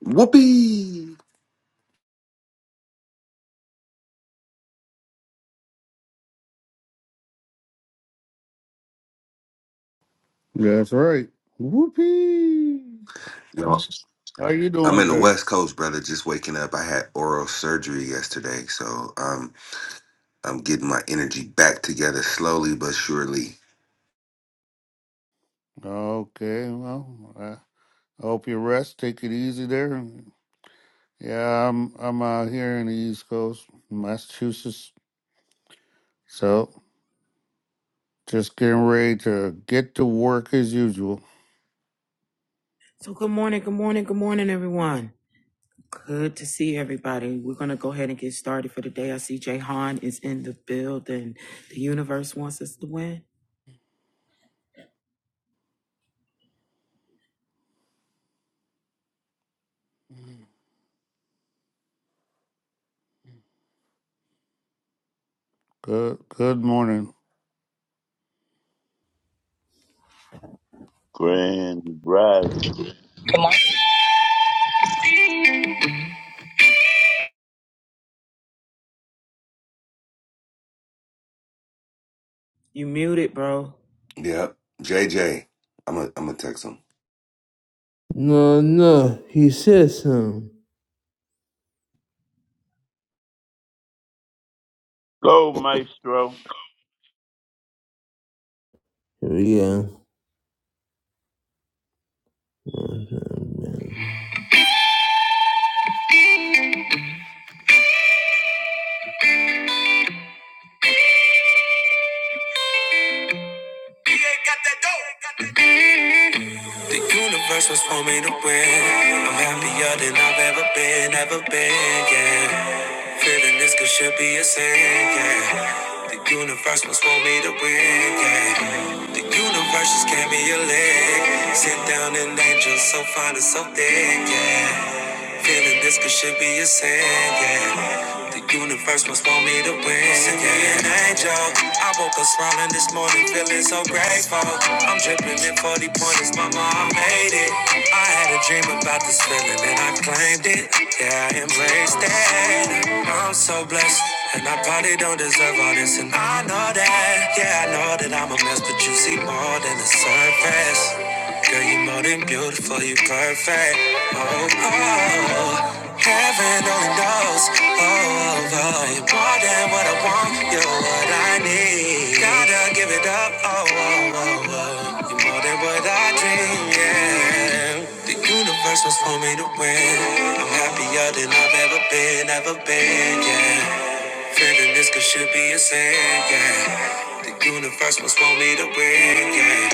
Whoopee! That's right. Whoopee. Yo, How you I'm doing in the today? West Coast, brother. Just waking up. I had oral surgery yesterday, so um, I'm getting my energy back together slowly but surely. Okay, well, I hope you rest. Take it easy there. Yeah, I'm I'm out here in the East Coast, Massachusetts. So just getting ready to get to work as usual. So good morning, good morning, good morning, everyone. Good to see everybody. We're gonna go ahead and get started for the day. I see Jay Han is in the building. The universe wants us to win. Good good morning. Grand Rise. Good morning. You muted, bro. Yep. JJ, I'm a, I'm gonna text him. No, no, he said something. Go, Maestro. Here we go. The universe was for me to win. I'm happier than I've ever been, ever been, yeah. Feeling this could should be a sin, yeah. The universe was for me to win, yeah. The universe just gave me a leg. Sit down and angel so fine and so thick, yeah. Feeling this could should be a sin, yeah. The universe must want me to win, yeah. An angel. I woke up smiling this morning, feeling so grateful. I'm dripping in 40 pointers, mama, I made it. I had a dream about this feeling and I claimed it. Yeah, I embraced it. I'm so blessed. And I probably don't deserve all this, and I know that. Yeah, I know that I'm a mess, but you see more than the surface. Girl, you are more than beautiful, you are perfect. Oh, oh, heaven only knows. Oh, oh, oh, you're more than what I want, you're what I need. Gotta give it up. Oh, oh, oh, oh, you're more than what I dream. Yeah, the universe was for me to win. I'm happier than I've ever been, ever been. Yeah, feeling this could should be a sin. Yeah. The universe must want me to win, yeah.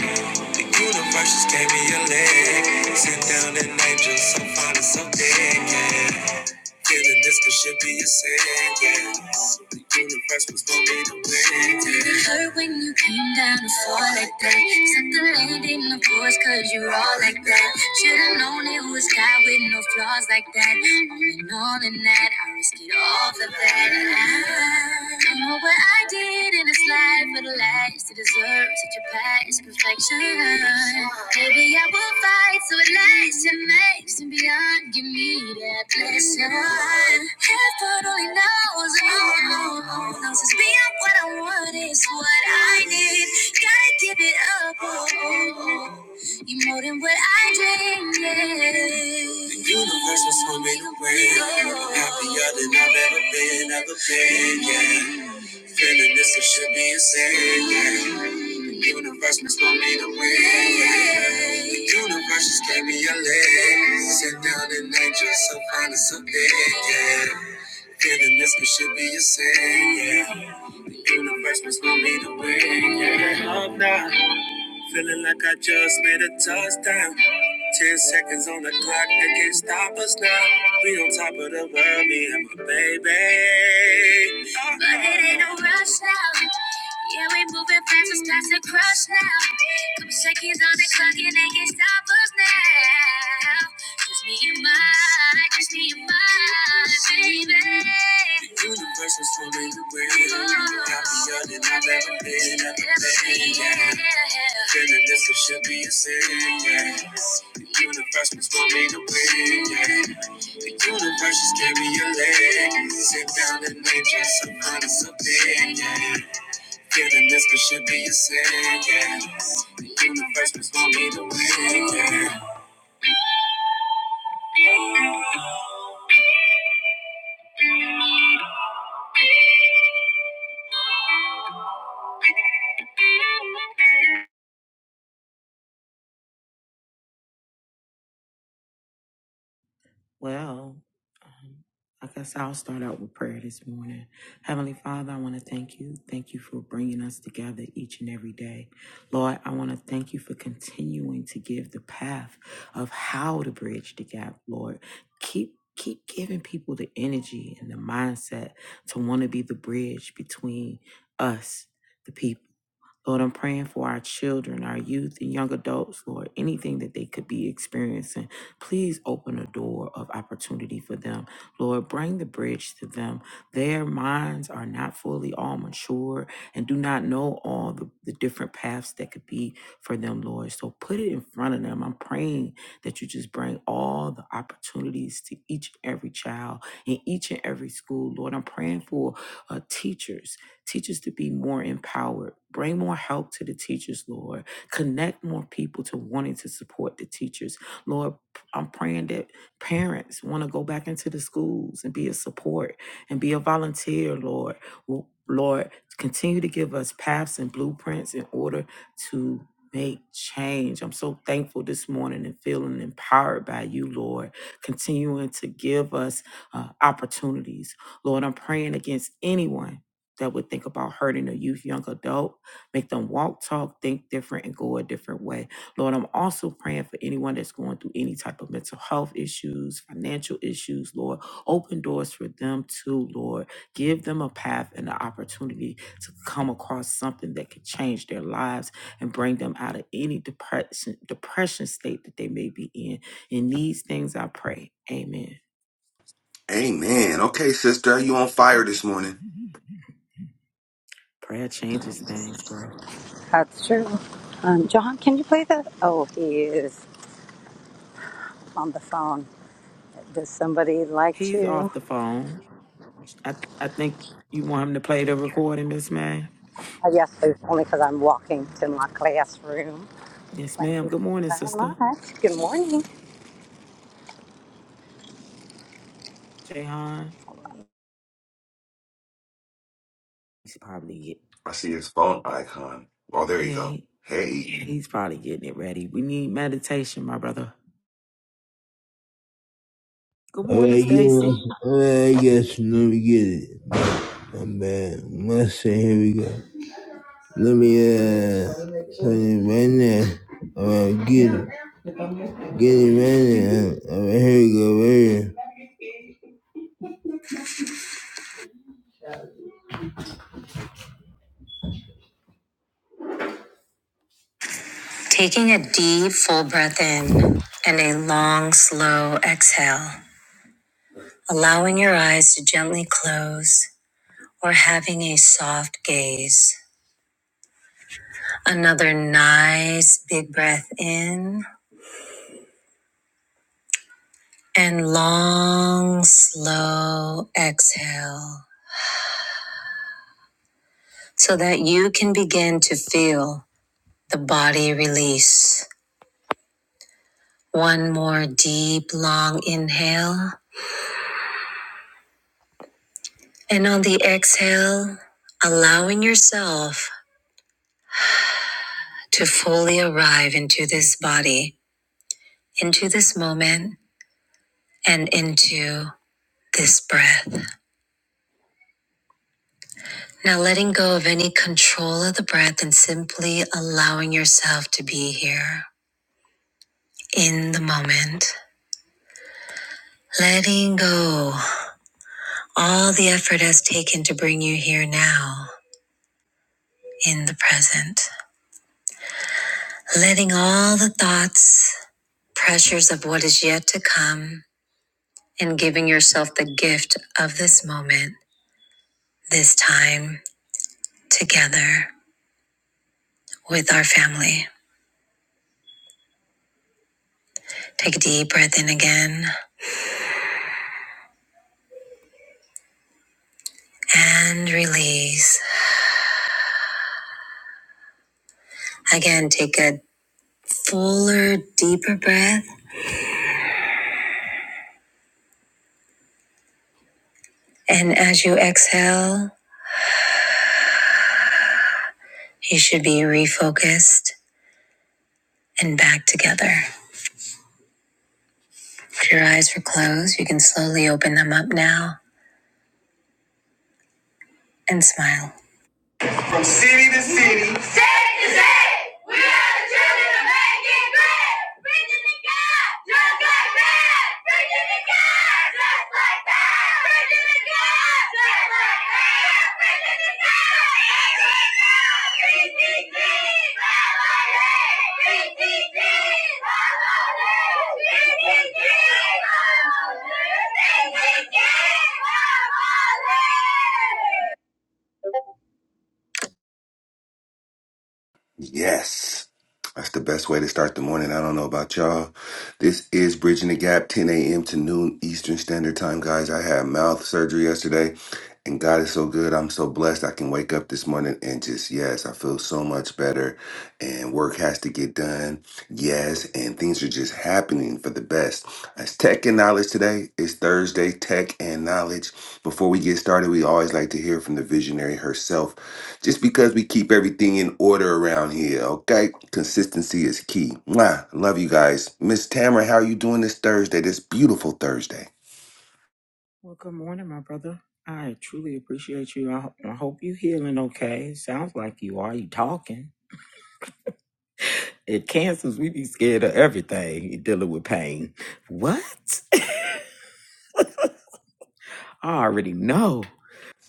The universe just gave me a leg. Sent down an angel so fine and so big, yeah. Feeling this could should be a sin, yeah. The universe must want me to win, yeah. It hurt when you came down to fall like that. Set the landing, of course, cause you're all like that. Should've known it was God with no flaws like that. All in all, in that, I risked it all for that. I don't know what I did it in this life for the last to deserve such a past perfection. Maybe I will fight so it lasts and makes and beyond. Give me that blessing. Heaven only knows, oh, oh, oh, knows it's beyond what I want, it's what I need. Gotta give it up, oh, oh, oh. You more than what I dreamed. yeah. The universe was swimming away. Happier than I've ever been, ever been. Yeah. Feeling this, it should be a sin. The universe must want me to win. The universe just gave me a leg. Sit down and angel, so fine and so big, yeah. Feeling this, it should be a sin, yeah. The universe must want me to win, yeah. Love now, Feeling like I just made a touchdown. Ten seconds on the clock, they can't stop us now. We on top of the world, me and my baby. Uh-oh. But it ain't no rush now. Yeah, we moving fast, it's past the crush now. Couple seconds on the clock, and they can't stop us now. Just me and my, just me and my baby. The universe is full of the wind. I'm happier than I've ever been, ever been. Yeah. Feeling this it should be a sin. Yeah. The universe was for me to win. Yeah. The universe just gave me a leg. Sit down and nature some honest opinion. Yeah. Feeling this could should be a sin. Yeah. The universe was for me to win. Yeah. Well, um, I guess I'll start out with prayer this morning. Heavenly Father, I want to thank you. Thank you for bringing us together each and every day. Lord, I want to thank you for continuing to give the path of how to bridge the gap, Lord. Keep keep giving people the energy and the mindset to want to be the bridge between us. the people. Lord, I'm praying for our children, our youth, and young adults, Lord, anything that they could be experiencing. Please open a door of opportunity for them. Lord, bring the bridge to them. Their minds are not fully all mature and do not know all the, the different paths that could be for them, Lord. So put it in front of them. I'm praying that you just bring all the opportunities to each and every child in each and every school, Lord. I'm praying for uh, teachers Teach to be more empowered. Bring more help to the teachers, Lord. Connect more people to wanting to support the teachers. Lord, I'm praying that parents want to go back into the schools and be a support and be a volunteer, Lord. W- Lord, continue to give us paths and blueprints in order to make change. I'm so thankful this morning and feeling empowered by you, Lord, continuing to give us uh, opportunities. Lord, I'm praying against anyone that would think about hurting a youth, young adult, make them walk, talk, think different, and go a different way. Lord, I'm also praying for anyone that's going through any type of mental health issues, financial issues, Lord. Open doors for them too, Lord. Give them a path and an opportunity to come across something that could change their lives and bring them out of any depression, depression state that they may be in. In these things I pray. Amen. Amen. Okay, sister, you on fire this morning? Prayer changes things, bro. That's true. Um, John, can you play that? Oh, he is on the phone. Does somebody like He's to? off the phone. I th- I think you want him to play the recording, Miss May. Uh, yes, please, only because I'm walking to my classroom. Yes, Thank ma'am. you, Good thank you morning, very sister. much. Good morning. Jayhan. He's probably get, I see his phone icon. Oh, there you yeah. go. he- Hey. he's probably getting it ready. We need meditation, my brother. Good All morning, right, you. Stacy. All right, I guess let me get it. My bad. Let's see. Here we go. Let me uh turn it right now. All right, get it. Get it right now. All right, here we go. Right here. Taking a deep, full breath in and a long, slow exhale, allowing your eyes to gently close or having a soft gaze. Another nice big breath in and long, slow exhale so that you can begin to feel the body release. One more deep, long inhale. And on the exhale, allowing yourself to fully arrive into this body, into this moment, and into this breath. Now letting go of any control of the breath and simply allowing yourself to be here in the moment. Letting go all the effort has taken to bring you here now in the present. Letting all the thoughts, pressures of what is yet to come, and giving yourself the gift of this moment, this time together with our family. Take a deep breath in again and release. Again, take a fuller, deeper breath. And as you exhale, you should be refocused and back together. If your eyes were closed, you can slowly open them up now and smile. From city to city. Jamaican bread, bringing the God, just like that, bringing the Yes. That's the best way to start the morning. I don't know about y'all. This is Bridging the Gap, 10 a.m. to noon Eastern Standard Time, guys. I had mouth surgery yesterday, and God is so good. I'm so blessed. I can wake up this morning and just, yes, I feel so much better. And work has to get done. Yes. And things are just happening for the best. It's tech and knowledge today. It's Thursday, tech and knowledge. Before we get started, we always like to hear from the visionary herself. Just because we keep everything in order around here, okay? Consistency is key. Mwah. Love you guys. Miss Tamara, how are you doing this Thursday, this beautiful Thursday? Well, good morning, my brother. I truly appreciate you. I, ho- I hope you healing okay. Sounds like you are. You talking? It cancers. We be scared of everything. You dealing with pain. What? I already know.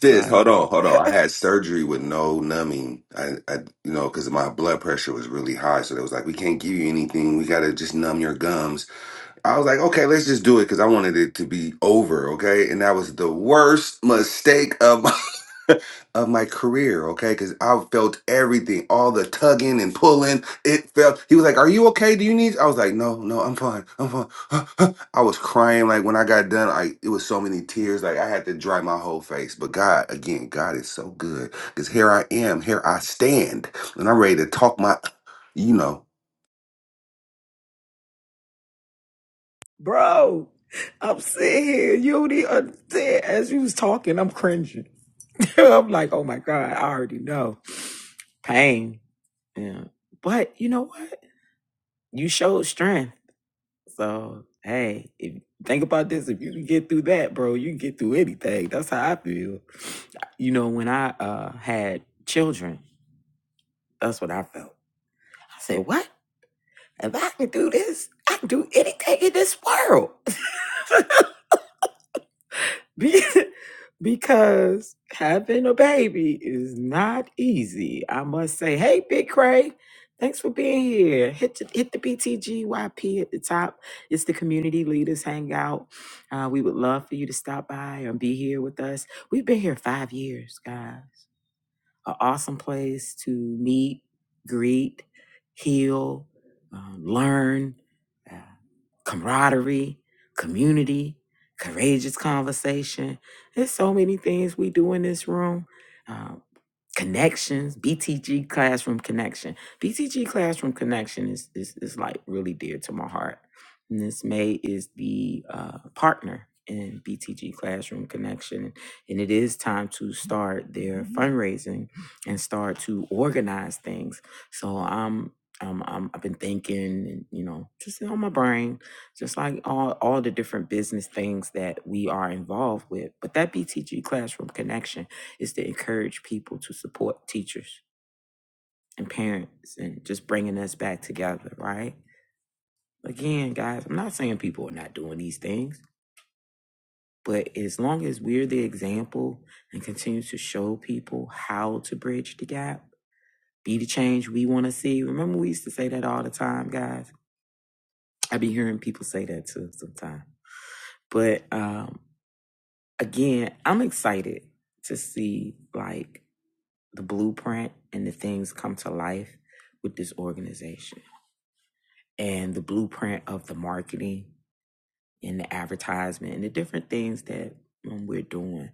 Sis, hold on, hold on. I had surgery with no numbing. I, I you know, because my blood pressure was really high. So they was like, we can't give you anything. We got to just numb your gums. I was like, okay, let's just do it because I wanted it to be over, okay? And that was the worst mistake of my of my career, okay? Because I felt everything, all the tugging and pulling. It felt, he was like, Are you okay? Do you need? I was like, No, no, I'm fine. I'm fine. I was crying. Like when I got done, I, it was so many tears. Like I had to dry my whole face. But God, again, God is so good because here I am, here I stand, and I'm ready to talk my, you know. Bro, I'm sitting here. You don't understand. As you was talking, I'm cringing. I'm like, oh my God, I already know. Pain. Yeah. But you know what? You showed strength. So hey, if, think about this. If you can get through that, bro, you can get through anything. That's how I feel. You know, when I uh had children, that's what I felt. I said, What? If I can do this, I can do anything in this world. Be- because having a baby is not easy. I must say, hey, Big Cray, thanks for being here. Hit the, hit the BTGYP at the top. It's the community leaders hangout. Uh, we would love for you to stop by and be here with us. We've been here five years, guys an awesome place to meet, greet, heal, um, learn, uh, camaraderie, community, courageous conversation. There's so many things we do in this room. Uh, connections btg classroom connection btg classroom connection is is, is like really dear to my heart and this may is the uh, partner in btg classroom connection and it is time to start their fundraising and start to organize things so i'm um, I'm, I've been thinking, and you know, just on my brain, just like all all the different business things that we are involved with. But that BTG classroom connection is to encourage people to support teachers and parents and just bringing us back together, right? Again, guys, I'm not saying people are not doing these things, but as long as we're the example and continue to show people how to bridge the gap, be the change we want to see. Remember, we used to say that all the time, guys. I be hearing people say that too sometimes. But um, again, I'm excited to see like the blueprint and the things come to life with this organization and the blueprint of the marketing and the advertisement and the different things that um, we're doing.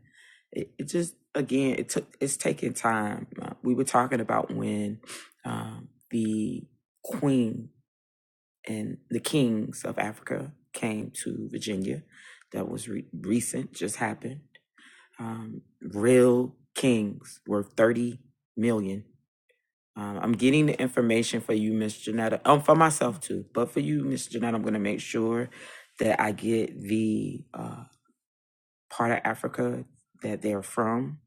It, it just again, it took it's taking time. Uh, we were talking about when um, the queen and the kings of Africa came to Virginia. That was re- recent, just happened. Um, real kings worth thirty million um, I'm getting the information for you, Miss Janetta. Um, for myself too, but for you, Miss Janetta, I'm gonna make sure that I get the uh, part of Africa that they're from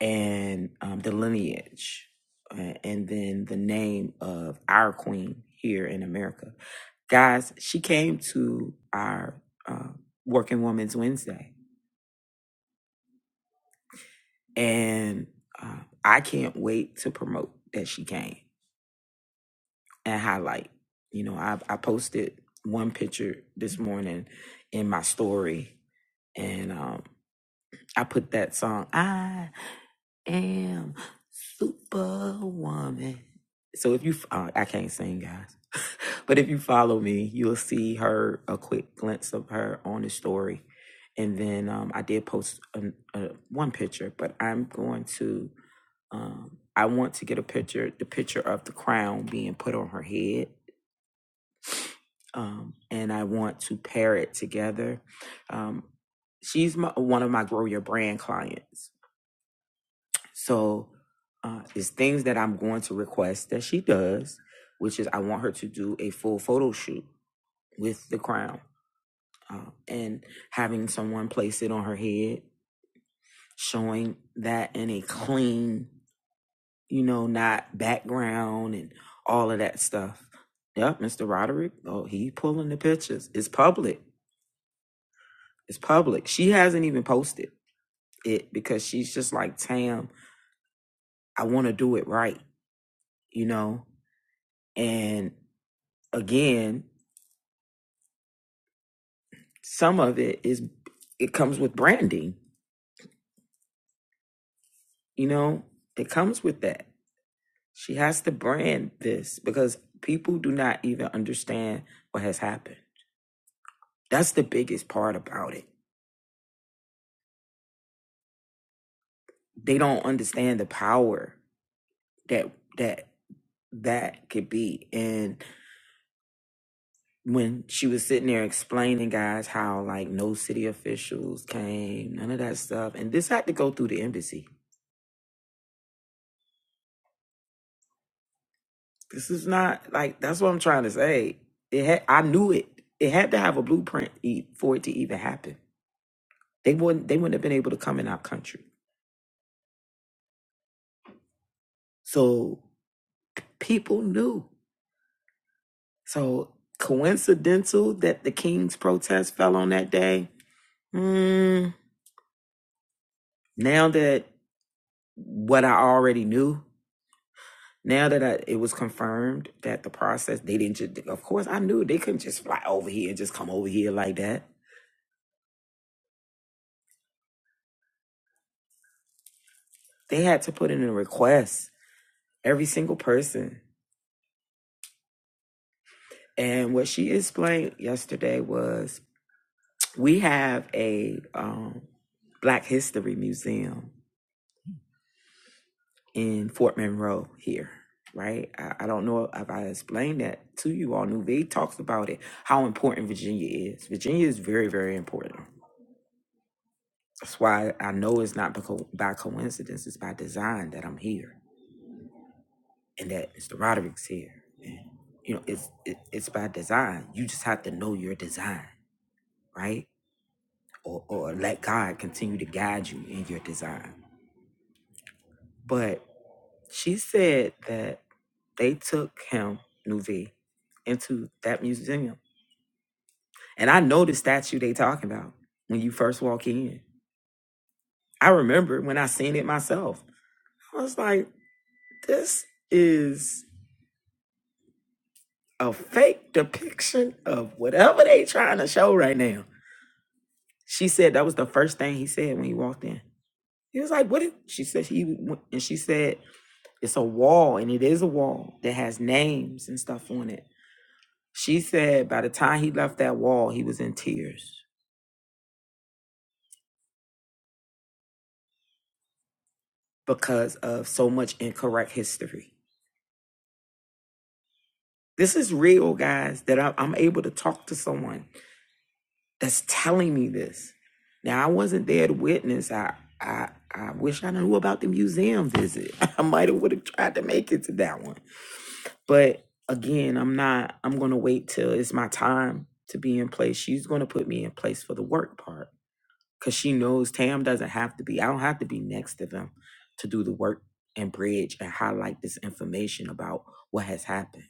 and um, the lineage, uh, and then the name of our queen here in America. Guys, she came to our uh, Working Women's Wednesday, and uh, I can't wait to promote that she came and highlight. You know, I I posted one picture this morning in my story, and um, I put that song. I am Superwoman. So if you, uh, I can't sing, guys, but if you follow me, you'll see her a quick glimpse of her on the story, and then um, I did post an uh one picture, but I'm going to. Um, I want to get a picture, the picture of the crown being put on her head um, and I want to pair it together. Um, she's my, one of my Grow Your Brand clients. So uh, it's things that I'm going to request that she does, which is I want her to do a full photo shoot with the crown uh, and having someone place it on her head, showing that in a clean, you know, not background and all of that stuff. Yep, Mr. Roderick. Oh, he pulling the pictures. It's public It's public. She hasn't even posted it because she's just like, Tam, I want to do it right, you know? And again, some of it is, it comes with branding, you know? It comes with that. She has to brand this because people do not even understand what has happened. That's the biggest part about it. They don't understand the power that, that, that could be. And when she was sitting there explaining guys how like no city officials came, none of that stuff, and this had to go through the embassy. This is not like that's what I'm trying to say. It had I knew it. It had to have a blueprint e- for it to even happen. They wouldn't they wouldn't have been able to come in our country. So people knew. So coincidental that the king's protest fell on that day. Mm, now that what I already knew Now that I, it was confirmed that the process, they didn't just, of course, I knew they couldn't just fly over here and just come over here like that. They had to put in a request, every single person. And what she explained yesterday was we have a um, Black History Museum in Fort Monroe here, right? I, I don't know if I explained that to you all. Nuve talks about it, how important Virginia is. Virginia is very, very important That's why I know it's not because by coincidence, it's by design that I'm here and that Mr. Roderick's here. And, you know, it's it, it's by design. You just have to know your design, right? Or or let God continue to guide you in your design. But she said that they took him, Nuvi, into that museum. And I know the statue they talking about when you first walk in. I remember when I seen it myself. I was like, this is a fake depiction of whatever they trying to show right now. She said that was the first thing he said when he walked in. He was like, "What?" is, she said he went- and she said it's a wall, and it is a wall that has names and stuff on it. She said by the time he left that wall, he was in tears because of so much incorrect history. This is real, guys. That I- I'm able to talk to someone that's telling me this. Now I wasn't there to witness. I I I wish I knew about the museum visit. I might have would have tried to make it to that one. But again, I'm not I'm gonna wait till it's my time to be in place. She's gonna put me in place for the work part. Cause she knows Tam doesn't have to be I don't have to be next to them to do the work and bridge and highlight this information about what has happened.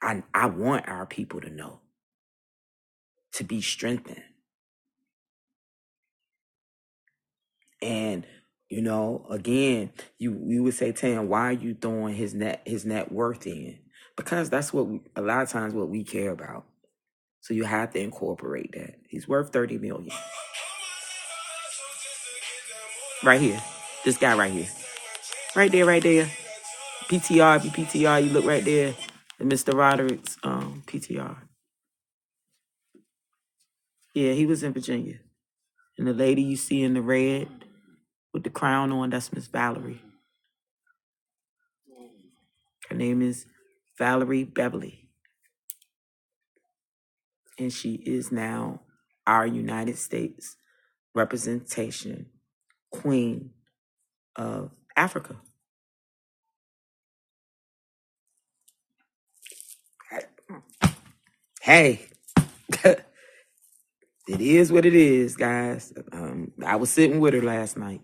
I I want our people to know, to be strengthened. And you know, again, you you would say, Tam, why are you throwing his net his net worth in? Because that's what we, a lot of times what we care about. So you have to incorporate that. He's worth thirty million, right here. This guy right here, right there, right there. PTR, if you PTR, you look right there. And Mr. Roderick's um, PTR. Yeah, he was in Virginia. And the lady you see in the red with the crown on, that's Miss Valerie. Her name is Valerie Beverly. and she is now our United States representation queen of Africa. Hey, it is what it is, guys. Um, I was sitting with her last night,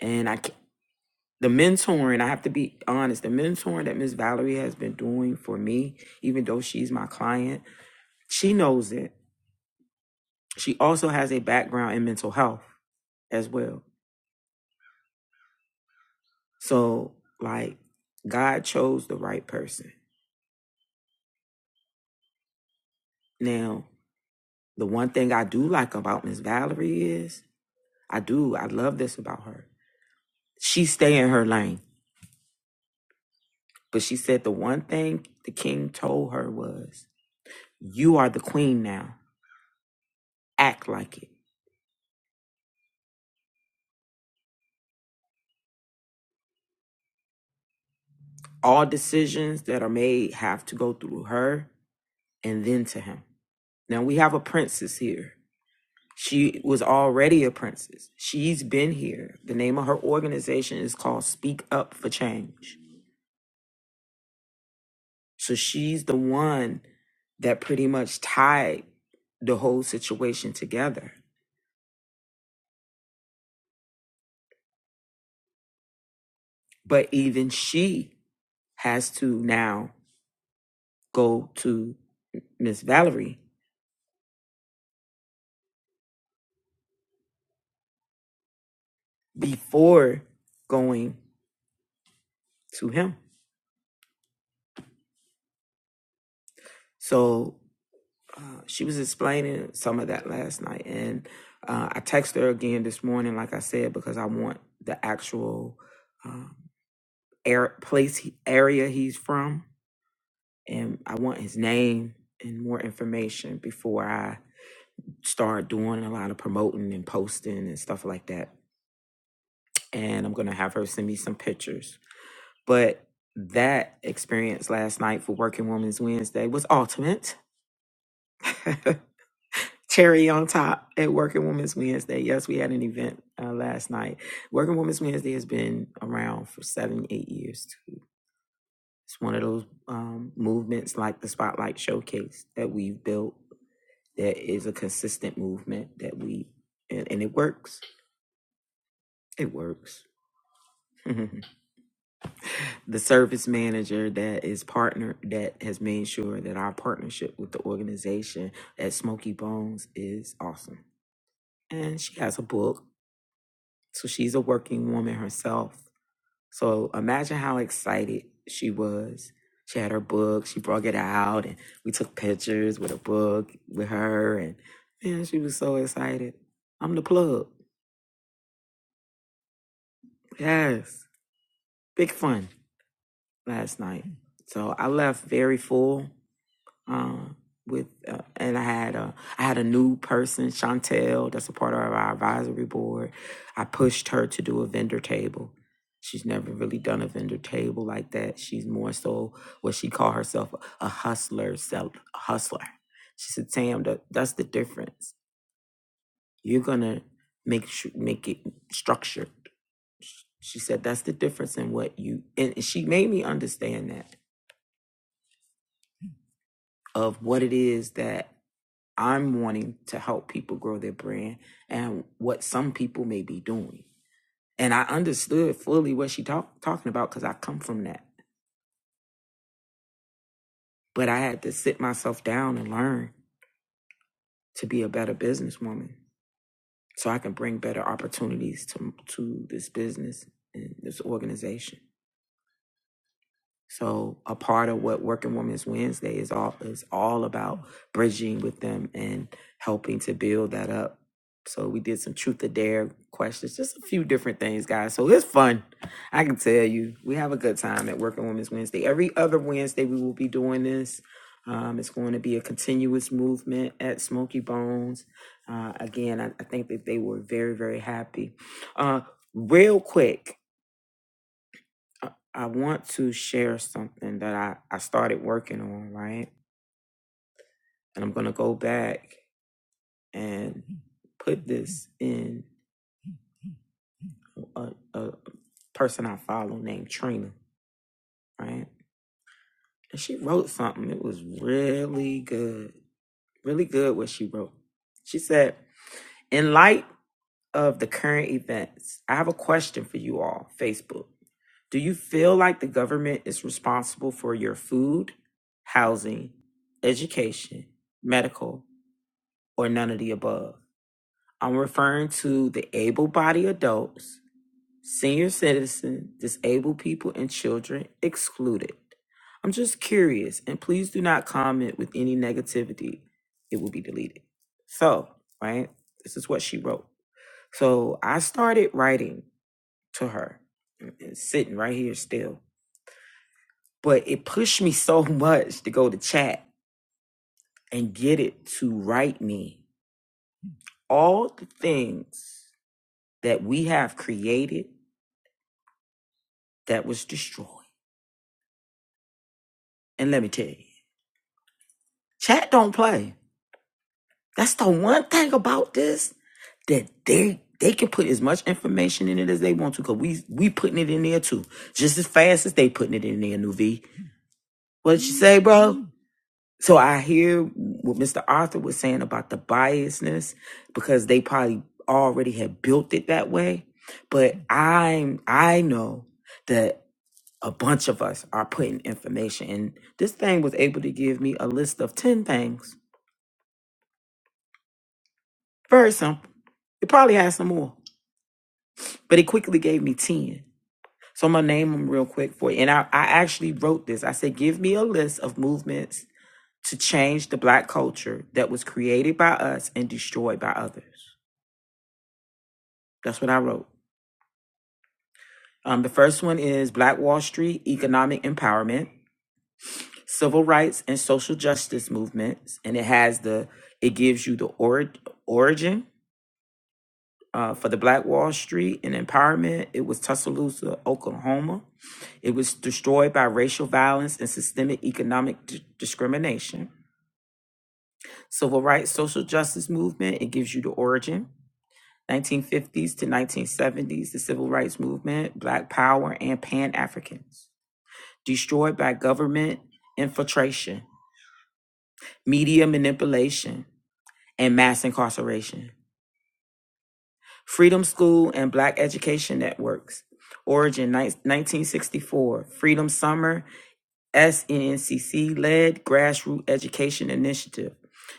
and I ca- the mentoring. I have to be honest. The mentoring that Miss Valerie has been doing for me, even though she's my client, she knows it. She also has a background in mental health as well. So, like, God chose the right person. Now, The one thing I do like about Miss Valerie is I do, I love this about her. She stay in her lane. But she said the one thing the king told her was, You are the queen now. Act like it. All decisions that are made have to go through her and then to him. Now we have a princess here. She was already a princess. She's been here. The name of her organization is called Speak Up for Change So she's the one that pretty much tied the whole situation together. But even she has to now go to Miss Valerie before going to him. So uh, she was explaining some of that last night. And uh, I texted her again this morning, like I said, because I want the actual uh, air, place, area he's from and I want his name and more information before I start doing a lot of promoting and posting and stuff like that. And I'm gonna have her send me some pictures. But that experience last night for Working Women's Wednesday was ultimate. Cherry on top at Working Women's Wednesday. Yes, we had an event uh, last night. Working Women's Wednesday has been around for seven, eight years. It's one of those um, movements like the Spotlight Showcase that we've built That is a consistent movement that we, and, and it works. It works. the service manager that is partner that has made sure that our partnership with the organization at Smoky Bones is awesome. And she has a book. So she's a working woman herself. So imagine how excited she was. She had her book, she brought it out, and we took pictures with a book with her. And man, she was so excited. I'm the plug. Yes. big fun last night. So I left very full. Um, with uh, and I had a I had a new person, Chantel, that's a part of our advisory board. I pushed her to do a vendor table. She's never really done a vendor table like that. She's more so what she called herself a hustler, sell a hustler. She said, "Tam, that, that's the difference. You're gonna make su- make it structured." She said, "That's the difference in what you." And she made me understand that of what it is that I'm wanting to help people grow their brand and what some people may be doing. And I understood fully what she talk, talking about because I come from that. But I had to sit myself down and learn to be a better businesswoman so I can bring better opportunities to, to this business and this organization. So a part of what Working Women's Wednesday is all is all about bridging with them and helping to build that up. So we did some truth or dare questions, just a few different things, guys. So it's fun. I can tell you, we have a good time at Working Women's Wednesday. Every other Wednesday, we will be doing this. Um, it's going to be a continuous movement at Smoky Bones. Uh, again, I, I think that they were very, very happy. Uh, real quick, I I want to share something that I, I started working on, right? And I'm going to go back and put this in a, a person I follow named Trina, right? And she wrote something. It was really good, really good what she wrote. She said, In light of the current events, I have a question for you all, Facebook. Do you feel like the government is responsible for your food, housing, education, medical, or none of the above. I'm referring to the able bodied adults, senior citizens, disabled people, and children excluded. I'm just curious, and please do not comment with any negativity. It will be deleted. So, right, this is what she wrote. So I started writing to her and sitting right here still, but it pushed me so much to go to chat and get it to write me all the things that we have created that was destroyed. And let me tell you, chat don't play. That's the one thing about this that they they can put as much information in it as they want to, cause we we putting it in there too, just as fast as they putting it in there. Nuvi, what did you say, bro? So I hear what Mr. Arthur was saying about the biasness, because they probably already had built it that way. But I'm I know that. a bunch of us are putting information and this thing was able to give me a list of 10 things very simple it probably has some more but it quickly gave me 10 so i'm gonna name them real quick for you and i, I actually wrote this i said give me a list of movements to change the black culture that was created by us and destroyed by others that's what i wrote um, the first one is black wall street economic empowerment civil rights and social justice movements and it has the it gives you the ori- origin uh, for the black wall street and empowerment it was tuscaloosa oklahoma it was destroyed by racial violence and systemic economic d- discrimination civil rights social justice movement it gives you the origin 1950s to 1970s the civil rights movement black power and pan-africans destroyed by government infiltration media manipulation and mass incarceration. Freedom School and Black Education Networks. Origin 1964. Freedom Summer, SNCC led grassroots education initiative.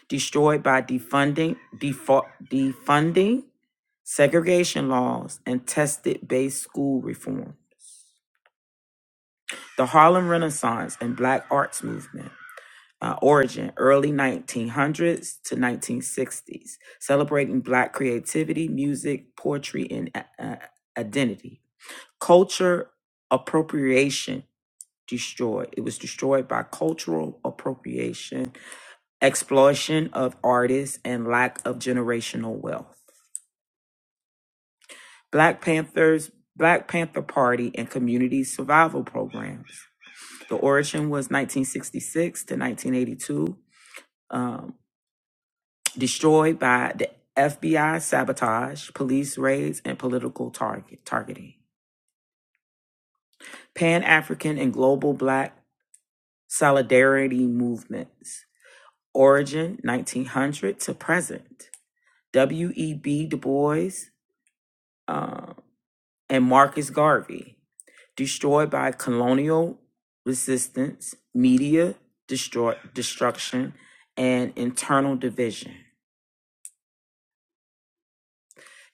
Destroyed by defunding, defo- defunding, segregation laws, and tested based school reform. The Harlem Renaissance and Black Arts Movement. uh, origin early 1900s to 1960s, celebrating Black creativity, music, poetry, and uh, uh, identity. Culture appropriation destroyed. It was destroyed by cultural appropriation, exploitation of artists, and lack of generational wealth. Black Panthers, Black Panther Party, and community survival programs. The origin was 1966 to 1982 destroyed by the FBI sabotage, police raids, and political target targeting. Pan African and global black solidarity movements. Origin 1900 to present. W.E.B. Du Bois uh, and Marcus Garvey. Destroyed by colonial resistance, media destroy, destruction, and internal division.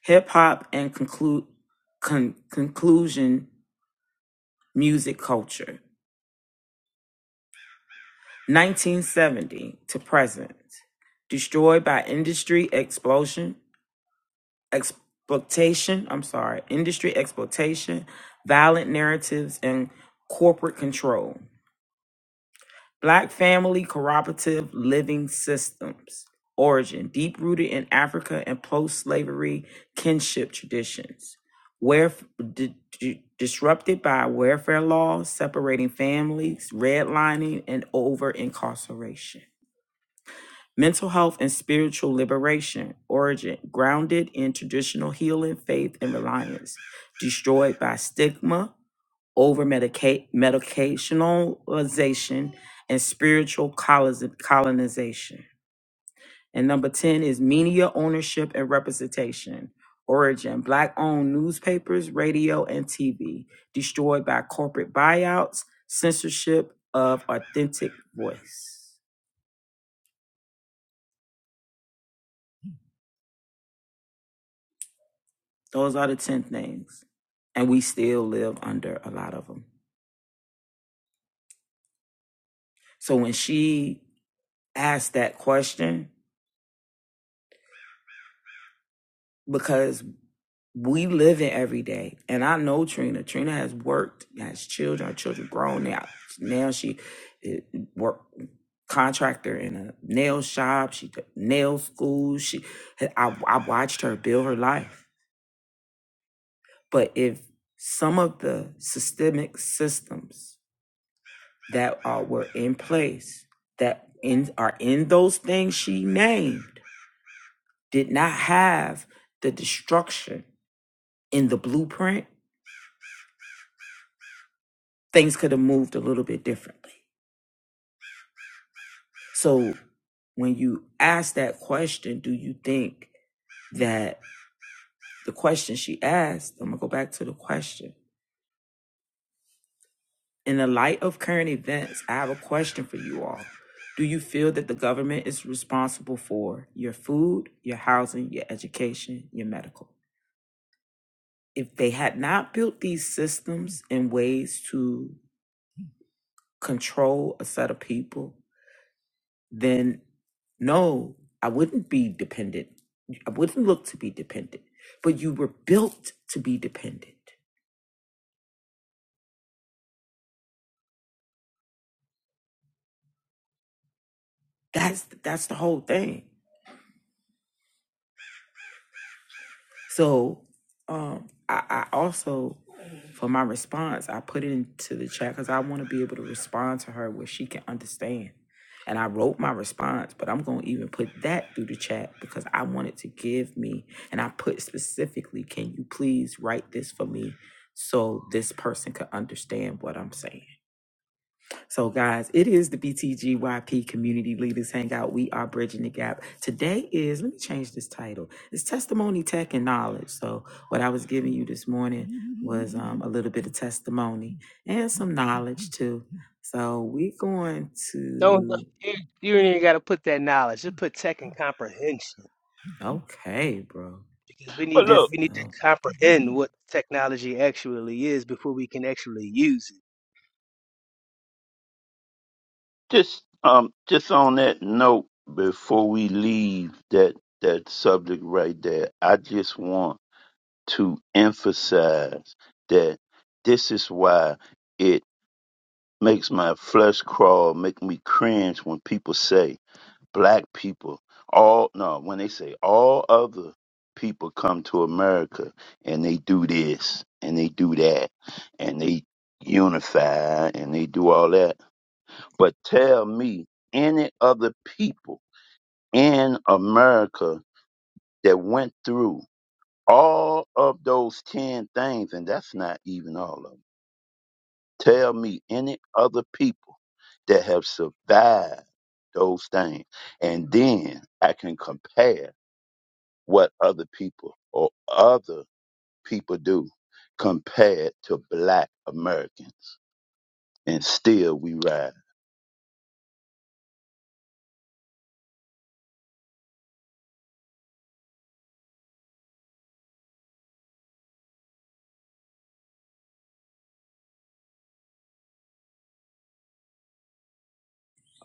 Hip hop and conclude con- conclusion music culture, 1970 to present, destroyed by industry explosion, exploitation, I'm sorry, industry exploitation, violent narratives, and corporate control. Black family cooperative living systems. Origin deep rooted in Africa and post slavery kinship traditions. Where di- di- disrupted by welfare laws separating families, redlining, and over incarceration. Mental health and spiritual liberation. Origin grounded in traditional healing, faith, and reliance. Destroyed by stigma, over medica- medicationalization and spiritual coloniz- colonization. And number 10 is media ownership and representation. Origin Black owned newspapers, radio, and TV destroyed by corporate buyouts, censorship of authentic voice. Those are the 10 things. And we still live under a lot of them. So when she asked that question, because. we live in every day. And I know Trina. Trina has worked, has children, her children grown now. Now she eh, work contractor in a nail shop. She did nail school. She eh, I, I watched her build her life. But if some of the systemic systems that are were in place that in are in those things she named did not have the destruction in the blueprint things could have moved a little bit differently. So when you ask that question, do you think that the question she asked, I'm gonna go back to the question. In the light of current events, I have a question for you all. Do you feel that the government is responsible for your food, your housing, your education, your medical? If they had not built these systems and ways to control a set of people, then no, I wouldn't be dependent. I wouldn't look to be dependent. But you were built to be dependent. That's that's the whole thing. So um, I, I also, for my response, I put it into the chat because I want to be able to respond to her where she can understand. And I wrote my response, but I'm going to even put that through the chat because I wanted to give me, and I put specifically, can you please write this for me so this person could understand what I'm saying? So, guys, it is the BTGYP Community Leaders Hangout. We are bridging the gap. Today is, let me change this title. It's Testimony, Tech, and Knowledge. So, what I was giving you this morning was um, a little bit of testimony and some knowledge too. So, we're going Don't to, you, you ain't even got to put that knowledge. Just put tech and comprehension okay, bro. because we But need to look, Let's, we need to oh, comprehend what technology actually is before we can actually use it. just um, just on that note, before we leave that that subject right there, I just want to emphasize that this is why it makes my flesh crawl, make me cringe when people say black people, all no, when they say all other people come to America and they do this and they do that and they unify and they do all that. But tell me any other people in America that went through all of those 10 things, and that's not even all of them. Tell me any other people that have survived those things. And then I can compare what other people or other people do compared to black Americans. And still we ride.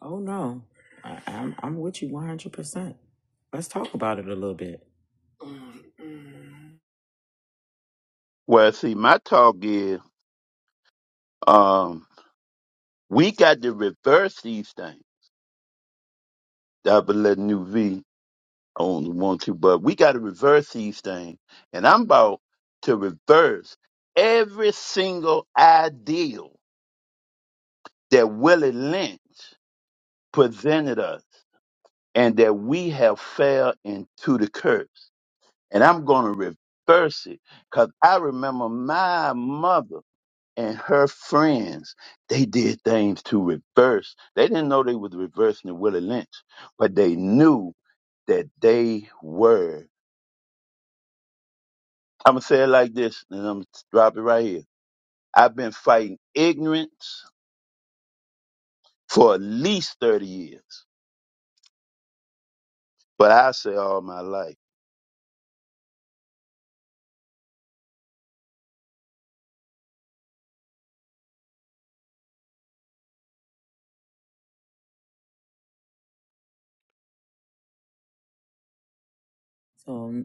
oh no, I, I'm, I'm with you 100%. Let's talk about it a little bit. Well, see, my talk is um, we got to reverse these things. Double let new V only want to, but we got to reverse these things. And I'm about to reverse every single ideal that Willie Lynch presented us and that we have fell into the curse. And I'm going to reverse it because I remember my mother and her friends, they did things to reverse. They didn't know they was reversing the Willie Lynch, but they knew that they were. I'm going to say it like this, and I'm going to drop it right here. I've been fighting ignorance for at least 30 years, but I say all my life. So,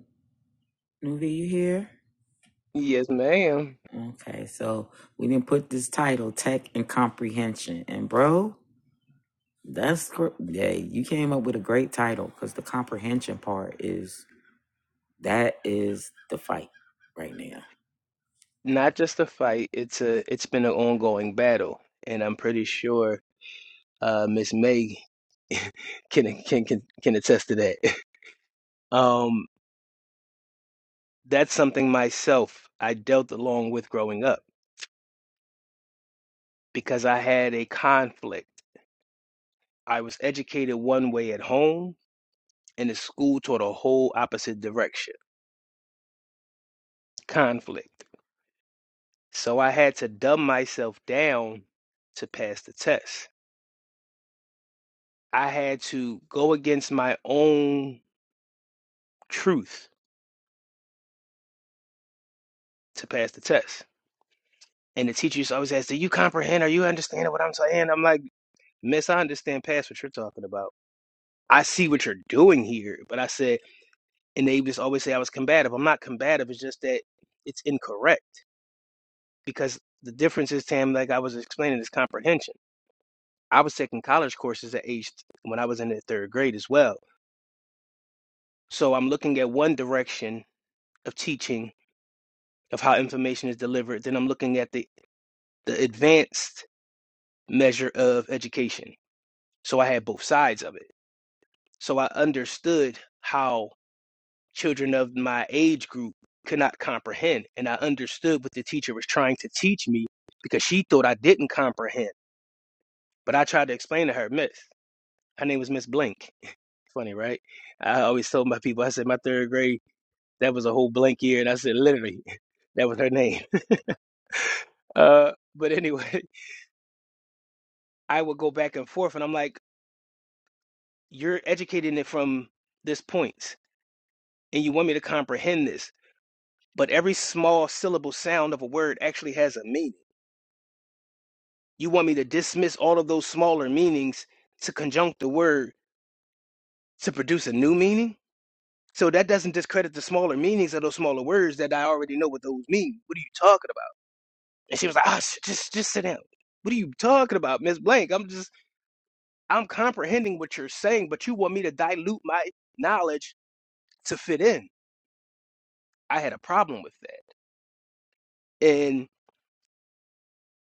Nuvi, you here? Yes, ma'am. Okay, so we didn't put this title, Tech and Comprehension. And bro, that's gr- yeah, you came up with a great title because the comprehension part is that is the fight right now. Not just a fight. It's a it's been an ongoing battle, and I'm pretty sure uh, Miss May can can can can attest to that. Um, that's something myself I dealt along with growing up because I had a conflict. I was educated one way at home and the school toward a whole opposite direction conflict. So I had to dumb myself down to pass the test. I had to go against my own truth to pass the test. And the teacher used to always ask, Do you comprehend? Are you understanding what I'm saying? I'm like, Miss, I understand past what you're talking about. I see what you're doing here. But I said, and they just always say I was combative. I'm not combative. It's just that it's incorrect because the difference is, Tam, like I was explaining, is comprehension I was taking college courses at age when I was in the third grade as well. So I'm looking at one direction of teaching of how information is delivered, then I'm looking at the, the advanced measure of education. So I had both sides of it. So I understood how children of my age group could not comprehend. And I understood what the teacher was trying to teach me because she thought I didn't comprehend. But I tried to explain to her, Miss, her name was Miss Blink. Funny, right? I always told my people, I said, my third grade That was a whole blank year, and I said literally, that was her name. Uh, but anyway, I would go back and forth, and I'm like, you're educating it from this point, and you want me to comprehend this, but every small syllable sound of a word actually has a meaning. You want me to dismiss all of those smaller meanings to conjunct the word to produce a new meaning? So that doesn't discredit the smaller meanings of those smaller words that I already know what those mean. What are you talking about? And she was like, oh, sh- just just sit down. What are you talking about, Miss Blank? I'm just I'm comprehending what you're saying, but you want me to dilute my knowledge to fit in. I had a problem with that. And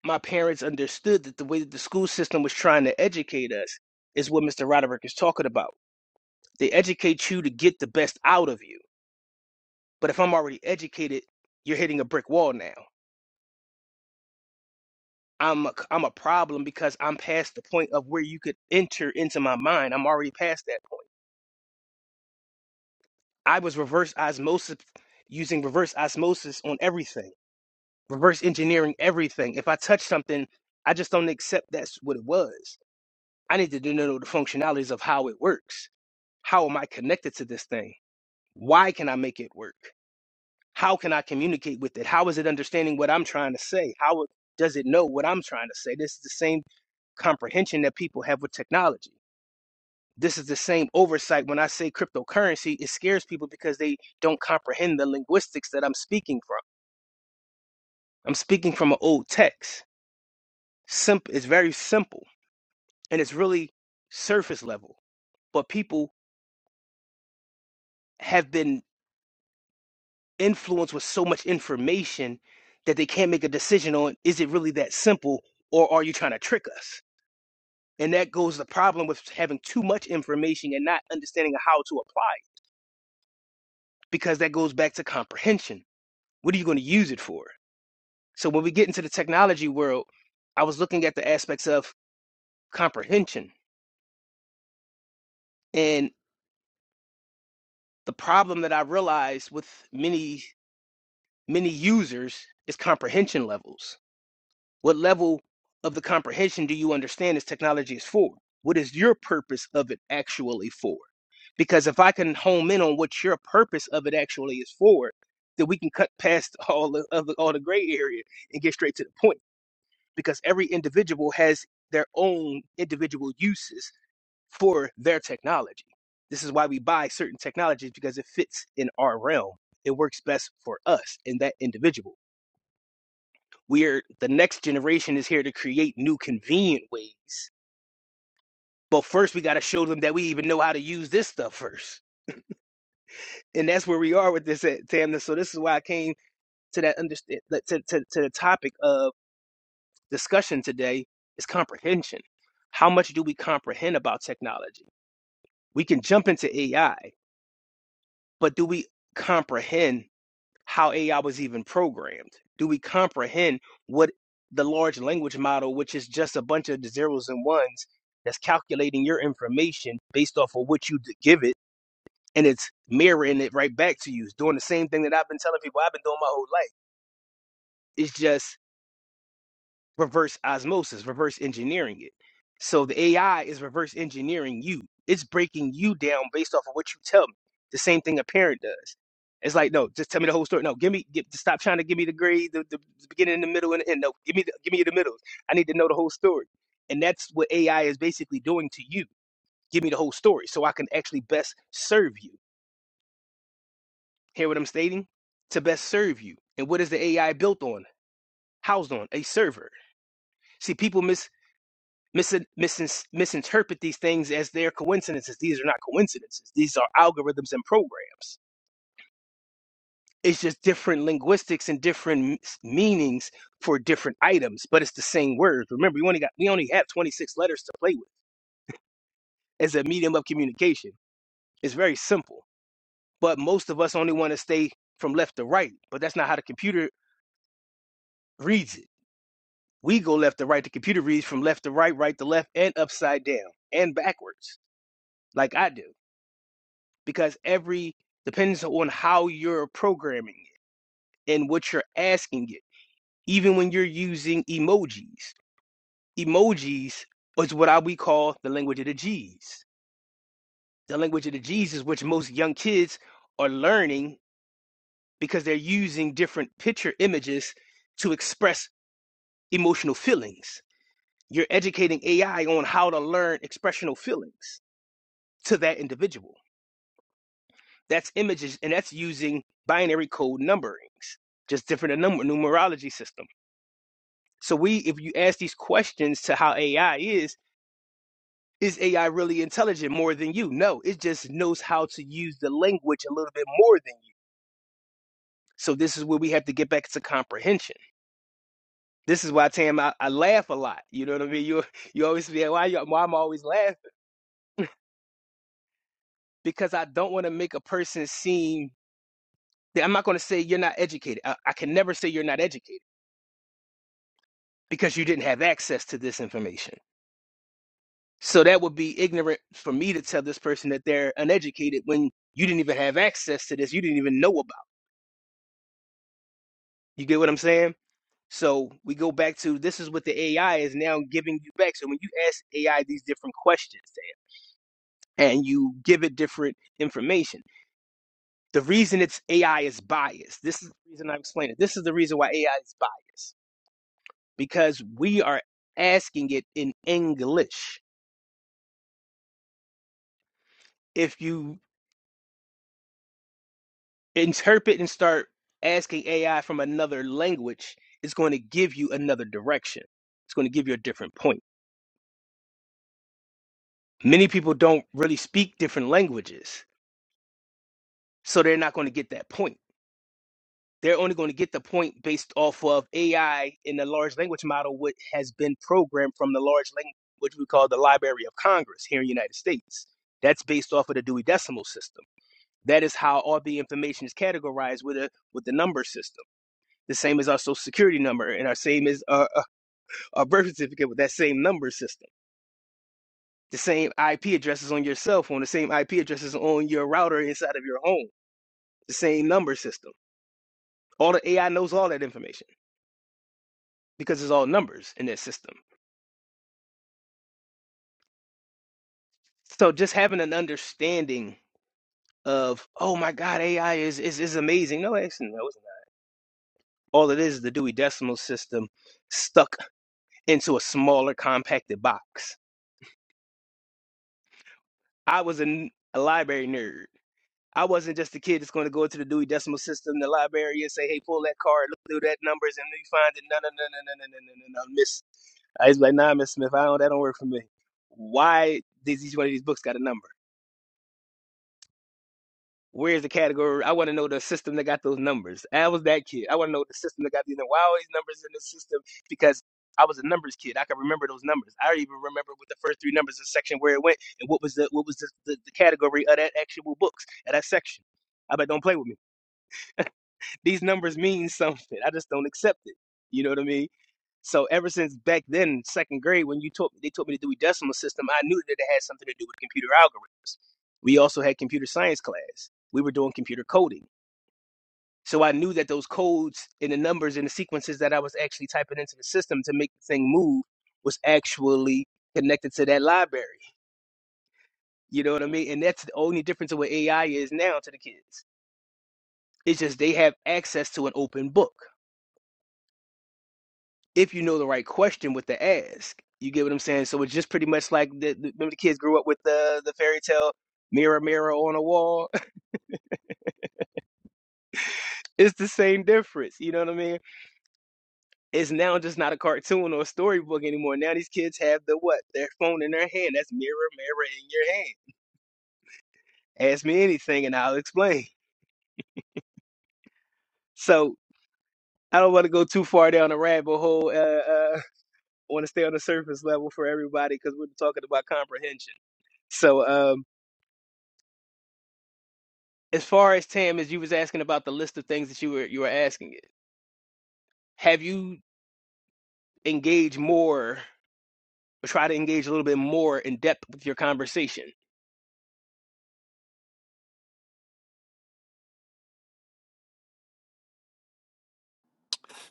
my parents understood that the way that the school system was trying to educate us is what Mr. Roderick is talking about. They educate you to get the best out of you. But if I'm already educated, you're hitting a brick wall now. I'm a, I'm a problem because I'm past the point of where you could enter into my mind. I'm already past that point. I was reverse osmosis using reverse osmosis on everything. reverse engineering everything. If I touch something, I just don't accept that's what it was. I need to do know the functionalities of how it works. How am I connected to this thing? Why can I make it work? How can I communicate with it? How is it understanding what I'm trying to say? How it- does it know what I'm trying to say? This is the same comprehension that people have with technology. This is the same oversight when I say cryptocurrency. It scares people because they don't comprehend the linguistics that I'm speaking from. I'm speaking from an old text. Simp- it's very simple and it's really surface level. But people have been influenced with so much information that they can't make a decision on is it really that simple or are you trying to trick us? And that goes the problem with having too much information and not understanding how to apply it, because that goes back to comprehension. What are you going to use it for? So when we get into the technology world, I was looking at the aspects of comprehension. And the problem that I realized with many, many users is comprehension levels What level of the comprehension do you understand this technology is for? What is your purpose of it actually for? Because if I can home in on what your purpose of it actually is for, then we can cut past all the of the, all the gray area and get straight to the point. Because every individual has their own individual uses for their technology. This is why we buy certain technologies because it fits in our realm. It works best for us and that individual we're the next generation is here to create new convenient ways but first we got to show them that we even know how to use this stuff first and that's where we are with this at tamna so this is why i came to that understand to, to, to the topic of discussion today is comprehension how much do we comprehend about technology we can jump into ai but do we comprehend how AI was even programmed? Do we comprehend what the large language model, which is just a bunch of zeros and ones, that's calculating your information based off of what you give it, and it's mirroring it right back to you, It's doing the same thing that I've been telling people I've been doing my whole life. It's just reverse osmosis, reverse engineering it. So the AI is reverse engineering you. It's breaking you down based off of what you tell me. The same thing a parent does. It's like, no, just tell me the whole story. No, give me, give, stop trying to give me the grade, the, the beginning, the middle, and the end. No, give me, the, give me the middle. I need to know the whole story. And that's what AI is basically doing to you. Give me the whole story so I can actually best serve you. Hear what I'm stating? To best serve you. And what is the AI built on? Housed on a server. See, people miss misin misin- misinterpret these things as their coincidences. These are not coincidences. These are algorithms and programs. It's just different linguistics and different m- s- meanings for different items, but it's the same words. Remember, we only got we only have 26 letters to play with as a medium of communication. It's very simple, but most of us only want to stay from left to right, but that's not how the computer reads it. We go left to right. The computer reads from left to right, right to left, and upside down and backwards, like I do. because every depends on how you're programming it and what you're asking it. Even when you're using emojis, emojis is what I we call the language of the G's. The language of the G's is which most young kids are learning because they're using different picture images to express emotional feelings. You're educating AI on how to learn expressional feelings to that individual That's images, and that's using binary code numberings, just different number numerology system. So we, if you ask these questions to how AI is, is AI really intelligent more than you? No, it just knows how to use the language a little bit more than you. So this is where we have to get back to comprehension. This is why Tam, I, I laugh a lot. You know what I mean? You you always be like, why you, why I'm always laughing because I don't want to make a person seem. I'm not going to say you're not educated. I, I can never say you're not educated because you didn't have access to this information. So that would be ignorant for me to tell this person that they're uneducated when you didn't even have access to this, you didn't even know about. You get what I'm saying? So we go back to this is what the AI is now giving you back. So when you ask AI these different questions and you give it different information, the reason it's AI is biased. This is the reason I explained it. This is the reason why AI is biased because we are asking it in English. If you interpret and start asking AI from another language, it's going to give you another direction. It's going to give you a different point. Many people don't really speak different languages, so they're not going to get that point. They're only going to get the point based off of AI in the large language model, what has been programmed from the large language, which we call the Library of Congress here in the United States. That's based off of the Dewey Decimal System. That is how all the information is categorized with a with the number system the same as our social security number and our same as our, a birth certificate with that same number system. The same IP addresses on your cell phone, the same IP addresses on your router inside of your home, the same number system. All the AI knows all that information because it's all numbers in that system. So just having an understanding of, oh my God, AI is is, is amazing. No, actually, no, it's not. All it is is the Dewey Decimal System stuck into a smaller, compacted box. I was a a library nerd. I wasn't just a kid that's going to go to the Dewey Decimal System, the library, and say, "Hey, pull that card, look through that numbers, and you find it." No, no, no, no, no, no, no, no, no, no, Miss. I was like, "Nah, Miss Smith, I don't. That don't work for me. Why does each one of these books got a number? Where's the category? I want to know the system that got those numbers. I was that kid. I want to know the system that got these. numbers. Why all these numbers in the system? Because I was a numbers kid. I can remember those numbers. I even remember what the first three numbers of section where it went and what was the what was the, the, the category of that actual books at that section. I bet don't play with me. These numbers mean something. I just don't accept it. You know what I mean? So ever since back then, second grade, when you taught they taught me to do a decimal system, I knew that it had something to do with computer algorithms. We also had computer science class. We were doing computer coding. So I knew that those codes and the numbers and the sequences that I was actually typing into the system to make the thing move was actually connected to that library. You know what I mean? And that's the only difference of what AI is now to the kids. It's just they have access to an open book. if you know the right question with the ask. You get what I'm saying? So it's just pretty much like the, the remember the kids grew up with the the fairy tale mirror mirror on a wall. it's the same difference. You know what I mean? It's now just not a cartoon or a storybook anymore. Now these kids have the what? Their phone in their hand. That's mirror mirror in your hand. Ask me anything and I'll explain. So I don't want to go too far down the rabbit hole. Uh, uh, I want to stay on the surface level for everybody because we're talking about comprehension. So um, as far as Tam, as you was asking about the list of things that you were you were asking, have you engaged more or try to engage a little bit more in depth with your conversation?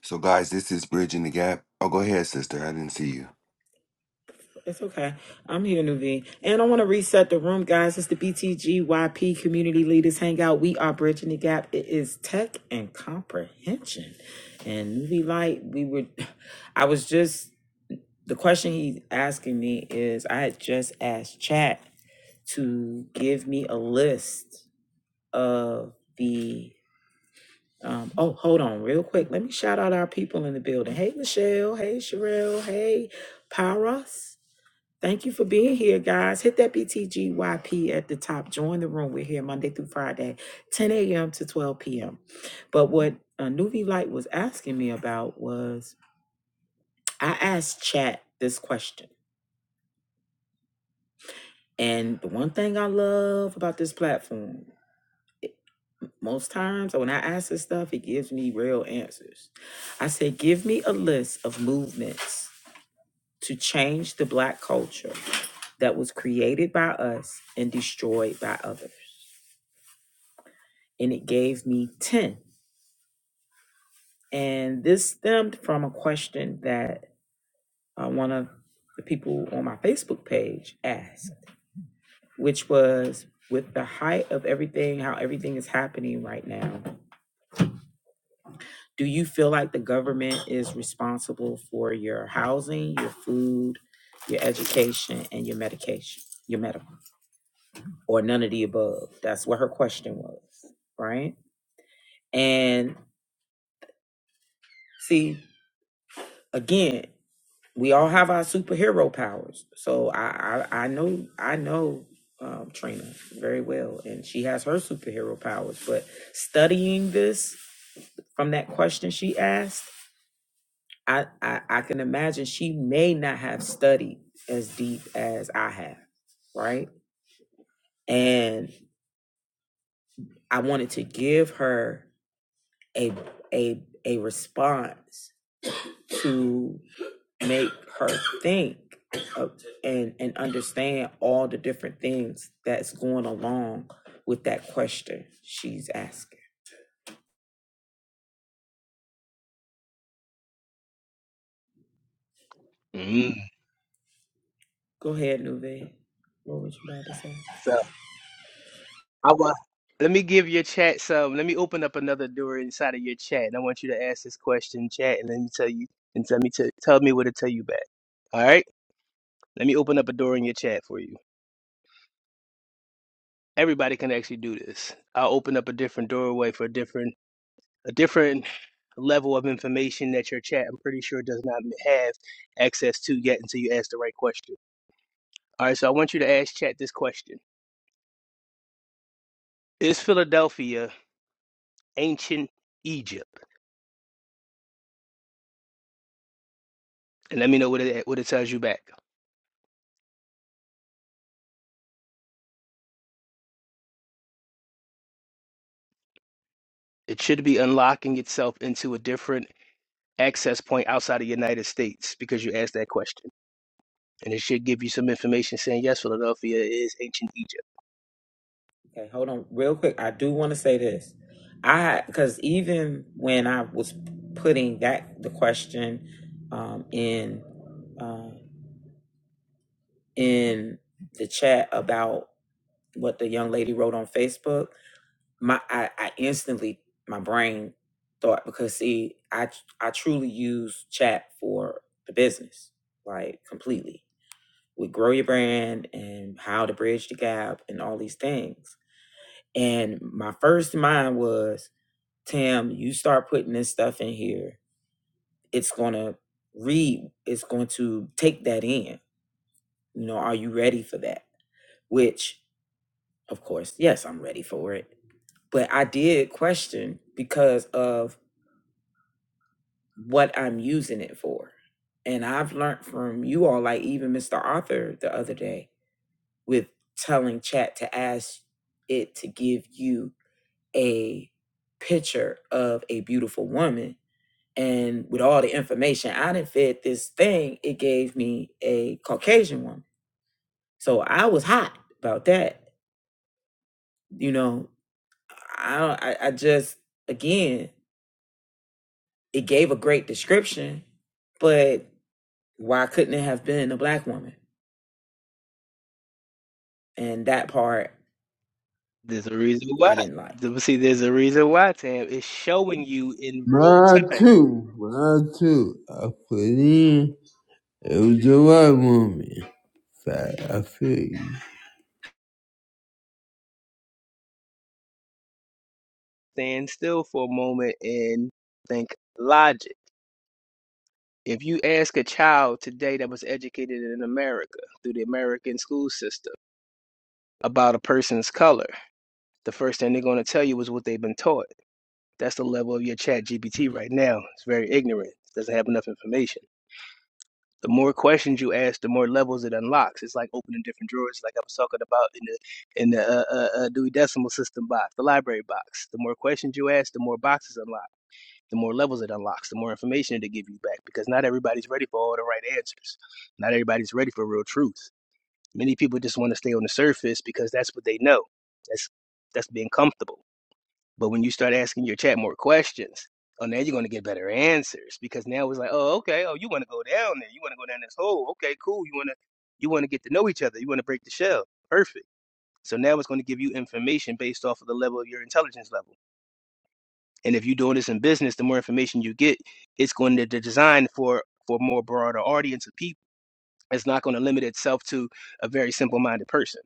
So, guys, this is Bridging the Gap. Oh, go ahead, sister. I didn't see you. It's okay. I'm here, Nuveen. And I want to reset the room, guys. It's the BTGYP Community Leaders Hangout. We are bridging the gap. It is tech and comprehension. And Nuvi Light, we were, I was just the question he's asking me is I had just asked Chat to give me a list of the um, oh hold on real quick. Let me shout out our people in the building. Hey Michelle, hey Sherelle, hey Paras. Thank you for being here, guys. Hit that BTGYP at the top. Join the room. We're here Monday through Friday, 10 a.m. to 12 p.m. But what uh, Nuvi Light was asking me about was I asked Chat this question And the one thing I love about this platform, most times when I ask this stuff, it gives me real answers. I say, give me a list of movements to change the black culture that was created by us and destroyed by others. And it gave me 10. And this stemmed from a question that uh, one of the people on my Facebook page asked, which was with the height of everything, how everything is happening right now Do you feel like the government is responsible for your housing, your food, your education, and your medication, your medical, or none of the above? That's what her question was, right? And see, again, we all have our superhero powers. So I, I, I know, I know um, Trina very well, and she has her superhero powers. But studying this from that question she asked I, I I can imagine she may not have studied as deep as I have, right? And I wanted to give her a a a response to make her think of, and and understand all the different things that's going along with that question she's asking. Mm. Go ahead, Nuve. What would you like to say? So I want. Let me give your chat some. Let me open up another door inside of your chat, and I want you to ask this question, chat, and let me tell you, and tell me to tell me what to tell you back. All right. Let me open up a door in your chat for you. Everybody can actually do this. I'll open up a different doorway for different. a different level of information that your chat, I'm pretty sure, does not have access to yet until you ask the right question. All right, so I want you to ask chat this question Is Philadelphia ancient Egypt? And let me know what it, what it tells you back. It should be unlocking itself into a different access point outside of the United States because you asked that question. And it should give you some information saying, yes, Philadelphia is ancient Egypt. Okay, hold on real quick. I do want to say this. I because even when I was putting that the question um, in uh, in the chat about what the young lady wrote on Facebook, my I, I instantly my brain thought because see I I truly use chat for the business like completely with grow your brand and how to bridge the gap and all these things. And my first mind was Tam, you start putting this stuff in here, it's going to read, it's going to take that in. You know, are you ready for that? Which, of course, yes, I'm ready for it. But I did question because of what I'm using it for. And I've learned from you all, like even Mr. Arthur the other day, with telling chat to ask it to give you a picture of a beautiful woman And with all the information I didn't fed this thing, it gave me a Caucasian woman. So I was hot about that. You know, I don't I, I just again, it gave a great description, but why couldn't it have been a black woman? And that part There's a reason why. I didn't like. See, there's a reason why, Tam. It's showing you in real Mine time too, mine too. I put in. It was the right woman. Fact, I feel you. stand still for a moment and think logic. If you ask a child today that was educated in America through the American school system about a person's color, the first thing they're going to tell you is what they've been taught. That's the level of your chat GPT right now. It's very ignorant, it doesn't have enough information. The more questions you ask, the more levels it unlocks. It's like opening different drawers, like I was talking about in the in the uh, uh, uh, Dewey Decimal System box, the library box. The more questions you ask, the more boxes unlock. the more levels it unlocks, the more information it'll give you back because not everybody's ready for all the right answers. Not everybody's ready for real truth. Many people just want to stay on the surface because that's what they know. That's that's being comfortable. But when you start asking your chat more questions, oh now you're gonna get better answers because now it's like, oh okay, oh you wanna go down there, you wanna go down this hole, okay, cool, you wanna you wanna get to know each other, you wanna break the shell. Perfect. So now it's gonna give you information based off of the level of your intelligence level. And if you're doing this in business, the more information you get, it's going to de- design for for more broader audience of people. It's not going to limit itself to a very simple-minded person.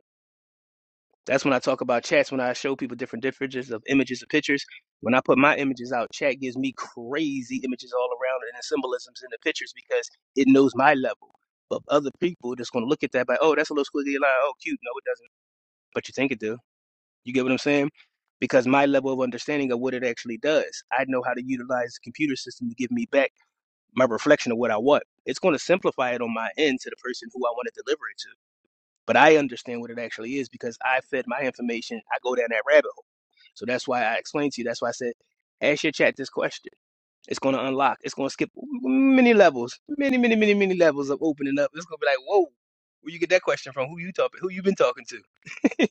That's when I talk about chats. When I show people different differences of images and pictures, when I put my images out, chat gives me crazy images all around and the symbolisms in the pictures because it knows my level. But other people just going to look at that by, oh, that's a little squiggly line. Oh, cute. No, it doesn't. But you think it do you get what I'm saying? Because my level of understanding of what it actually does, I know how to utilize the computer system to give me back my reflection of what I want. It's going to simplify it on my end to the person who I want to deliver it to. But I understand what it actually is because I fed my information. I go down that rabbit hole. So that's why I explained to you. That's why I said, ask your chat this question. It's going to unlock. It's going to skip many levels, many, many, many, many levels of opening up. It's going to be like, whoa, where you get that question from? Who you talking? Who you been talking to?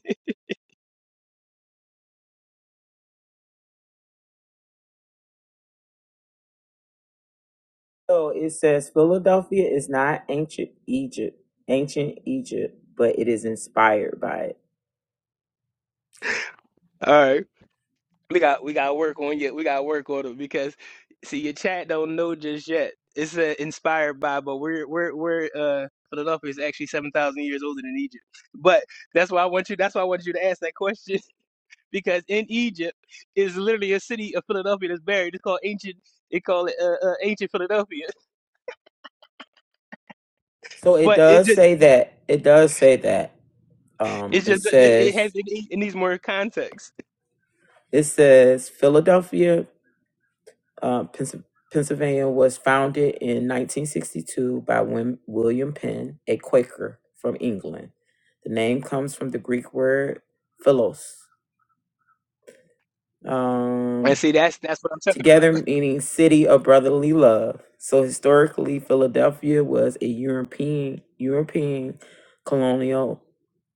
So it says Philadelphia is not ancient Egypt, ancient Egypt, but it is inspired by it. All right. We got we got to work on you. We got to work on it because see your chat don't know just yet. It's uh, inspired by, but we're we're we're uh Philadelphia is actually seven thousand years older than Egypt. But that's why I want you. That's why I want you to ask that question because in Egypt is literally a city of Philadelphia that's buried. It's called ancient. They call it uh, uh, ancient Philadelphia. So it But it does just say that. It does say that. Um, it's it just it, it has says it, need- it needs more context. it says Philadelphia, uh, Pens- Pennsylvania was founded in 1962 by Wim- William Penn, a Quaker from England. The name comes from the Greek word philos. um, And see that's that's what I'm talking about. together meaning city of brotherly love. So historically, Philadelphia was a European European colonial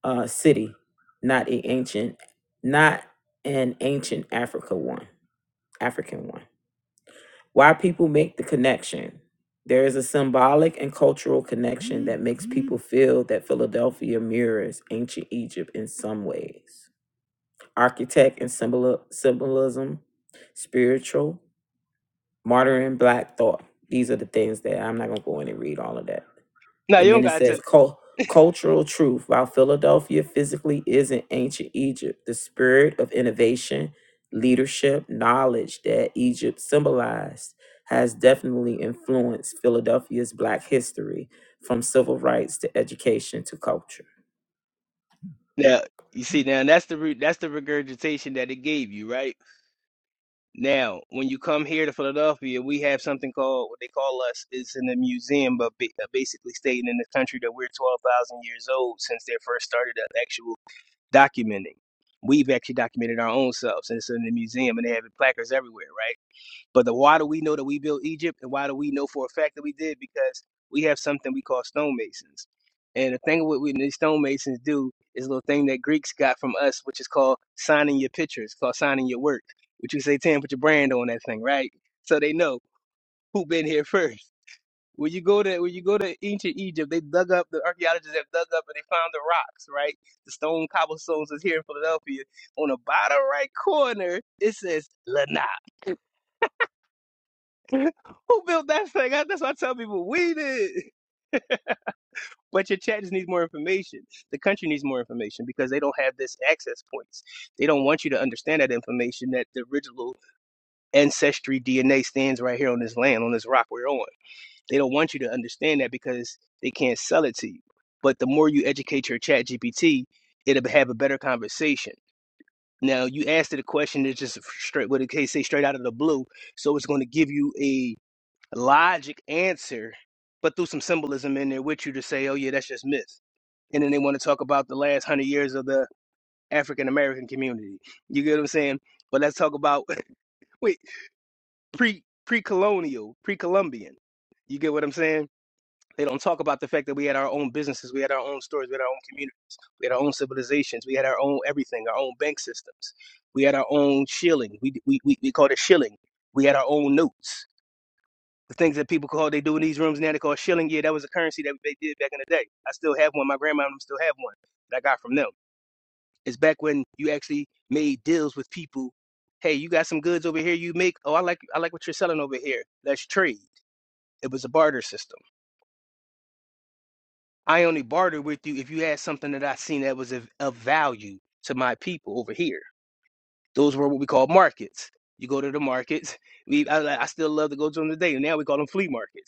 uh, city, not a ancient, not an ancient Africa one, African one. Why people make the connection? There is a symbolic and cultural connection that makes people feel that Philadelphia mirrors ancient Egypt in some ways. Architect and symbol- symbolism, spiritual Martyr and Black Thought. These are the things that I'm not going to go in and read all of that. No, you And don't then it got says, to. Cul- Cultural Truth. While Philadelphia physically isn't ancient Egypt, the spirit of innovation, leadership, knowledge that Egypt symbolized has definitely influenced Philadelphia's Black history from civil rights to education to culture. Now you see now that's the root that's the regurgitation that it gave you, right? Now, when you come here to Philadelphia, we have something called what they call us. It's in the museum, but ba- uh, basically stating in the country that we're twelve thousand years old since they first started the actual documenting. We've actually documented our own selves, and it's in the museum, and they have placards everywhere, right? But the, why do we know that we built Egypt, and why do we know for a fact that we did? Because we have something we call stonemasons. And the thing what we these stonemasons do is a little thing that Greeks got from us, which is called signing your picture. It's called signing your work, which you say, Tim, put your brand on that thing, right? So they know who been here first. When you go to when you go to ancient Egypt, they dug up the archaeologists have dug up and they found the rocks, right? The stone cobblestones is here in Philadelphia. On the bottom right corner, it says Lanai. Who built that thing? I- That's what I tell people. We did. But your chat just needs more information. The country needs more information because they don't have this access points. They don't want you to understand that information that the original ancestry DNA stands right here on this land, on this rock we're on. They don't want you to understand that because they can't sell it to you. But the more you educate your chat GPT, it'll have a better conversation. Now you asked it a question that's just straight what it can say straight out of the blue. So it's going to give you a. logic answer, but threw some symbolism in there with you to say, oh, yeah, that's just myth. And then they want to talk about the last hundred years of the African American community. You get what I'm saying? But let's talk about, wait, pre pre colonial, pre Columbian. You get what I'm saying? They don't talk about the fact that we had our own businesses, we had our own stores, we had our own communities, we had our own civilizations, we had our own everything, our own bank systems, we had our own shilling. We we we, we called it shilling. We had our own notes. The things that people call they do in these rooms now they call shilling. Yeah, that was a currency that they did back in the day. I still have one. My grandma and them still have one that I got from them. It's back when you actually made deals with people. Hey, you got some goods over here. You make. Oh, I like I like what you're selling over here. Let's trade. It was a barter system. I only bartered with you if you had something that I seen that was of, of value to my people over here. Those were what we call markets. You go to the markets. We I, I still love to go to them today. Now we call them flea markets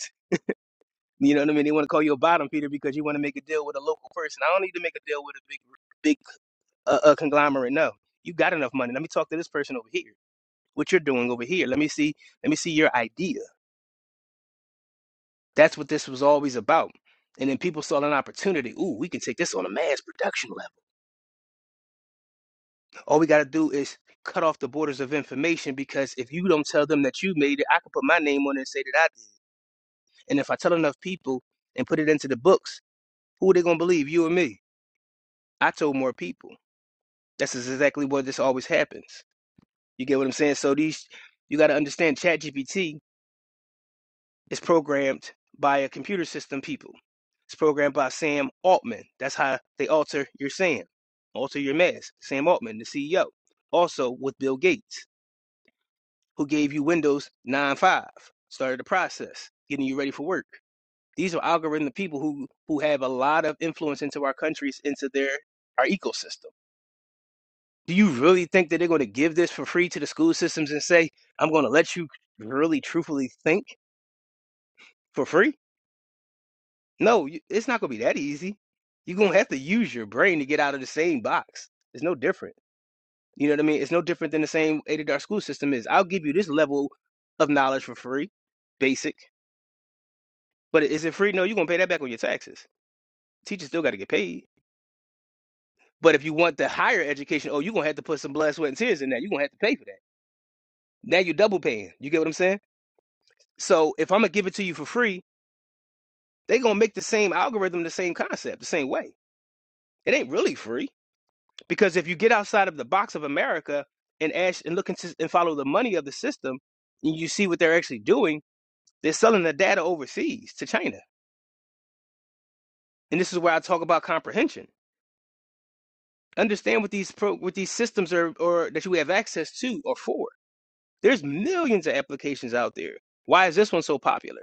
You know what I mean? They want to call you a bottom feeder because you want to make a deal with a local person. I don't need to make a deal with a big, big uh, uh, conglomerate. No, you got enough money. Let me talk to this person over here. What you're doing over here? Let me see. Let me see your idea. That's what this was always about. And then people saw an opportunity. Ooh, we can take this on a mass production level. All we got to do is cut off the borders of information because if you don't tell them that you made it, I can put my name on it and say that I did. And if I tell enough people and put it into the books, who are they gonna believe? You or me? I told more people. That's exactly what this always happens. You get what I'm saying? So these you got to understand ChatGPT is programmed by a computer system people. It's programmed by Sam Altman. That's how they alter your Sam, alter your mess. Sam Altman, the CEO. Also with Bill Gates, who gave you Windows nine five, started the process, getting you ready for work. These are algorithmic people who who have a lot of influence into our countries, into their our ecosystem. do you really think that they're going to give this for free to the school systems and say, I'm going to let you really truthfully think for free? No, you- it's not going to be that easy. You're going to have to use your brain to get out of the same box. It's no different. You know what I mean? It's no different than the same way that our school system is. I'll give you this level of knowledge for free, basic. But is it free? No, you're going to pay that back on your taxes. Teachers still got to get paid. But if you want the higher education, oh, you're going to have to put some blood, sweat, and tears in that. You're going to have to pay for that. Now you're double paying. You get what I'm saying? So if I'm gonna give it to you for free, they are gonna make the same algorithm, the same concept, the same way. It ain't really free because if you get outside of the box of America and ask and look into, and follow the money of the system, and you see what they're actually doing, they're selling the data overseas to China. And this is where I talk about comprehension. Understand what these pro, what these systems are or that you have access to or for. There's millions of applications out there. Why is this one so popular?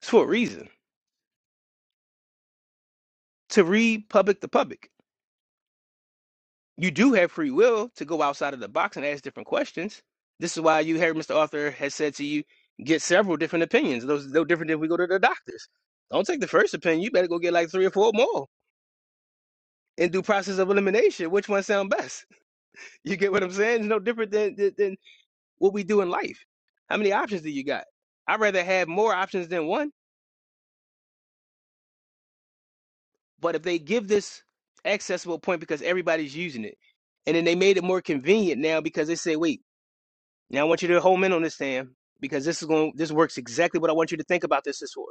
It's for a reason to read public to public. you do have free will to go outside of the box and ask different questions. This is why you heard Mr. Arthur has said to you, get several different opinions. Those no different than if we go to the doctors. Don't take the first opinion. You better go get like three or four more and do process of elimination. Which one sound best? You get what I'm saying? It's no different than, than than what we do in life. How many options do you got? I'd rather have more options than one. But if they give this accessible point because everybody's using it, and then they made it more convenient now because they say, wait. Now I want you to home in on this, Sam, because this is going this works exactly what I want you to think about this is for.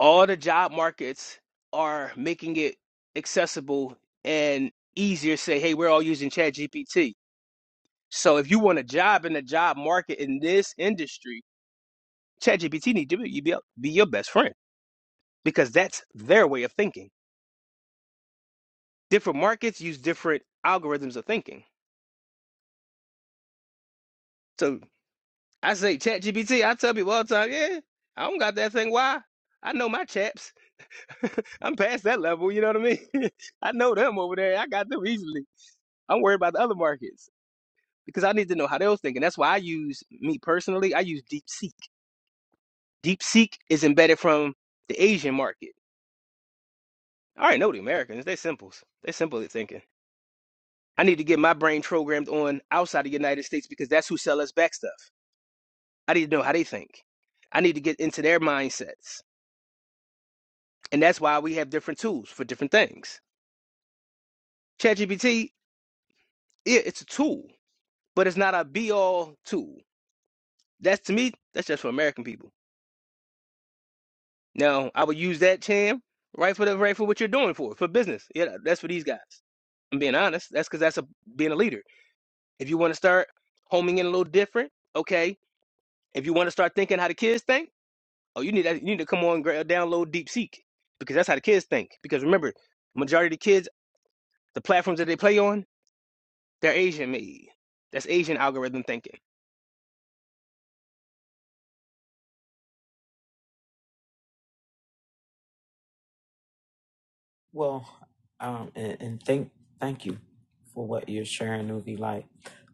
All the job markets are making it accessible and easier to say, hey, we're all using ChatGPT. So if you want a job in the job market in this industry, ChatGPT need to be, be, be your best friend because that's their way of thinking. Different markets use different algorithms of thinking. So I say ChatGPT, I tell people all the time, yeah, I don't got that thing. Why? I know my chaps. I'm past that level. You know what I mean? I know them over there. I got them easily. I'm worried about the other markets because I need to know how they was thinking. That's why I use me personally. I use DeepSeek. DeepSeek is embedded from the Asian market. I already know the Americans. They simples. They simple at thinking. I need to get my brain programmed on outside the United States because that's who sell us back stuff. I need to know how they think. I need to get into their mindsets, and that's why we have different tools for different things. ChatGPT, yeah, it's a tool but it's not a be all tool. That's to me, that's just for American people. Now, I would use that term right for the right for what you're doing for for business. Yeah, that's for these guys. I'm being honest. That's because that's a being a leader. If you want to start homing in a little different, okay. If you want to start thinking how the kids think, oh, you need that. You need to come on, gra- download DeepSeek because that's how the kids think. Because remember, majority of the kids, the platforms that they play on, they're Asian made. That's Asian algorithm thinking. Well, um, and, and thank thank you for what you're sharing, Nuvi. Like,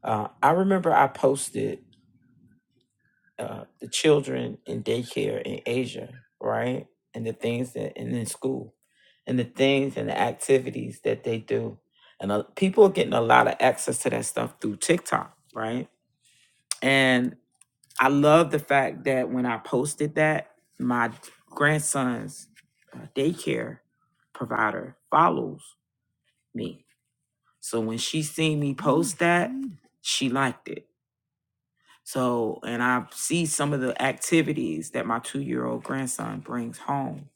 uh, I remember I posted uh, the children in daycare in Asia, right, and the things that and in school, and the things and the activities that they do, and uh, people are getting a lot of access to that stuff through TikTok, right? And I love the fact that when I posted that, my grandson's uh, daycare provider follows me So when she seen me post that, she liked it. So, and I see some of the activities that my two year old grandson brings home.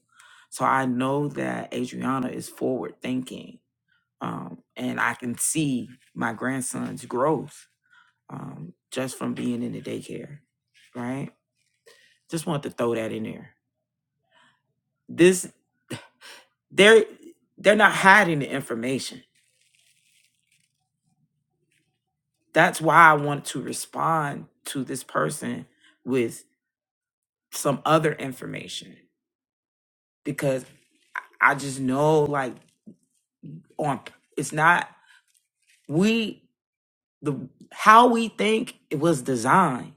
So I know that Adriana is forward thinking. Um, and I can see my grandson's growth um, just from being in the daycare, right? Just want to throw that in there. This, they're, they're not hiding the information. That's why I want to respond to this person with some other information because I just know like on it's not we the how we think it was designed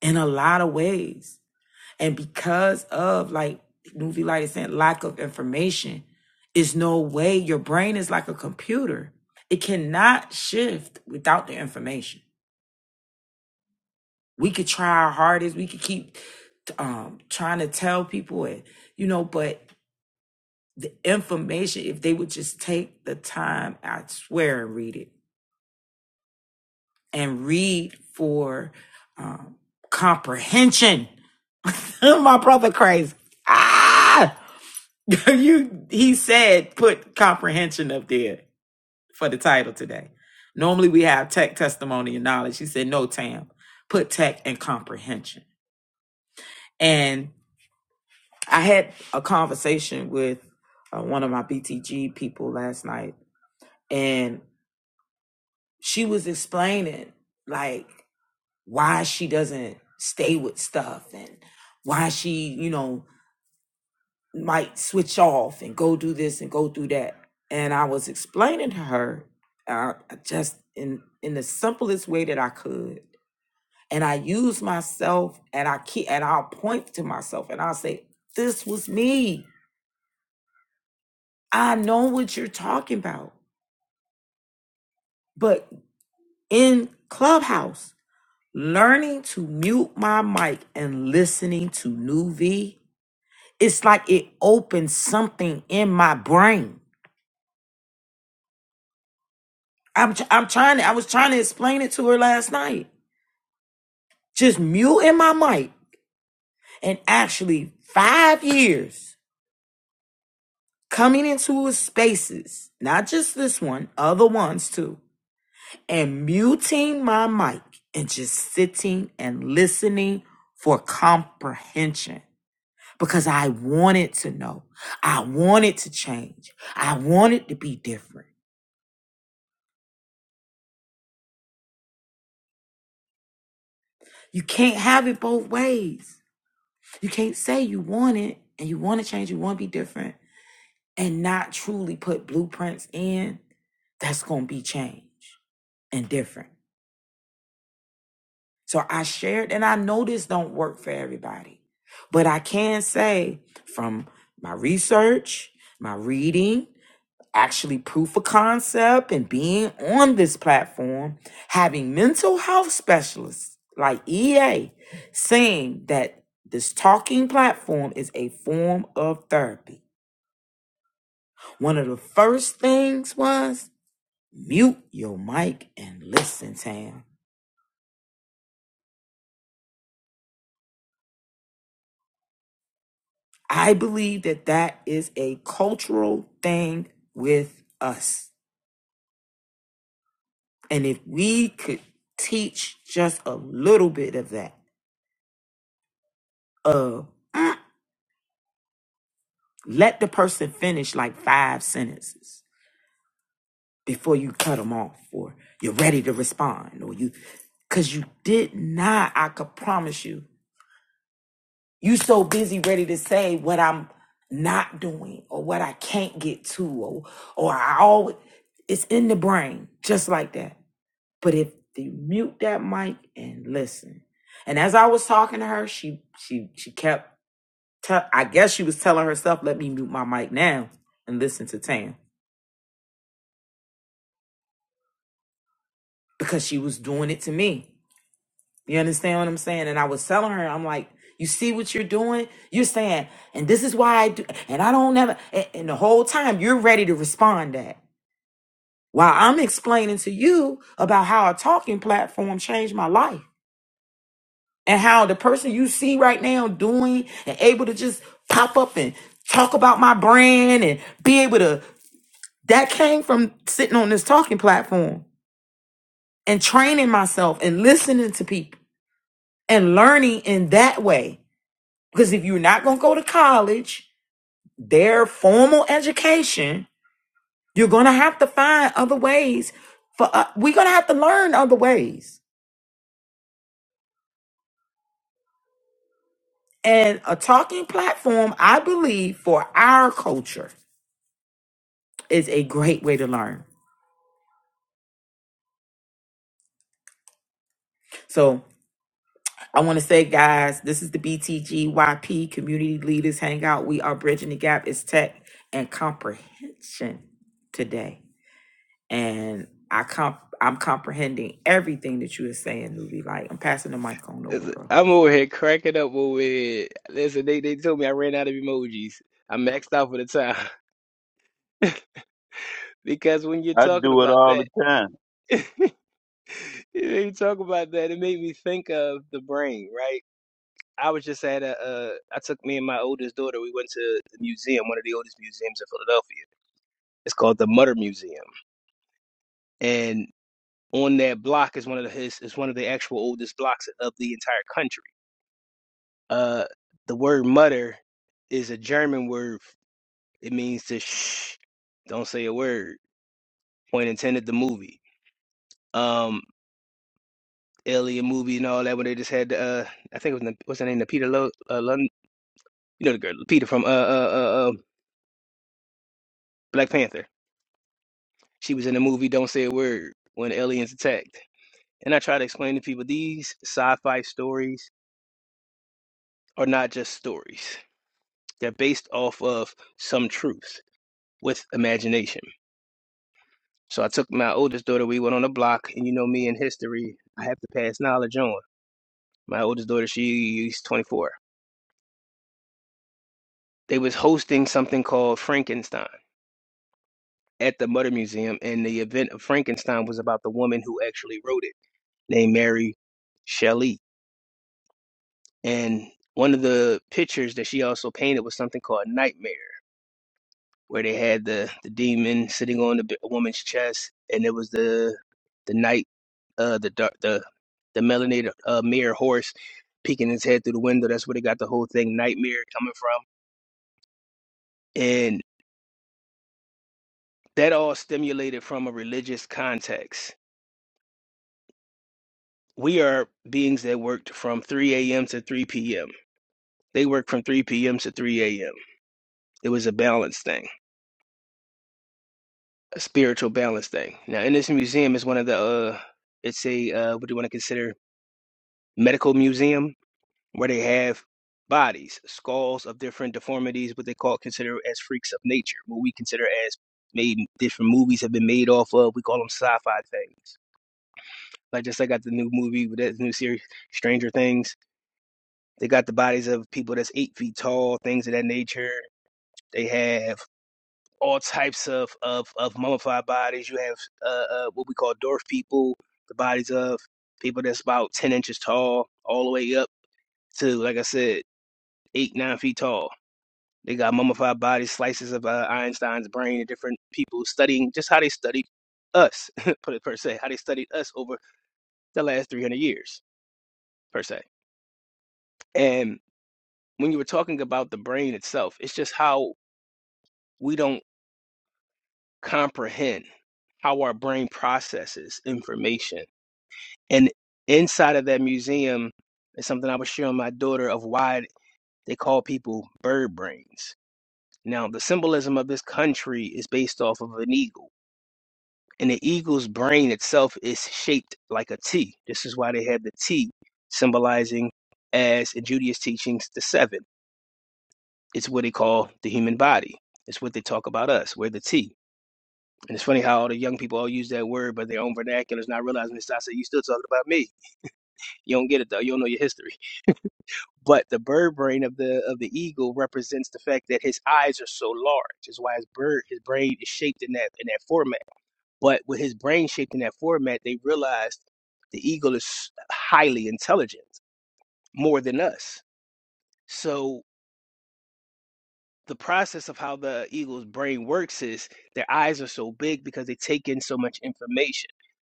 in a lot of ways. And because of like Nuvi Light is saying lack of information, is no way your brain is like a computer. It cannot shift without the information. We could try our hardest, we could keep um trying to tell people it, you know, but the information, if they would just take the time, I swear, and read it and read for um, comprehension. My brother crazy. Ah! you, he said, put comprehension up there for the title today. Normally we have tech, testimony, and knowledge. He said, no, Tam, put tech and comprehension. And I had a conversation with uh, one of my BTG people last night, and she was explaining like why she doesn't stay with stuff and why she you know might switch off and go do this and go do that and i was explaining to her uh, just in in the simplest way that i could and i use myself and i keep and i'll point to myself and i'll say this was me i know what you're talking about but in clubhouse learning to mute my mic and listening to New V, it's like it opened something in my brain. I'm tr- I'm trying to, I was trying to explain it to her last night. Just muting my mic and actually five years coming into his spaces, not just this one, other ones too, and muting my mic and just sitting and listening for comprehension. because I wanted to know. I wanted to change. I wanted to be different. You can't have it both ways. You can't say you want it and you want to change, you want to be different, and not truly put blueprints in that's going to be change and different. So I shared, and I know this don't work for everybody, but I can say from my research, my reading, actually proof of concept and being on this platform, having mental health specialists like EA saying that this talking platform is a form of therapy. One of the first things was mute your mic and listen, Tam. I believe that that is a cultural thing with us. And if we could teach just a little bit of that, of Let the person finish like five sentences before you cut them off or you're ready to respond or you cuz you did not I could promise you you so busy ready to say what I'm not doing or what I can't get to or or I always it's in the brain just like that. But if you mute that mic and listen. And as I was talking to her, she she she kept tell I guess she was telling herself let me mute my mic now and listen to Tam because she was doing it to me. You understand what I'm saying? And I was telling her, I'm like, you see what you're doing? You're saying, and this is why I do, and I don't never, and, and the whole time you're ready to respond that while I'm explaining to you about how a talking platform changed my life and how the person you see right now doing and able to just pop up and talk about my brand and be able to, that came from sitting on this talking platform and training myself and listening to people. and learning in that way. Because if you're not going to go to college, their formal education, you're going to have to find other ways for uh, we're going to have to learn other ways. And a talking platform, I believe, for our culture is a great way to learn. So I want to say, guys, this is the BTGYP Community Leaders Hangout. We are bridging the gap. It's tech and comprehension today. and I comp I'm comprehending everything that you are saying, newbie. Like I'm passing the mic on over, bro. I'm over here cracking up over here. Listen, they, they told me I ran out of emojis. I maxed out for the time. Because when you're I talking do it about all that, the time. you talk about that, it made me think of the brain, right? I was just at a, uh, I took me and my oldest daughter, we went to the museum, one of the oldest museums in Philadelphia. It's called the Mutter Museum. and on that block is one of the, his is one of the actual oldest blocks of the entire country. Uh, the word mutter is a German word. It means to shh, don't say a word. Point intended. The movie, um, Alien movie and all that. When they just had, uh, I think it was Na- what's her name, Lupita Lo, uh, Lund, you know the girl, Lupita from uh, uh uh uh Black Panther. She was in the movie Don't Say a Word when aliens attacked. And I try to explain to people these sci-fi stories are not just stories. They're based off of some truth with imagination. So I took my oldest daughter, we went on a block, and you know me in history, I have to pass knowledge on. My oldest daughter, she's 24. They was hosting something called Frankenstein at the Murder Museum, and the event of Frankenstein was about the woman who actually wrote it, named Mary Shelley. And one of the pictures that she also painted was something called Nightmare where they had the the demon sitting on the b- woman's chest, and it was the the night, uh, the dark, the the melanated uh, mirror horse peeking his head through the window. That's where they got the whole thing nightmare coming from, and that all stimulated from a religious context. We are beings that worked from 3 a.m. to 3 p.m. They worked from 3 p.m. to 3 a.m. It was a balance thing, a spiritual balance thing. Now, in this museum is one of the uh, it's a uh, what do you want to consider medical museum where they have bodies, skulls of different deformities, what they call consider as freaks of nature, what we consider as maybe different movies have been made off of. We call them sci-fi things. Like just like I got the new movie with that new series, Stranger Things. They got the bodies of people that's eight feet tall, things of that nature. They have all types of of, of mummified bodies. You have uh, uh, what we call dwarf people, the bodies of people that's about ten inches tall, all the way up to like I said, eight nine feet tall They got mummified bodies, slices of uh, Einstein's brain, and different people studying just how they studied us, per, per se, how they studied us over the last 300 years, per se. And when you were talking about the brain itself, it's just how we don't comprehend how our brain processes information. And inside of that museum is something I was showing my daughter of why they call people bird brains. Now, the symbolism of this country is based off of an eagle and the eagle's brain itself is shaped like a T. This is why they have the T symbolizing, as in Judaism teachings, the seven. It's what they call the human body. It's what they talk about us. We're the T. And it's funny how all the young people all use that word, but their own vernacular is not realizing this. I say, you still talking about me. You don't get it though. You don't know your history. But the bird brain of the of the eagle represents the fact that his eyes are so large. Is why his bird his brain is shaped in that in that format. But with his brain shaped in that format, they realized the eagle is highly intelligent, more than us. So the process of how the eagle's brain works is their eyes are so big because they take in so much information.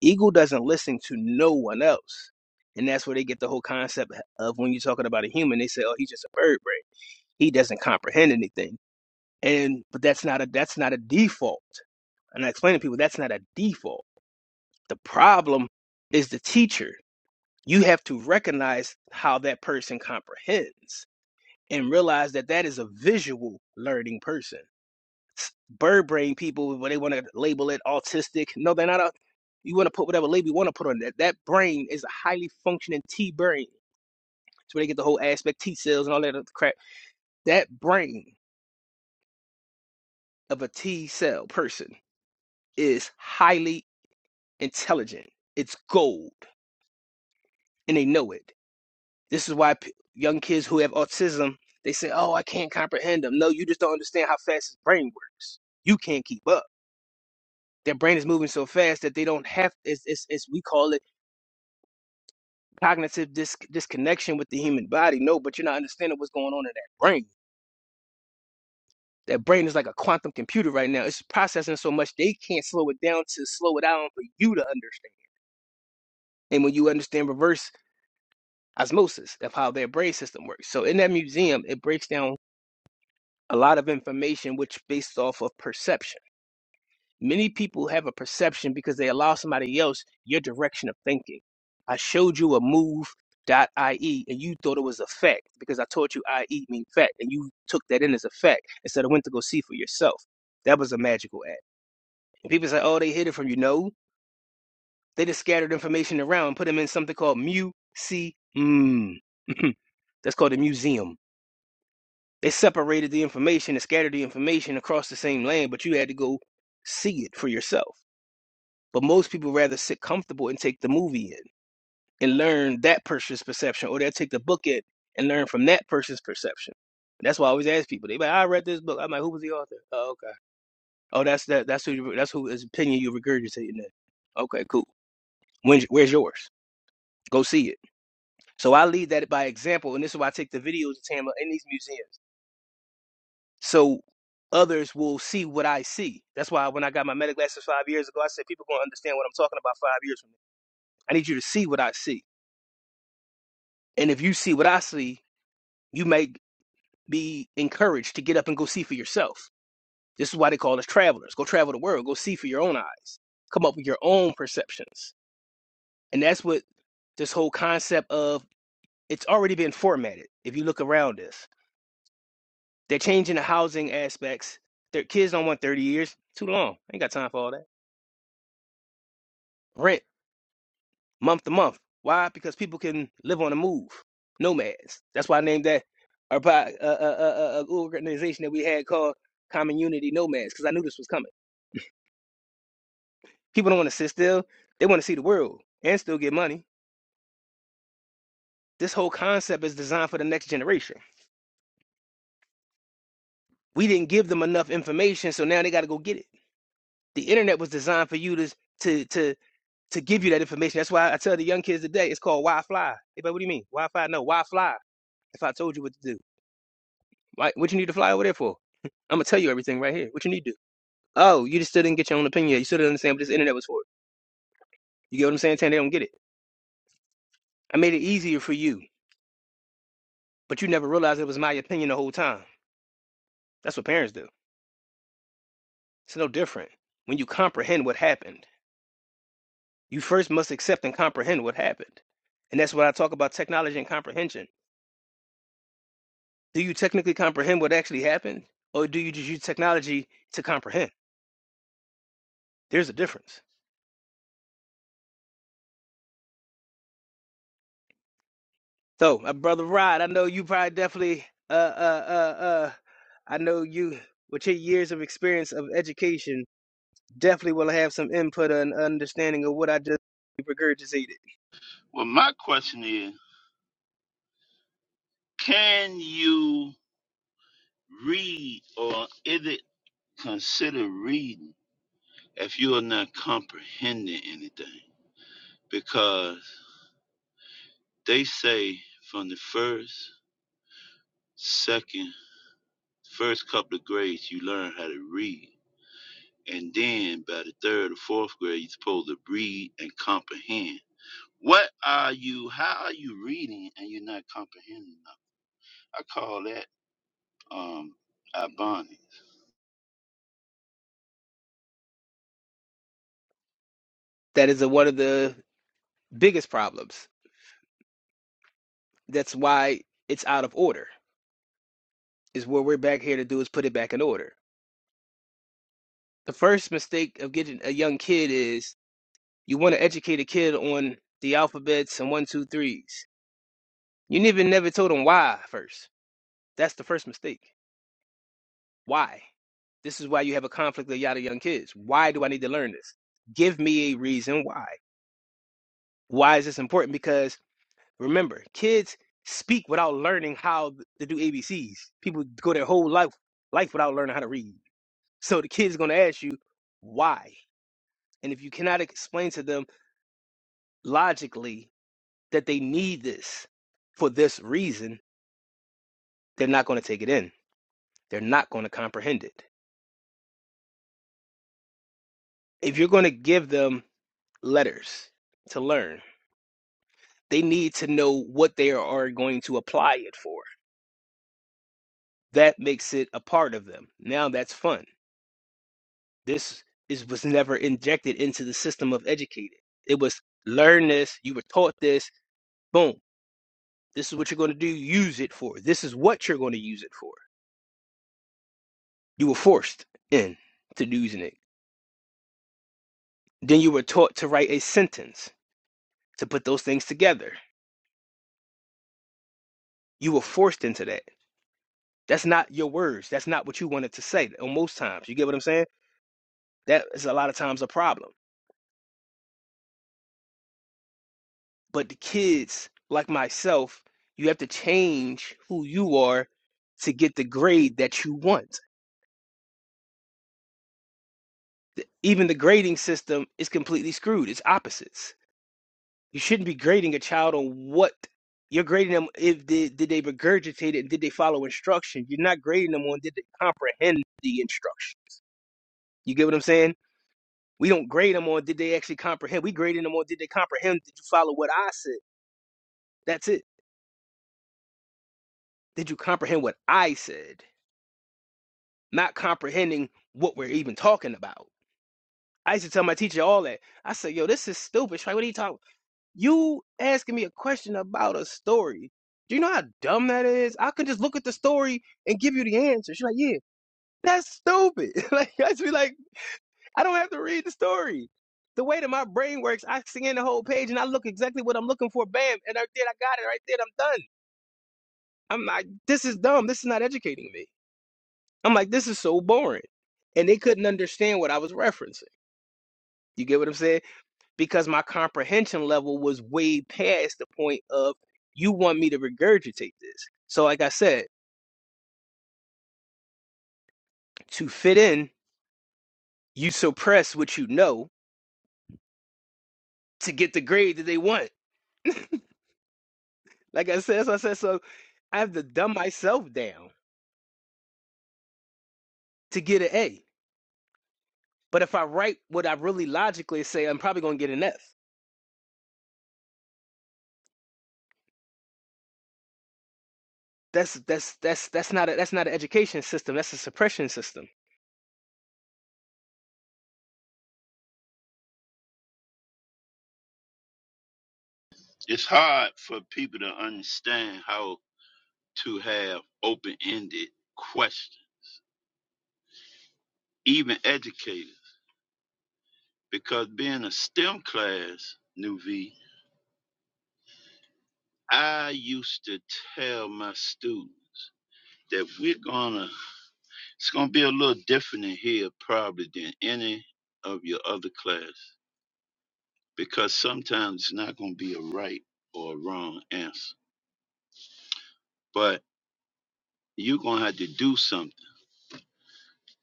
Eagle doesn't listen to no one else. And that's where they get the whole concept of when you're talking about a human, they say, oh, he's just a bird brain. he doesn't comprehend anything. And but that's not a that's not a default. And I explain to people that's not a default. The problem is the teacher. You have to recognize how that person comprehends and realize that that is a visual learning person. Bird brain people, when they want to label it autistic, no, they're not. a. You want to put whatever label you want to put on that. That brain is a highly functioning T brain. It's where they get the whole aspect T cells and all that other crap. That brain of a T cell person is highly intelligent. It's gold, and they know it. This is why p- young kids who have autism they say, "Oh, I can't comprehend them." No, you just don't understand how fast his brain works. You can't keep up. Their brain is moving so fast that they don't have. It's, it's, it's we call it cognitive dis- disconnection with the human body. No, but you're not understanding what's going on in that brain. That brain is like a quantum computer right now. It's processing so much they can't slow it down to slow it down for you to understand. And when you understand reverse osmosis of how their brain system works. So in that museum, it breaks down a lot of information which based off of perception. Many people have a perception because they allow somebody else your direction of thinking. I showed you a move dot IE and you thought it was a fact because I told you IE mean fact and you took that in as a fact instead of went to go see for yourself. That was a magical ad. And people say, oh, they hid it from you. No, they just scattered information around and put them in something called mu, see, mm. That's called a museum They separated the information and scattered the information across the same land, but you had to go see it for yourself. But most people rather sit comfortable and take the movie in and learn that person's perception, or they'll take the book in and learn from that person's perception. That's why I always ask people. They be like, I read this book. I'm like, who was the author? Oh, okay. Oh, that's that. That's who. you- That's who his opinion you regurgitating. Then. Okay, cool. When's, where's yours? Go see it. So I lead that by example, and this is why I take the videos to Tamla in these museums. so others will see what I see. That's why when I got my meta glasses five years ago, I said people gonna understand what I'm talking about five years from now. I need you to see what I see, and if you see what I see, you may be encouraged to get up and go see for yourself. This is why they call us travelers. Go travel the world. Go see for your own eyes. Come up with your own perceptions, and that's what this whole concept of it's already been formatted. If you look around this, they're changing the housing aspects. Their kids don't want 30 years. Too long. I Ain't got time for all that. Rent. month to month. Why? Because people can live on the move, nomads. That's why I named that our uh, uh, uh, uh, uh, organization that we had called Common Unity Nomads, because I knew this was coming. People don't want to sit still; they want to see the world and still get money. This whole concept is designed for the next generation. We didn't give them enough information, so now they got to go get it. The internet was designed for you to to to to give you that information. That's why I tell the young kids today it's called Why Fly. They be like, what do you mean? Why Fly? No, Why Fly? If I told you what to do. Why? What you need to fly over there for? I'm gonna tell you everything right here. What you need to do? Oh, you just still didn't get your own opinion. You still didn't understand what this internet was for. You get what I'm saying? Saying they don't get it. I made it easier for you, but you never realized it was my opinion the whole time. That's what parents do. It's no different. When you comprehend what happened, you first must accept and comprehend what happened. And that's what I talk about technology and comprehension. Do you technically comprehend what actually happened, or do you just use technology to comprehend? There's a difference. So, my brother Rod, I know you probably definitely uh uh uh uh I know you with your years of experience of education definitely will have some input and understanding of what I just regurgitated. Well, my question is, can you read or is it Consider reading if you are not comprehending anything, because they say from the first, second, first couple of grades, you learn how to read. And then by the third or fourth grade, you're supposed to read and comprehend. What are you, how are you reading and you're not comprehending enough? I call that um, Ibonics. That is a, one of the biggest problems. That's why it's out of order. Is what we're back here to do is put it back in order. The first mistake of getting a young kid is you want to educate a kid on the alphabets and one two threes. You never never told them why first. That's the first mistake. Why? This is why you have a conflict of yada young kids. Why do I need to learn this? Give me a reason why. Why is this important? Because remember, kids speak without learning how to do ABCs. People go their whole life life without learning how to read. So the kid's gonna ask you why. And if you cannot explain to them logically that they need this for this reason, they're not gonna take it in. They're not gonna comprehend it. If you're gonna give them letters to learn, they need to know what they are going to apply it for. That makes it a part of them. Now that's fun. This is was never injected into the system of educated. It was learn this, you were taught this, boom. This is what you're going to do, use it for. This is what you're going to use it for. You were forced in to using it. Then you were taught to write a sentence, to put those things together. You were forced into that. That's not your words. That's not what you wanted to say. Most times, you get what I'm saying? That is a lot of times a problem But the kids, like myself, you have to change who you are to get the grade that you want. Even the grading system is completely screwed. It's opposites. You shouldn't be grading a child on what you're grading them if they, did they regurgitate it and did they follow instruction. You're not grading them on did they comprehend the instruction. You get what I'm saying? We don't grade them on did they actually comprehend. We grading them on did they comprehend? Did you follow what I said? That's it. Did you comprehend what I said? not comprehending what we're even talking about. I used to tell my teacher all that. I said, yo, this is stupid. She's Like, what are you talking about? You asking me a question about a story. Do you know how dumb that is? I can just look at the story and give you the answer. She's like, yeah, that's stupid. like, I just be like, I don't have to read the story. The way that my brain works, I scan the whole page and I look exactly what I'm looking for. Bam. And right there, I got it. Right there, I'm done. I'm like, this is dumb. This is not educating me. I'm like, this is so boring. And they couldn't understand what I was referencing. You get what I'm saying? Because my comprehension level was way past the point of you want me to regurgitate this. So, like I said, to fit in, you suppress what you know to get the grade that they want. Like I said, so I said, so I have to dumb myself down to get an A. But if I write what I really logically say, I'm probably gonna get an F. That's that's that's that's not a, that's not an education system. That's a suppression system. It's hard for people to understand how to have open ended questions even educators, because being a STEM class, Nuvi, I used to tell my students that we're gonna, it's gonna be a little different in here probably than any of your other class, because sometimes it's not gonna be a right or a wrong answer, but you're gonna have to do something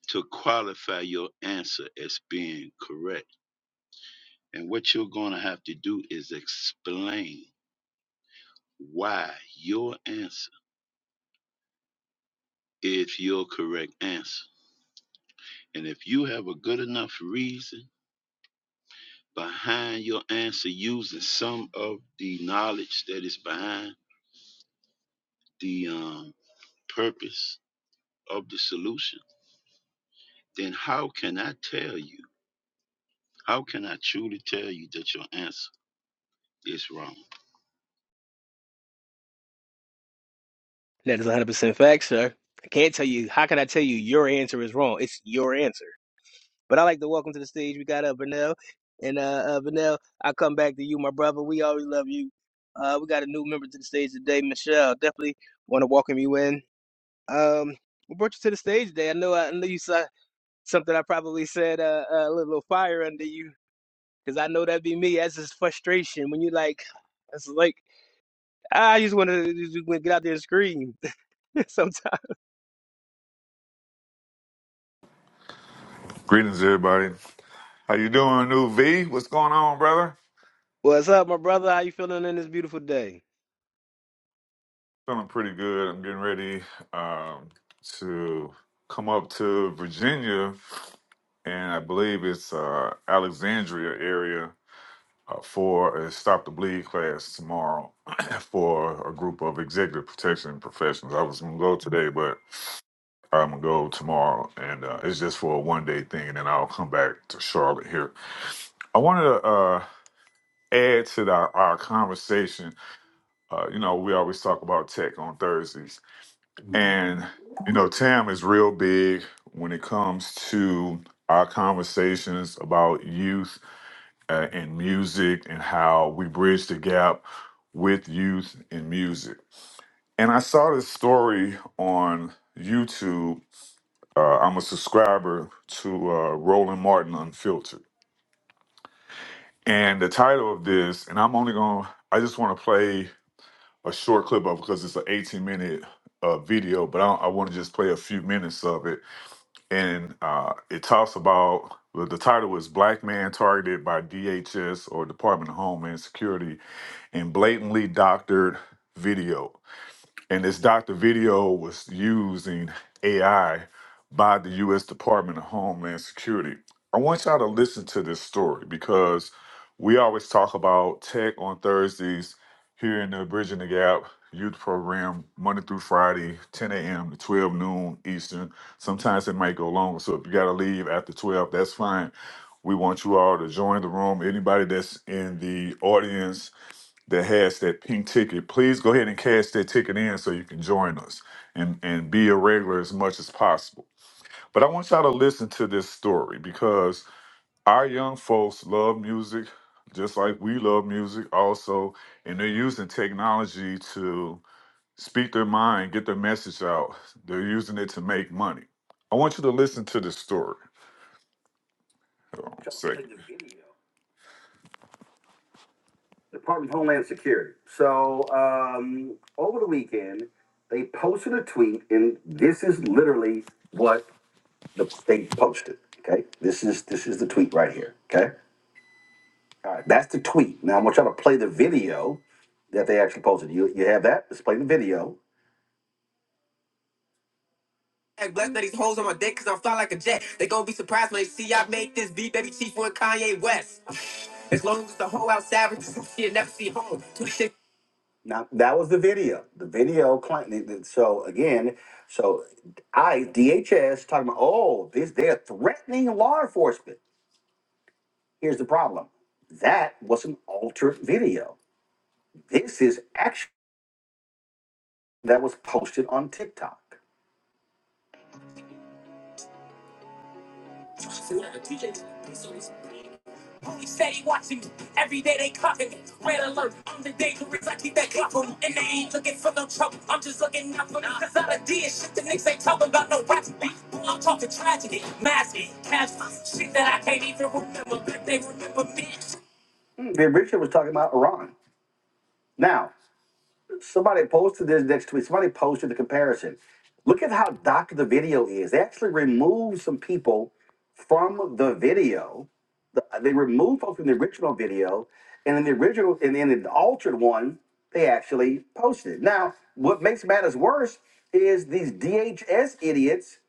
to qualify your answer as being correct. And what you're gonna have to do is explain why your answer is your correct answer. And if you have a good enough reason behind your answer using some of the knowledge that is behind the um, purpose of the solution, then how can I tell you? How can I truly tell you that your answer is wrong? That is 100 percent fact, sir. I can't tell you. How can I tell you your answer is wrong? It's your answer. But I like to welcome to the stage. We got uh, Vernell. And uh, uh, Vernell, I come back to you, my brother. We always love you. Uh, we got a new member to the stage today, Michelle. Definitely want to welcome you in. Um, we brought you to the stage today. I know I know you saw something I probably said uh, uh, a little fire under you because I know that'd be me. That's just frustration when you like, it's like I just want to just wanna get out there and scream sometimes. Greetings, everybody. How you doing, New V? What's going on, brother? What's up, my brother? How you feeling in this beautiful day? Feeling pretty good. I'm getting ready um, to come up to Virginia, and I believe it's uh, Alexandria area uh, for a Stop the Bleed class tomorrow for a group of executive protection professionals. I was gonna go today, but I'm gonna go tomorrow, and uh, it's just for a one day thing, and then I'll come back to Charlotte here. I wanted to uh, add to the, our conversation uh, you know, we always talk about tech on Thursdays. And, you know, Tam is real big when it comes to our conversations about youth uh, and music and how we bridge the gap with youth and music. And I saw this story on YouTube. Uh, I'm a subscriber to uh, Roland Martin Unfiltered. And the title of this, and I'm only going to, I just want to play a short clip of it because it's an 18 minute uh, video, but I, don't- I want to just play a few minutes of it. And uh, it talks about well, the title is Black Man Targeted by DHS or Department of Homeland Security in Blatantly Doctored Video. And this doctor video was using AI by the U.S. Department of Homeland Security. I want y'all to listen to this story because we always talk about tech on Thursdays here in the Bridging the Gap youth program, Monday through Friday, 10 a.m. to 12 noon Eastern. Sometimes it might go longer. So if you got to leave after 12, that's fine. We want you all to join the room. Anybody that's in the audience, that has that pink ticket, please go ahead and cash that ticket in so you can join us and, and be a regular as much as possible. But I want y'all to listen to this story because our young folks love music just like we love music also, and they're using technology to speak their mind, get their message out. They're using it to make money. I want you to listen to this story. Hold on a second. Department of Homeland Security. So um, over the weekend, they posted a tweet, and this is literally what the, they posted. Okay, this is this is the tweet right here. Okay, all right, that's the tweet. Now I'm gonna try to play the video that they actually posted. You you have that? Let's play the video. Hey, blessed that these hoes on my dick because I'm fly like a jet. They gonna be surprised when they see I made this beat, baby chief with Kanye West. As long as the whole outside with some shit, never see home. Two shit. Now that was the video. The video claimed. So again, so I DHS talking about oh this they're threatening law enforcement. Here's the problem. That was an altered video. This is action that was posted on TikTok. Holy steady watching me. Every day they clocking me. Red alert. I'm the dangerous. I keep that clock on me. And they ain't looking for no trouble. I'm just looking out for them. Cause all I did shit the niggas ain't talking about no rap beat. I'm talking tragedy. Masking, casual. Shit that I can't even remember. But they remember me. Big Richard was talking about Iran. Now, somebody posted this next tweet. Somebody posted the comparison. Look at how dark the video is. They actually removed some people from the video. The, they removed folks from the original video, and in the original and in the altered one, they actually posted. Now, what makes matters worse is these DHS idiots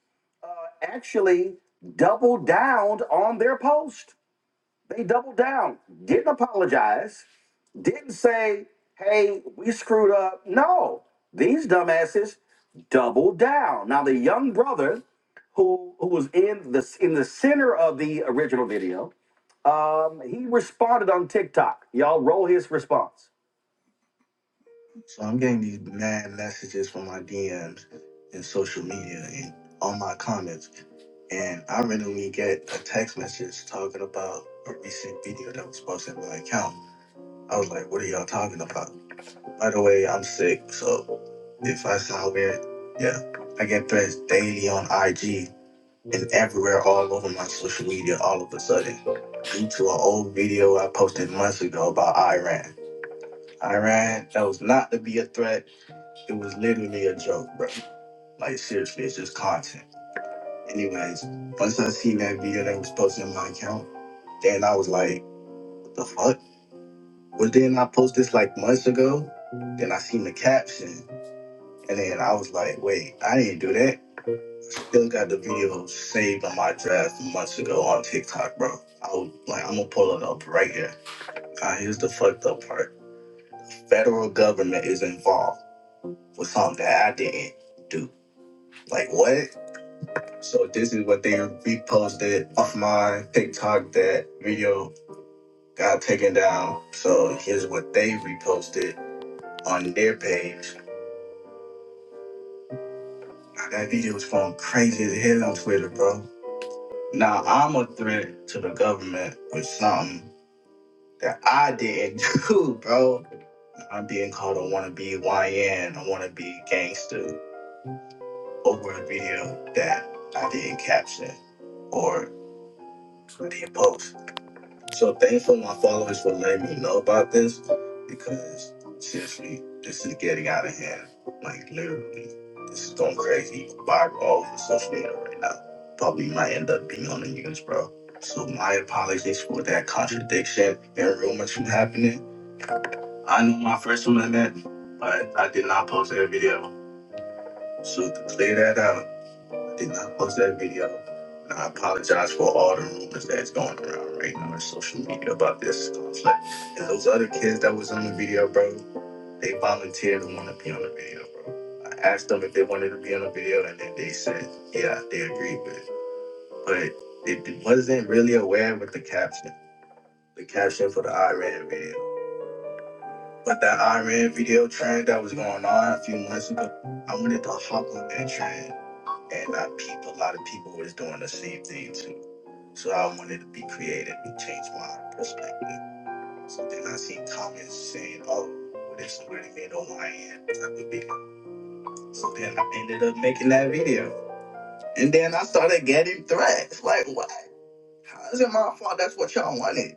actually doubled down on their post. They doubled down, didn't apologize, didn't say, hey, we screwed up. No, these dumbasses doubled down. Now the young brother who who was in the in the center of the original video, um, he responded on TikTok. Y'all roll his response. So I'm getting these mad messages from my DMs and social media and on my comments. And I randomly get a text message talking about a recent video that was posted on my account. I was like, what are y'all talking about? By the way, I'm sick, so if I sound weird, yeah. I get threats daily on IG and everywhere all over my social media all of a sudden due to an old video I posted months ago about Iran. Iran, that was not to be a threat. It was literally a joke, bro. Like, seriously, it's just content. Anyways, once I seen that video that was posted on my account, then I was like, what the fuck? Was then I post this like months ago? Then I seen the caption. And then I was like, wait, I didn't do that. Still got the video saved on my draft months ago on TikTok, bro. I was like, I'm gonna pull it up right here. Uh, here's the fucked up part. Federal government is involved with something that I didn't do. Like what? So this is what they reposted off my TikTok. That video got taken down. So here's what they reposted on their page. I got videos going crazy as hell on Twitter, bro. Now I'm a threat to the government with something that I didn't do, bro. I'm being called a wannabe YN, a wannabe gangster over a video that I didn't caption or I didn't post. So thankful my followers for letting me know about this because seriously, this is getting out of hand. Like literally, this is going crazy viral all over social media right now. Probably might end up being on the news, bro. So my apologies for that contradiction and rumors from happening. I know my first one amendment, but I did not post that video. So to clear that out did not post that video. And I apologize for all the rumors that's going around right now on social media about this conflict. And those other kids that was on the video, bro, they volunteered to want to be on the video, bro. I asked them if they wanted to be on the video, and then they said, yeah, they agreed with it. But it wasn't really aware with the caption, the caption for the Iran video. But that Iran video trend that was going on a few months ago, I wanted to hop on that trend and I peeped a lot of people was doing the same thing too. So I wanted to be creative and change my perspective. So then I see comments saying, oh, what if somebody made a lion type of video? So then I ended up making that video. And then I started getting threats. Like, what? How is it my fault that's what y'all wanted?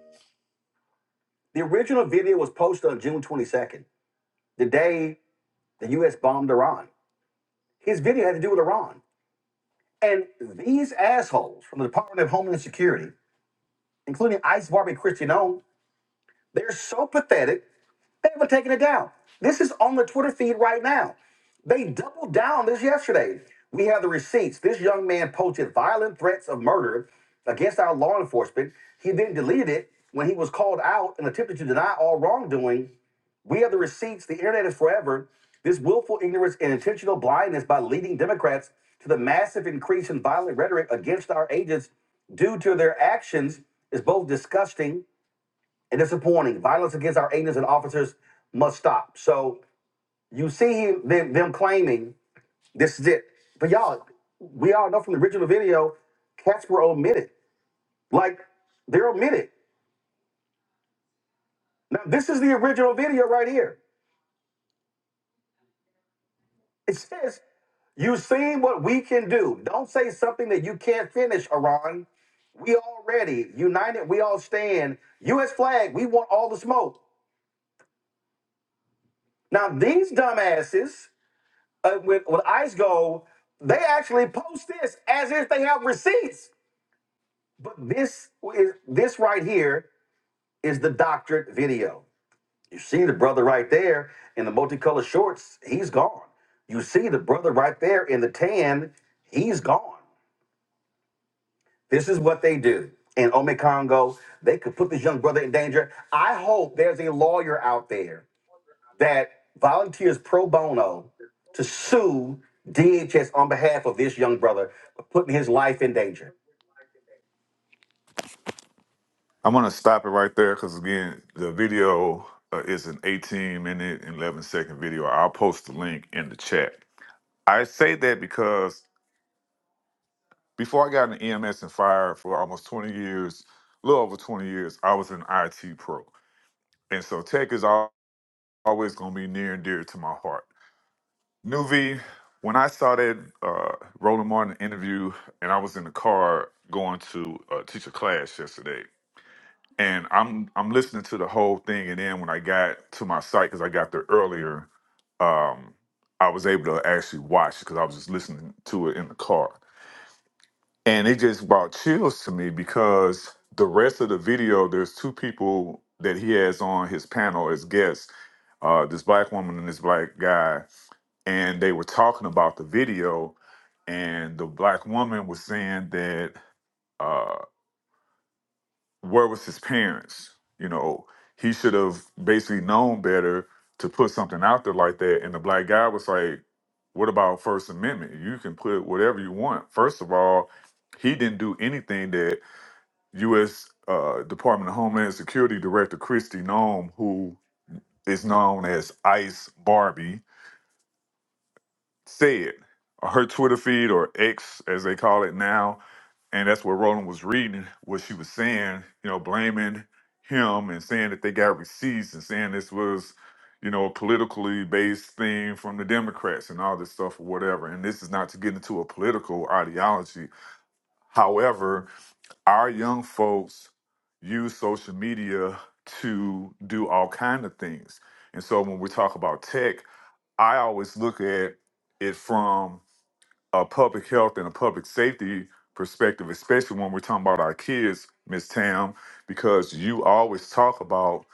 The original video was posted on June 22nd, the day the U.S. bombed Iran. His video had to do with Iran. And these assholes from the Department of Homeland Security, including Ice Barbie Christian, they're so pathetic They were taking it down. This is on the Twitter feed right now. They doubled down this yesterday. We have the receipts. This young man posted violent threats of murder against our law enforcement. He then deleted it when he was called out and attempted to deny all wrongdoing. We have the receipts. The internet is forever. This willful ignorance and intentional blindness by leading Democrats to the massive increase in violent rhetoric against our agents due to their actions is both disgusting and disappointing. Violence against our agents and officers must stop. So you see him, them, them claiming this is it. But y'all, we all know from the original video, cats were omitted. Like they're omitted. Now this is the original video right here. It says, "You've seen what we can do. Don't say something that you can't finish, Iran. We already united. We all stand. U.S. flag. We want all the smoke." Now these dumbasses. uh, when, when ICE go, they actually post this as if they have receipts. But this is this right here is the doctored video. You see the brother right there in the multicolored shorts, he's gone. You see the brother right there in the tan, he's gone. This is what they do. In Ome Congo, they could put this young brother in danger. I hope there's a lawyer out there that volunteers pro bono to sue DHS on behalf of this young brother for putting his life in danger. I'm gonna stop it right there because again, the video uh, is an 18 minute and 11 second video. I'll post the link in the chat. I say that because before I got in EMS and fire for almost 20 years, a little over 20 years, I was an IT pro, and so tech is al- always gonna be near and dear to my heart. Nuvi, when I saw that uh, Roland Martin interview, and I was in the car going to uh, teach a class yesterday, and I'm I'm listening to the whole thing, and then when I got to my site because I got there earlier, um, I was able to actually watch it because I was just listening to it in the car, and it just brought chills to me because the rest of the video, there's two people that he has on his panel as guests, uh, this black woman and this black guy and they were talking about the video, and the black woman was saying that uh, where was his parents? You know, he should have basically known better to put something out there like that. And the black guy was like, "What about First Amendment? You can put whatever you want." First of all, he didn't do anything that U.S. Uh, Department of Homeland Security Director Christy Nome, who is known as Ice Barbie, said on her Twitter feed or X as they call it now, and that's what Roland was reading, what she was saying, you know, blaming him and saying that they got receipts and saying this was, you know, a politically based thing from the Democrats and all this stuff or whatever. And this is not to get into a political ideology. However, our young folks use social media to do all kind of things. And so when we talk about tech, I always look at it from a public health and a public safety perspective, especially when we're talking about our kids, Miss Tam, because you always talk about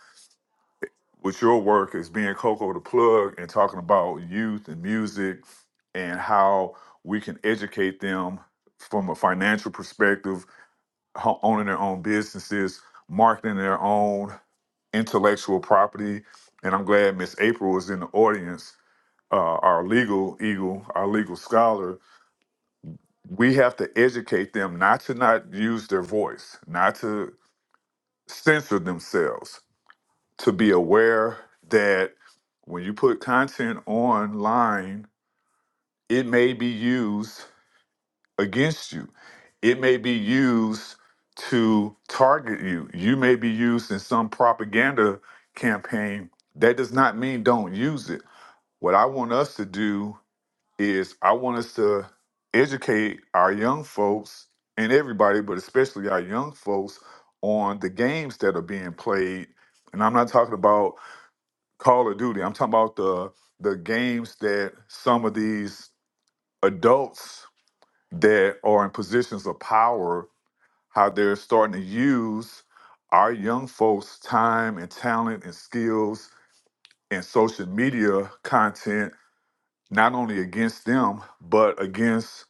with your work as being Coco the plug and talking about youth and music and how we can educate them from a financial perspective, ho- owning their own businesses, marketing their own intellectual property. And I'm glad Miss April is in the audience, uh, our legal eagle, our legal scholar, we have to educate them not to not use their voice, not to censor themselves, to be aware that when you put content online, it may be used against you. It may be used to target you. You may be used in some propaganda campaign. That does not mean don't use it. What I want us to do is I want us to educate our young folks and everybody, but especially our young folks, on the games that are being played. And I'm not talking about Call of Duty. I'm talking about the the games that some of these adults that are in positions of power, how they're starting to use our young folks' time and talent and skills and social media content, not only against them, but against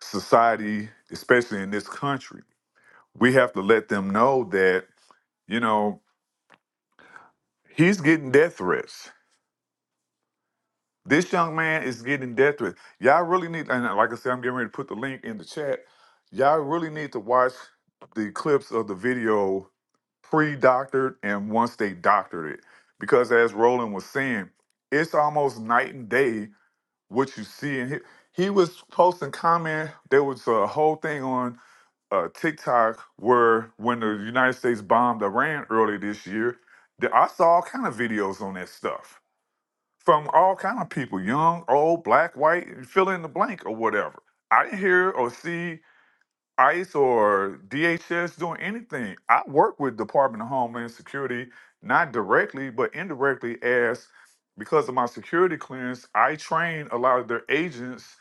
society, especially in this country. We have to let them know that, you know, he's getting death threats. This young man is getting death threats. Y'all really need, and like I said, I'm getting ready to put the link in the chat. Y'all really need to watch the clips of the video pre-doctored and once they doctored it. Because as Roland was saying, it's almost night and day what you see and he, he was posting comment there was a whole thing on uh, tiktok where when the united states bombed iran early this year that i saw all kind of videos on that stuff from all kind of people young old black white fill in the blank or whatever i didn't hear or see ICE or DHS doing anything. I work with Department of Homeland Security, not directly, but indirectly as because of my security clearance, I train a lot of their agents,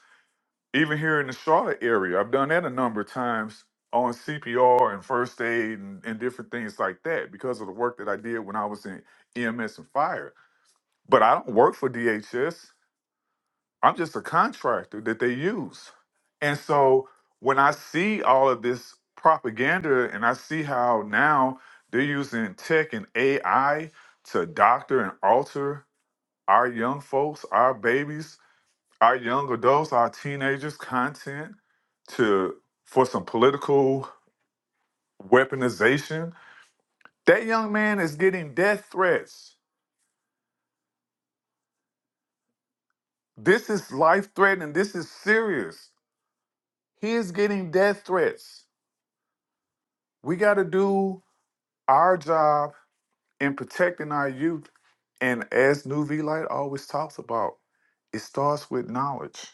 even here in the Charlotte area. I've done that a number of times on CPR and first aid and, and different things like that because of the work that I did when I was in EMS and fire. But I don't work for DHS. I'm just a contractor that they use. And so when I see all of this propaganda and I see how now they're using tech and AI to doctor and alter our young folks, our babies, our young adults, our teenagers content to for some political weaponization. That young man is getting death threats. This is life threatening. This is serious. He is getting death threats. We got to do our job in protecting our youth, and as New V Light always talks about, it starts with knowledge.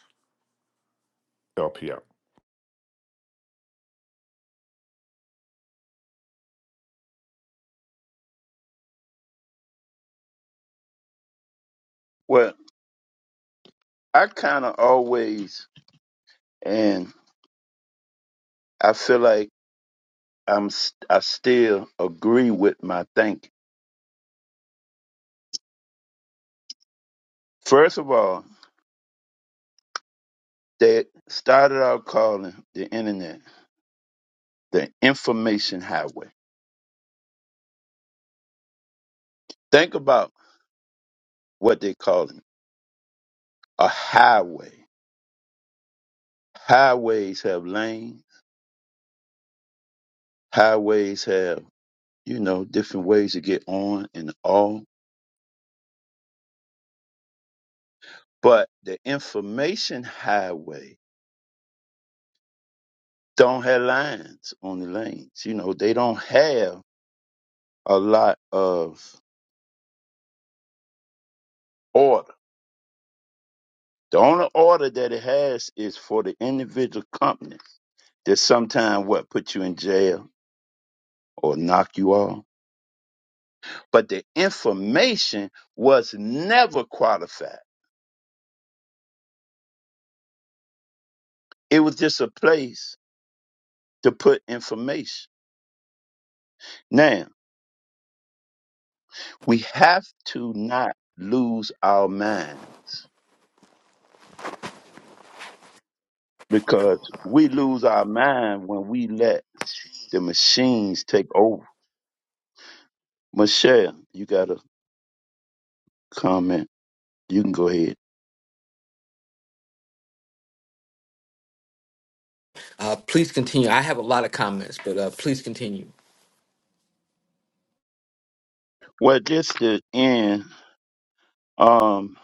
LPL. Well, I kind of always, and I feel like I'm, s- i am I still agree with my thinking. First of all, that started out calling the internet. the information highway. Think about what they call it a highway. Highways have lanes, highways have, you know, different ways to get on and off. But the information highway don't have lines on the lanes. You know, they don't have a lot of order. The only order that it has is for the individual companies that sometimes what put you in jail or knock you off but the information was never qualified. It was just a place to put information. Now, we have to not lose our mind because we lose our mind when we let the machines take over. Michelle, you got a comment. You can go ahead. Uh, please continue. I have a lot of comments, but uh, please continue. Well, just to end, um,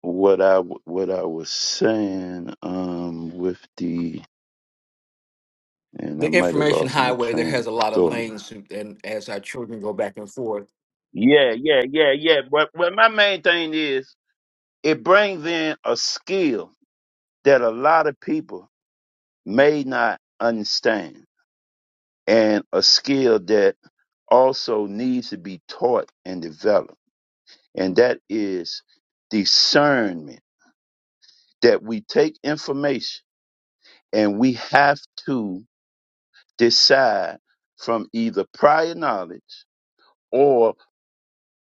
what I w- what I was saying, um, with the and I The might have information lost my highway there train has of a lot of thought. lanes, and as our children go back and forth, Yeah, yeah, yeah, yeah. But but my main thing is it brings in a skill that a lot of people may not understand, and a skill that also needs to be taught and developed, and that is discernment. That we take information and we have to decide from either prior knowledge or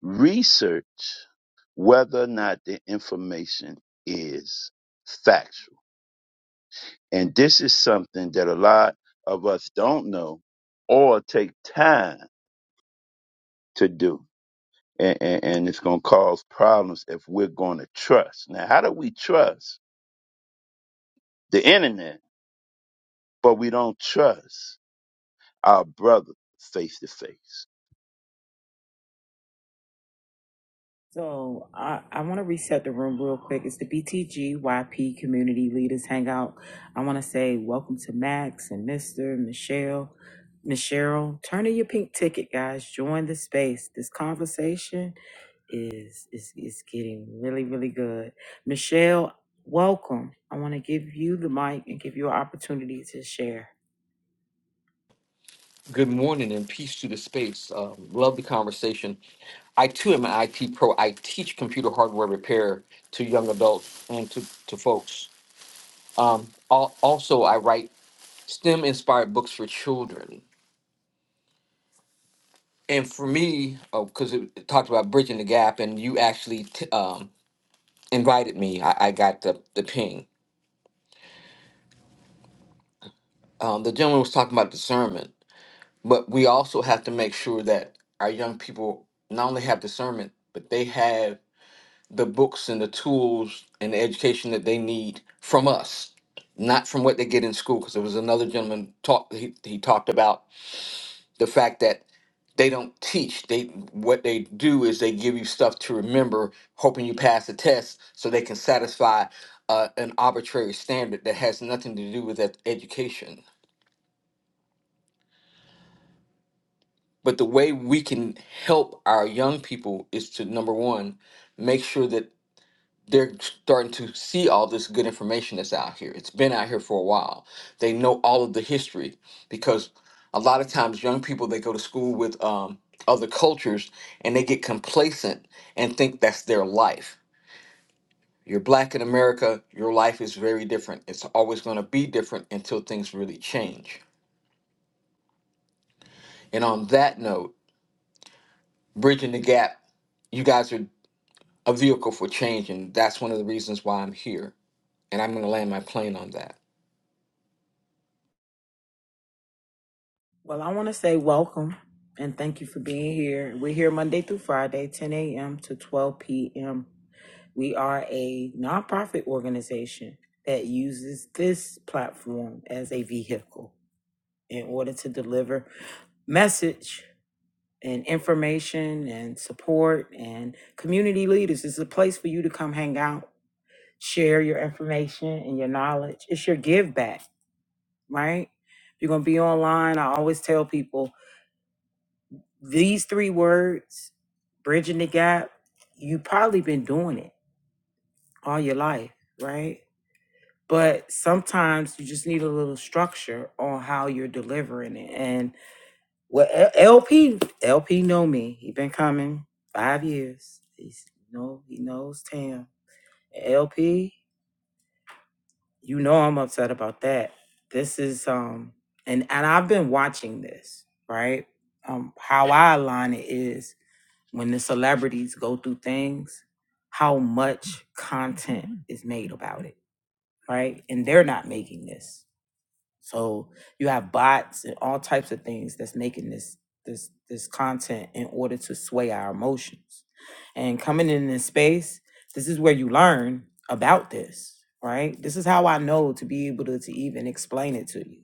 research whether or not the information is factual. And this is something that a lot of us don't know or take time to do. And, and, and it's going to cause problems if we're going to trust. Now, how do we trust the internet, but we don't trust our brother face to face? So I, I want to reset the room real quick. It's the BTGYP Community Leaders Hangout. I want to say welcome to Max and Mister Michelle, Michelle. Turn in your pink ticket, guys. Join the space. This conversation is is is getting really really good. Michelle, welcome. I want to give you the mic and give you an opportunity to share. good morning and peace to the space. Uh, love the conversation. I too am an IT pro. I teach computer hardware repair to young adults and to, to folks. Um, al- also, I write STEM inspired books for children. And for me, because it, it talked about bridging the gap, and you actually t- um, invited me, I, I got the, the ping. um, the gentleman was talking about discernment, but we also have to make sure that our young people not only have discernment, but they have the books and the tools and the education that they need from us, not from what they get in school. Because there was another gentleman talk he, he talked about the fact that they don't teach. They what they do is they give you stuff to remember, hoping you pass the test, so they can satisfy uh, an arbitrary standard that has nothing to do with that education But the way we can help our young people is to number one, make sure that they're starting to see all this good information that's out here. It's been out here for a while. They know all of the history because a lot of times young people they go to school with um, other cultures and they get complacent and think that's their life. You're black in America, your life is very different. It's always going to be different until things really change. And on that note, bridging the gap, you guys are a vehicle for change, and that's one of the reasons why I'm here. And I'm going to land my plane on that. Well, I want to say welcome and thank you for being here. We're here Monday through Friday, 10 a.m. to 12 p.m. We are a nonprofit organization that uses this platform as a vehicle in order to deliver message and information and support and community leaders. It's a place for you to come hang out, share your information and your knowledge. It's your give back, right? If you're going to be online, I always tell people These three words, bridging the gap, you probably been doing it all your life, right? But sometimes you just need a little structure on how you're delivering it. And well, L- LP, LP know me. He been coming five years. He's you know he knows Tam. LP, you know I'm upset about that. This is um and and I've been watching this, right? Um, how I align it is. when the celebrities go through things, how much content is made about it, right? And they're not making this. So you have bots and all types of things that's making this this this content in order to sway our emotions. And coming in this space, this is where you learn about this, right? This is how I know to be able to, to even explain it to you.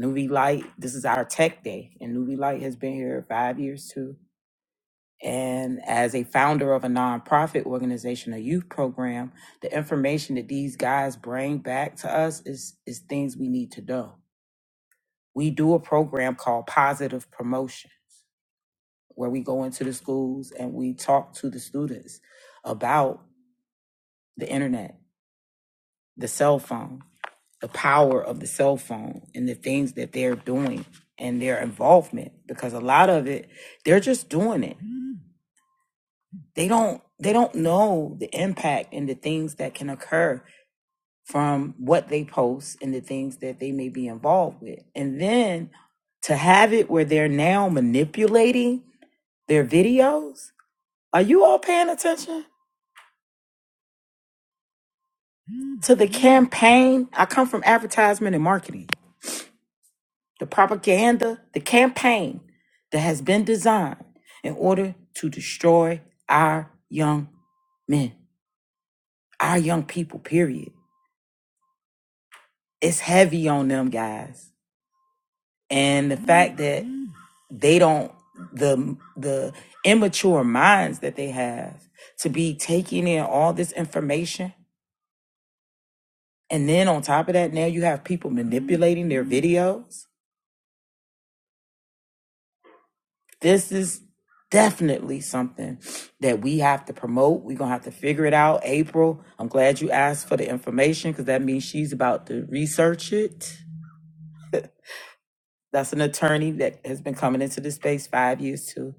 Nuvi Light, this is our tech day, and Nuvi Light has been here five years too and as a founder of a nonprofit organization, a youth program, the information that these guys bring back to us is, is things we need to know. We do a program called Positive Promotion, where we go into the schools and we talk to the students about the internet, the cell phone, the power of the cell phone, and the things that they're doing and their involvement. Because a lot of it, they're just doing it they don't they don't know the impact and the things that can occur from what they post and the things that they may be involved with and then to have it where they're now manipulating their videos are you all paying attention to the campaign i come from advertisement and marketing the propaganda the campaign that has been designed in order to destroy our young men our young people period it's heavy on them guys and the fact that they don't the the immature minds that they have to be taking in all this information and then on top of that now you have people manipulating their videos this is definitely something that we have to promote we're gonna have to figure it out april i'm glad you asked for the information because that means she's about to research it that's an attorney that has been coming into this space five years too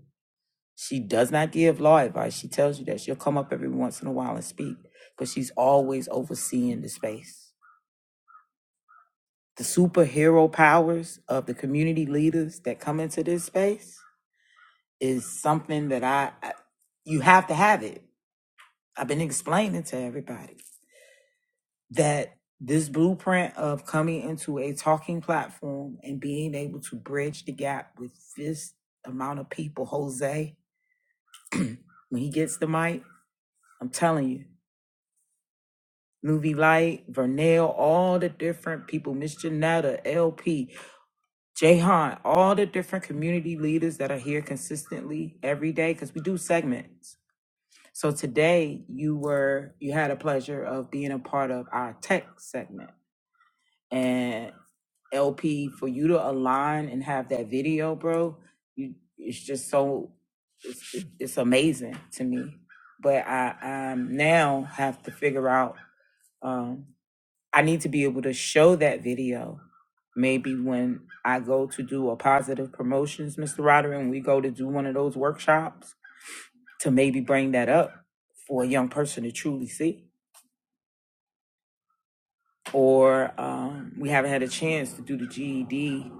She does not give law advice. She tells you that she'll come up every once in a while and speak because she's always overseeing the space. The superhero powers of the community leaders that come into this space is something that I, I you have to have it. I've been explaining to everybody that this blueprint of coming into a talking platform and being able to bridge the gap with this amount of people, Jose, when he gets the mic, I'm telling you, Movie Light, Vernell, all the different people, Miss Janetta, LP, Jahan, all the different community leaders that are here consistently every day because we do segments. So today you were you had a pleasure of being a part of our tech segment. And LP, for you to align and have that video, bro, you it's just so it's amazing to me. But I um now have to figure out um. I need to be able to show that video maybe when I go to do a positive promotions, Mr. Roderick, and we go to do one of those workshops to maybe bring that up for a young person to truly see. Or um, we haven't had a chance to do the GED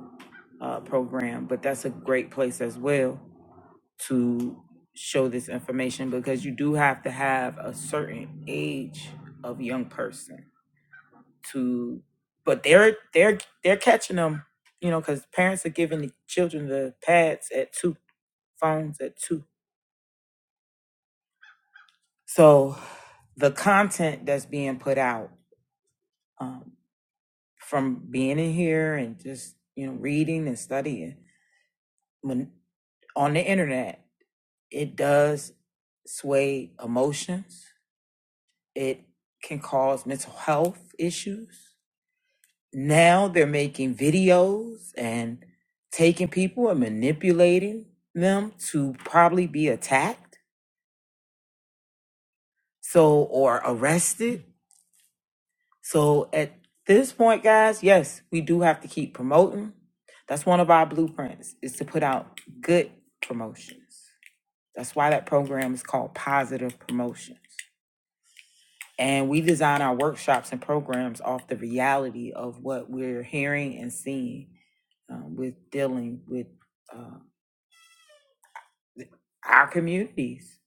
uh, program, but that's a great place as well to show this information because you do have to have a certain age of young person to but they're they're they're catching them you know because parents are giving the children the pads at two phones at two so the content that's being put out um, from being in here and just you know reading and studying when on the internet it does sway emotions it can cause mental health issues now they're making videos and taking people and manipulating them to probably be attacked so or arrested so at this point guys yes we do have to keep promoting that's one of our blueprints is to put out good promotions that's why that program is called positive promotions and we design our workshops and programs off the reality of what we're hearing and seeing um, with dealing with uh, our communities.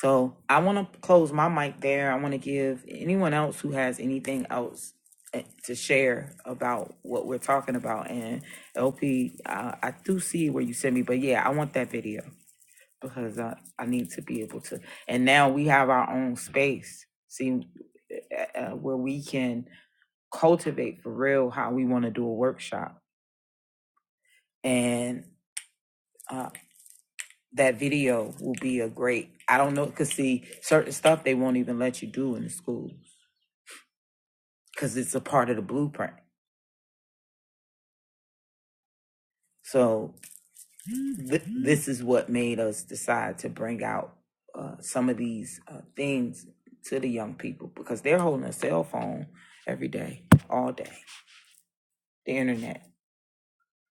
So I want to close my mic there. I want to give anyone else who has anything else eh, to share about what we're talking about. And LP, uh, I do see where you sent me, but yeah, I want that video because I, I need to be able to. And now we have our own space, see, eh, eh, eh, where we can cultivate for real how we want to do a workshop. And uh, that video will be a great i don't know because see certain stuff they won't even let you do in the schools because it's a part of the blueprint so th- this is what made us decide to bring out uh, some of these uh, things to the young people because they're holding a cell phone every day all day the internet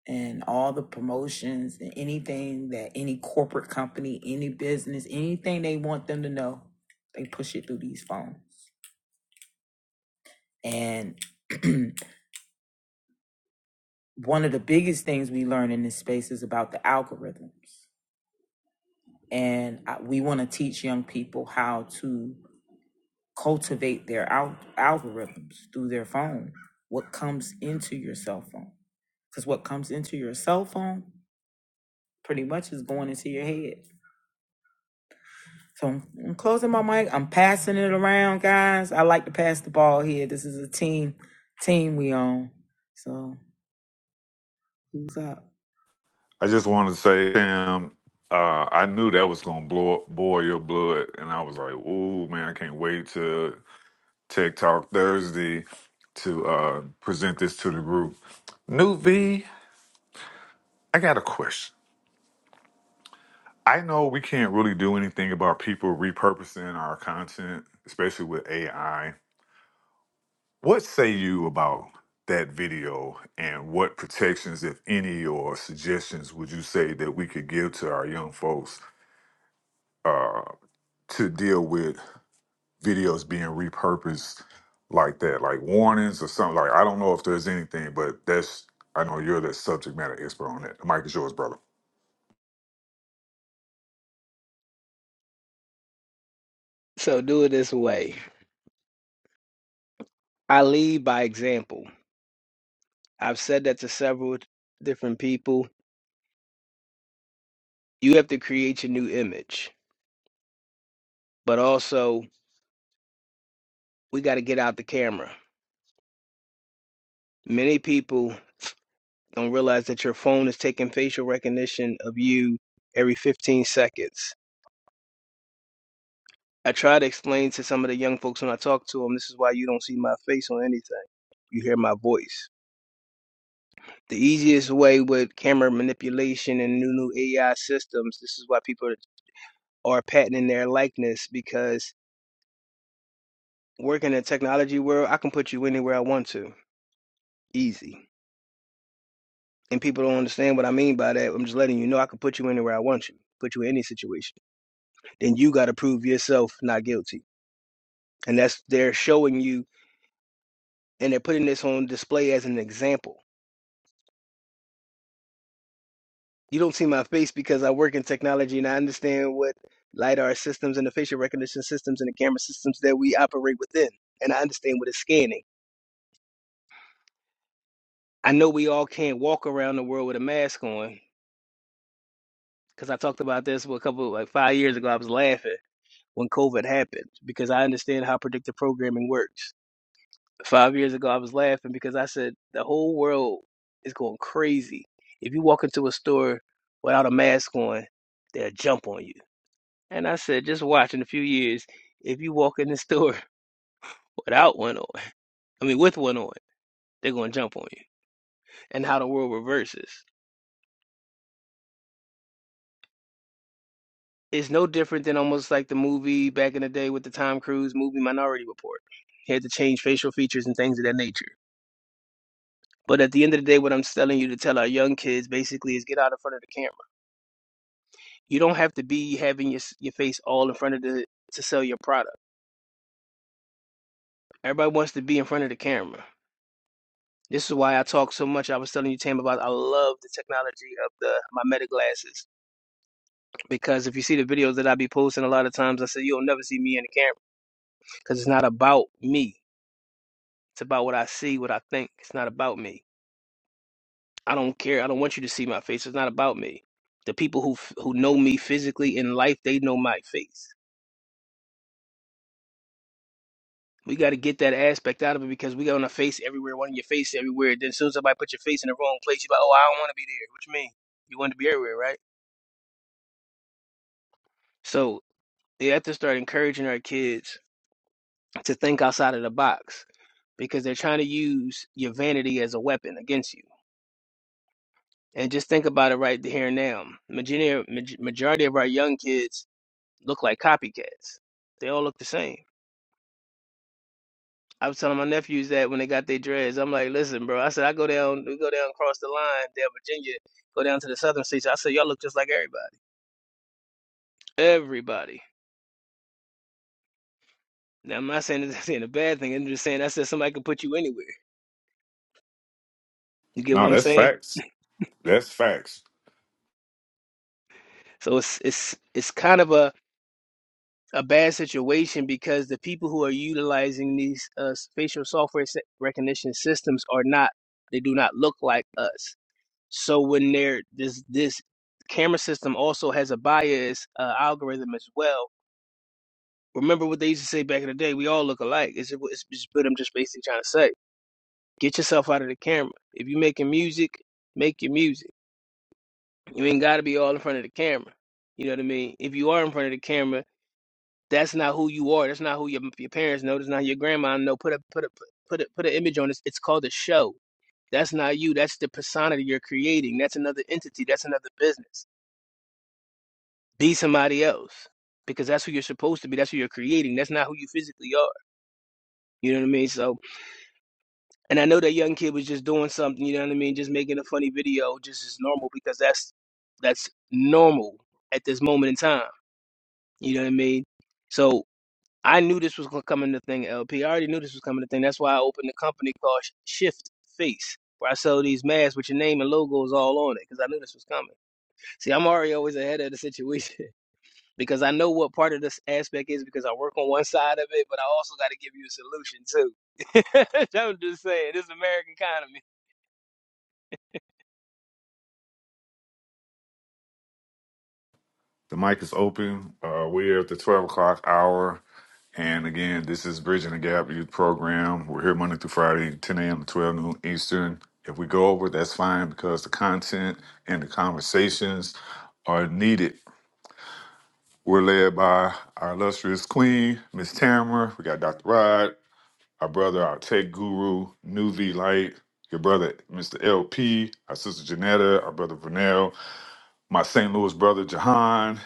and all the promotions and anything that any corporate company any business anything they want them to know they push it through these phones and one of the biggest things we learn in this space is about the algorithms. And we want to teach young people how to cultivate their al- algorithms through their phone. What comes into your cell phone? Because what comes into your cell phone pretty much is going into your head. So I'm closing my mic. I'm passing it around, guys. I like to pass the ball here. This is a team team we own. So who's up? I just wanted to say, Sam, uh, I knew that was gonna blow up, boil your blood, and I was like, "Ooh, man, I can't wait to Tech Talk Thursday to uh, present this to the group." New V, I got a question. I know we can't really do anything about people repurposing our content, especially with AI What say you about that video and what protections, if any, or suggestions would you say that we could give to our young folks uh, to deal with videos being repurposed like that, like warnings or something? Like, I don't know if there's anything, but that's, I know you're the subject matter expert on that. The mic is yours, brother. So do it this way. I lead by example. I've said that to several different people. You have to create your new image, but also we got to get out the camera. Many people don't realize that your phone is taking facial recognition of you every 15 seconds. I try to explain to some of the young folks when I talk to them, this is why you don't see my face on anything. You hear my voice. The easiest way with camera manipulation and new new AI systems, this is why people are patenting their likeness because work in the technology world, I can put you anywhere I want to, easy. And people don't understand what I mean by that. I'm just letting you know I can put you anywhere I want you, put you in any situation. Then you got to prove yourself not guilty, and that's they're showing you, and they're putting this on display as an example. You don't see my face because I work in technology and I understand what lidar systems and the facial recognition systems and the camera systems that we operate within, and I understand what it's scanning. I know we all can't walk around the world with a mask on, because I talked about this a couple like five years ago. I was laughing when COVID happened because I understand how predictive programming works. Five years ago, I was laughing because I said the whole world is going crazy. If you walk into a store without a mask on, they'll jump on you. And I said, just watch in a few years. If you walk in the store without one on, I mean with one on, they're gonna jump on you. And how the world reverses. Is no different than almost like the movie back in the day with the Tom Cruise movie Minority Report. He had to change facial features and things of that nature. But at the end of the day, what I'm telling you to tell our young kids basically is get out in front of the camera. You don't have to be having your your face all in front of the to sell your product. Everybody wants to be in front of the camera. This is why I talk so much. I was telling you, Tam, about I love the technology of the my Meta glasses because if you see the videos that I be posting, a lot of times I say you'll never see me in the camera because it's not about me. It's about what I see, what I think. It's not about me. I don't care. I don't want you to see my face. It's not about me. The people who f- who know me physically in life, they know my face. We got to get that aspect out of it because we got on a face everywhere, One of your face everywhere. Then as soon as somebody put your face in the wrong place, you're like, oh, I don't want to be there. What you mean? You want to be everywhere, right? So they have to start encouraging our kids to think outside of the box because they're trying to use your vanity as a weapon against you. And just think about it right here and now. Majority majority of our young kids look like copycats. They all look the same. I was telling my nephews that when they got their dreads, I'm like, listen, bro. I said I go down, we go down across the line, down Virginia, go down to the southern states. I said y'all look just like everybody. Everybody. Now I'm not saying it's saying a bad thing. I'm just saying I said somebody could put you anywhere. You get what No, I'm that's saying? facts. That's facts. So it's it's it's kind of a a bad situation because the people who are utilizing these uh, facial software se- recognition systems are not. They do not look like us So when they're this this camera system also has a bias uh, algorithm as well. Remember what they used to say back in the day: we all look alike. It's, it's, it's what I'm just basically trying to say. Get yourself out of the camera. If you're making music, make your music. You ain't got to be all in front of the camera. You know what I mean? If you are in front of the camera, that's not who you are. That's not who your your parents know. That's not your grandma know. Put a put a put a put an image on this. It's called a show. That's not you. That's the persona that you're creating. That's another entity. That's another business. Be somebody else because that's who you're supposed to be. That's who you're creating. That's not who you physically are. You know what I mean? So, and I know that young kid was just doing something. You know what I mean? Just making a funny video, just as normal because that's that's normal at this moment in time. You know what I mean? So I knew this was gonna come in thing, LP. I already knew this was coming to thing. That's why I opened a company called Sh- Shift Face, where I sell these masks with your name and logos all on it, because I knew this was coming. See, I'm already always ahead of the situation. because I know what part of this aspect is because I work on one side of it, but I also got to give you a solution too. I'm just saying, this American economy. The mic is open. Uh, we're at the 12 o'clock hour. And again, this is Bridging the Gap Youth Program. We're here Monday through Friday, 10 a.m. to 12 noon Eastern. If we go over, that's fine because the content and the conversations are needed. We're led by our illustrious queen, Miss Tamara. We got Dr. Rod, our brother, our tech guru, New V Light, your brother, Mr. LP, our sister Janetta, our brother Vernell, my St. Louis brother, Jahan,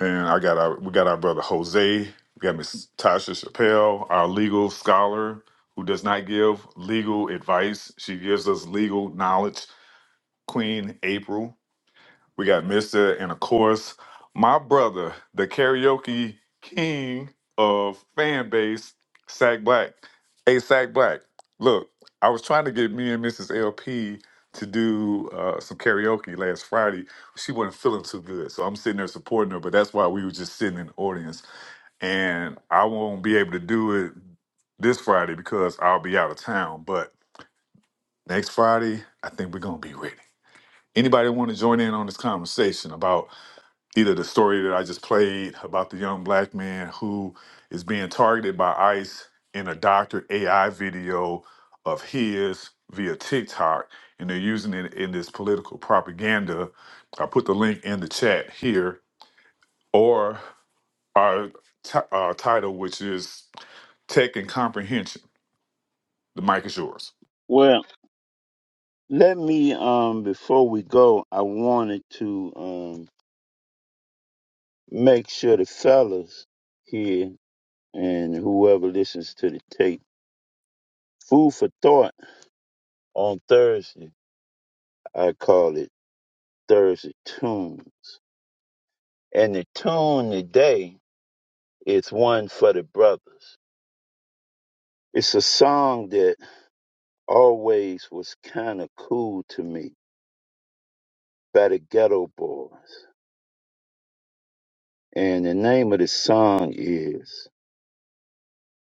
and I got our we got our brother Jose, we got Miss Tasha Chappelle, our legal scholar who does not give legal advice. She gives us legal knowledge. Queen April. We got Mr. and of course my brother, the karaoke king of fan base, Sack Black. Hey, Sack Black. Look, I was trying to get me and Mrs. LP to do uh, some karaoke last Friday. She wasn't feeling too good, so I'm sitting there supporting her. But that's why we were just sitting in the audience, and I won't be able to do it this Friday because I'll be out of town. But next Friday, I think we're gonna be ready. Anybody want to join in on this conversation about? either the story that I just played about the young black man who is being targeted by ICE in a doctored AI video of his via TikTok, and they're using it in this political propaganda. I put the link in the chat here, or our, t- our title, which is Tech and Comprehension. The mic is yours. Well, let me, um, before we go, I wanted to um, make sure the fellas here and whoever listens to the tape. Food for thought on Thursday. I call it Thursday Tunes. And the tune today is one for the brothers. It's a song that always was kind of cool to me by the Ghetto Boys. And the name of the song is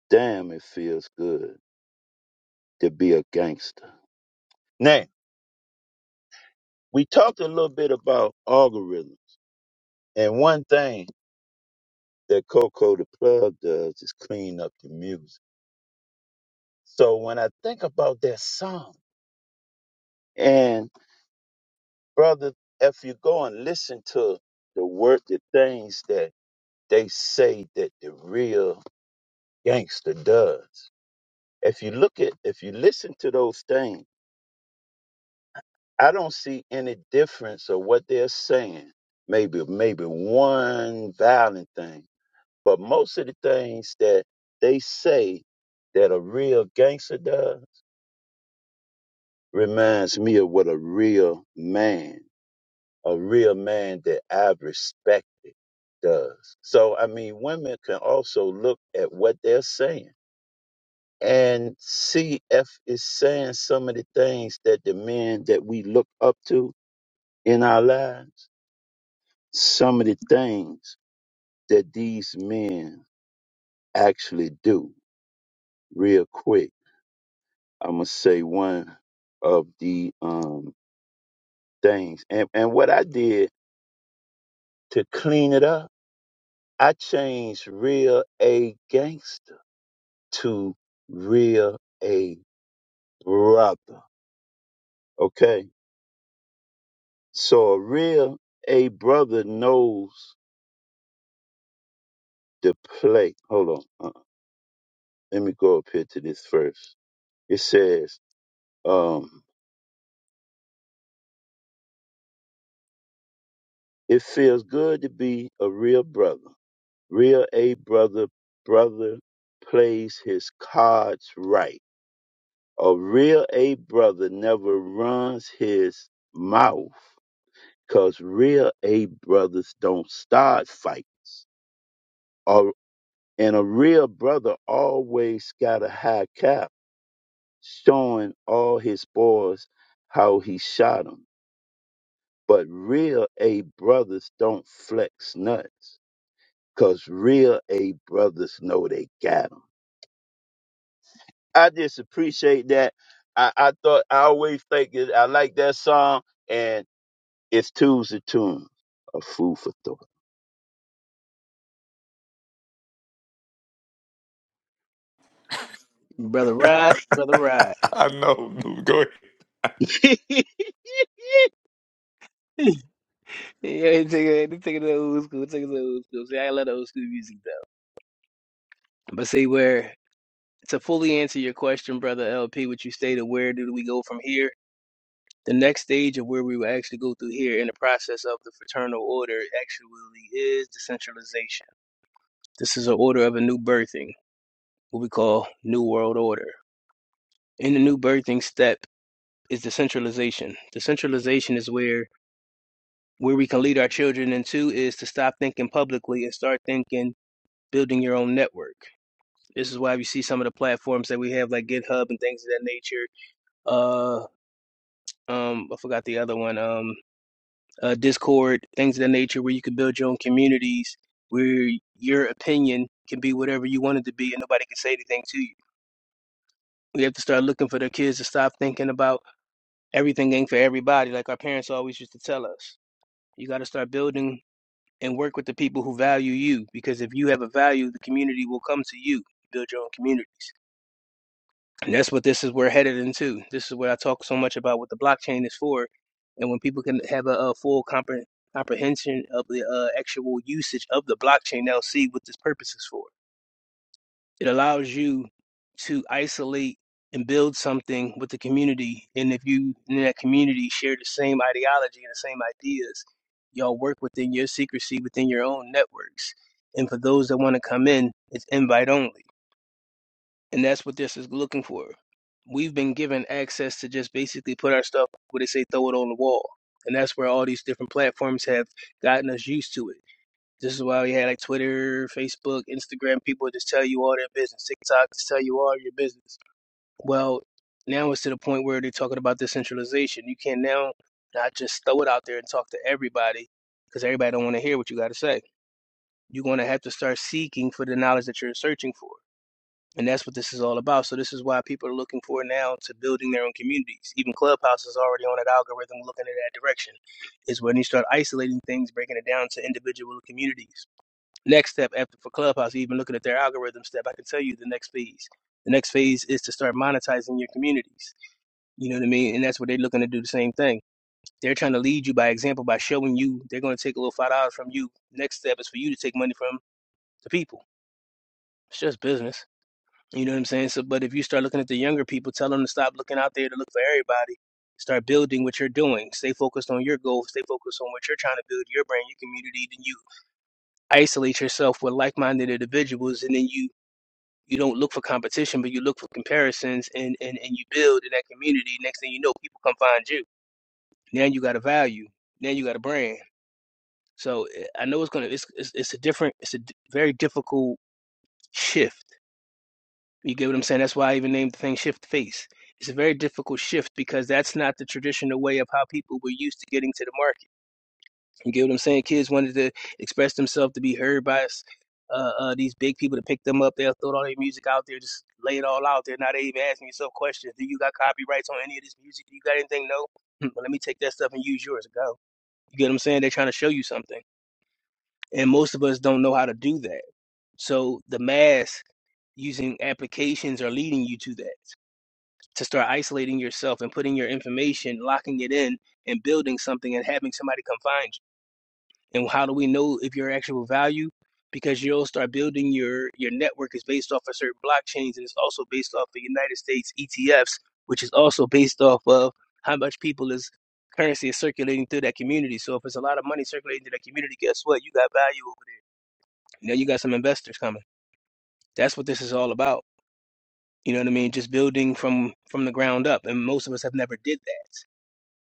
Damn It Feels Good to Be a Gangster. Now, we talked a little bit about algorithms. And one thing that Coco the Plug does is clean up the music. So when I think about that song, and brother, if you go and listen to the word, the things that they say that the real gangster does, if you look at, if you listen to those things, I don't see any difference of what they're saying. Maybe, maybe one violent thing, but most of the things that they say that a real gangster does reminds me of what a real man, a real man that I've respected does. So, I mean, women can also look at what they're saying and see if it's saying some of the things that the men that we look up to in our lives, some of the things that these men actually do. Real quick, I'm going to say one of the um, things. And, and what I did to clean it up I changed real a gangster to real a brother. Okay. So a real a brother knows the play. Hold on. Uh, let me go up here to this first. It says, um, it feels good to be a real brother. Real a brother, brother plays his cards right. A real a brother never runs his mouth Cause real A brothers don't start fight. Or and a real brother always got a high cap showing all his boys how he shot 'em. But real A brothers don't flex nuts. Cause real A brothers know they got 'em. I just appreciate that. I, I thought I always think it, I like that song and it's Tuesday Tunes, a food for thought. Brother Rod, brother Rod. I know. Go ahead. yeah, take it, take it to the old school, take it to the old school. See, I love the old school music though. But see, where to fully answer your question, brother LP, what you stated, where do we go from here? The next stage of where we will actually go through here in the process of the fraternal order actually is decentralization. This is an order of a new birthing. what we call New World Order. In the new birthing step is decentralization. Decentralization is where where we can lead our children into is to stop thinking publicly and start thinking building your own network. This is why we see some of the platforms that we have like GitHub and things of that nature. Uh um I forgot the other one. Um uh Discord, things of that nature where you can build your own communities where your opinion can be whatever you want it to be and nobody can say anything to you. We have to start looking for their kids to stop thinking about everything ain't for everybody. Like our parents always used to tell us, you got to start building and work with the people who value you because if you have a value, the community will come to you. Build your own community. And that's what this is we're headed into. This is what I talk so much about what the blockchain is for. And when people can have a, a full compre- comprehension of the uh, actual usage of the blockchain, they'll see what this purpose is for. It allows you to isolate and build something with the community. And if you in that community share the same ideology and the same ideas, y'all work within your secrecy, within your own networks. And for those that want to come in, it's invite only. And that's what this is looking for. We've been given access to just basically put our stuff where they say throw it on the wall. And that's where all these different platforms have gotten us used to it this is why we had like Twitter, Facebook, Instagram. People just tell you all their business. TikTok just tell you all your business. Well, now it's to the point where they're talking about decentralization. You can now not just throw it out there and talk to everybody because everybody don't want to hear what you got to say. You're going to have to start seeking for the knowledge that you're searching for. And that's what this is all about. So this is why people are looking for now to building their own communities. Even Clubhouse is already on that algorithm looking in that direction. Is when you start isolating things, breaking it down to individual communities next step after for Clubhouse, even looking at their algorithm step, I can tell you the next phase. The next phase is to start monetizing your communities. You know what I mean? And that's what they're looking to do the same thing. They're trying to lead you by example by showing you they're going to take a little five dollars from you. Next step is for you to take money from the people. It's just business. You know what I'm saying? So, but if you start looking at the younger people, tell them to stop looking out there to look for everybody. Start building what you're doing. Stay focused on your goals. Stay focused on what you're trying to build, your brand, your community. Then you isolate yourself with like-minded individuals, and then you you don't look for competition, but you look for comparisons and, and, and you build in that community. Next thing you know, people come find you. Now you got a value. Now you got a brand. So eh, I know it's gonna it's it's, it's a different it's a d- very difficult shift. You get what I'm saying? That's why I even named the thing shift face. It's a very difficult shift because that's not the traditional way of how people were used to getting to the market You get what I'm saying? Kids wanted to express themselves to be heard by us. Uh, uh, these big people to pick them up. They'll throw all their music out there, just lay it all out there. Now they even asking yourself questions. Do you got copyrights on any of this music? Do you got anything? No. Hmm, Well, let me take that stuff and use yours. Go. You get what I'm saying? They're trying to show you something. And most of us don't know how to do that. So the mass using applications are leading you to that, to start isolating yourself and putting your information, locking it in and building something and having somebody come find it. And how do we know if your actual value? Because you'll start building your your network is based off of certain blockchains, and it's also based off the United States ETFs, which is also based off of how much people is currency is circulating through that community. So if it's a lot of money circulating through that community, guess what? You got value over there. Now you got some investors coming. That's what this is all about. You know what I mean? Just building from from the ground up, and most of us have never did that.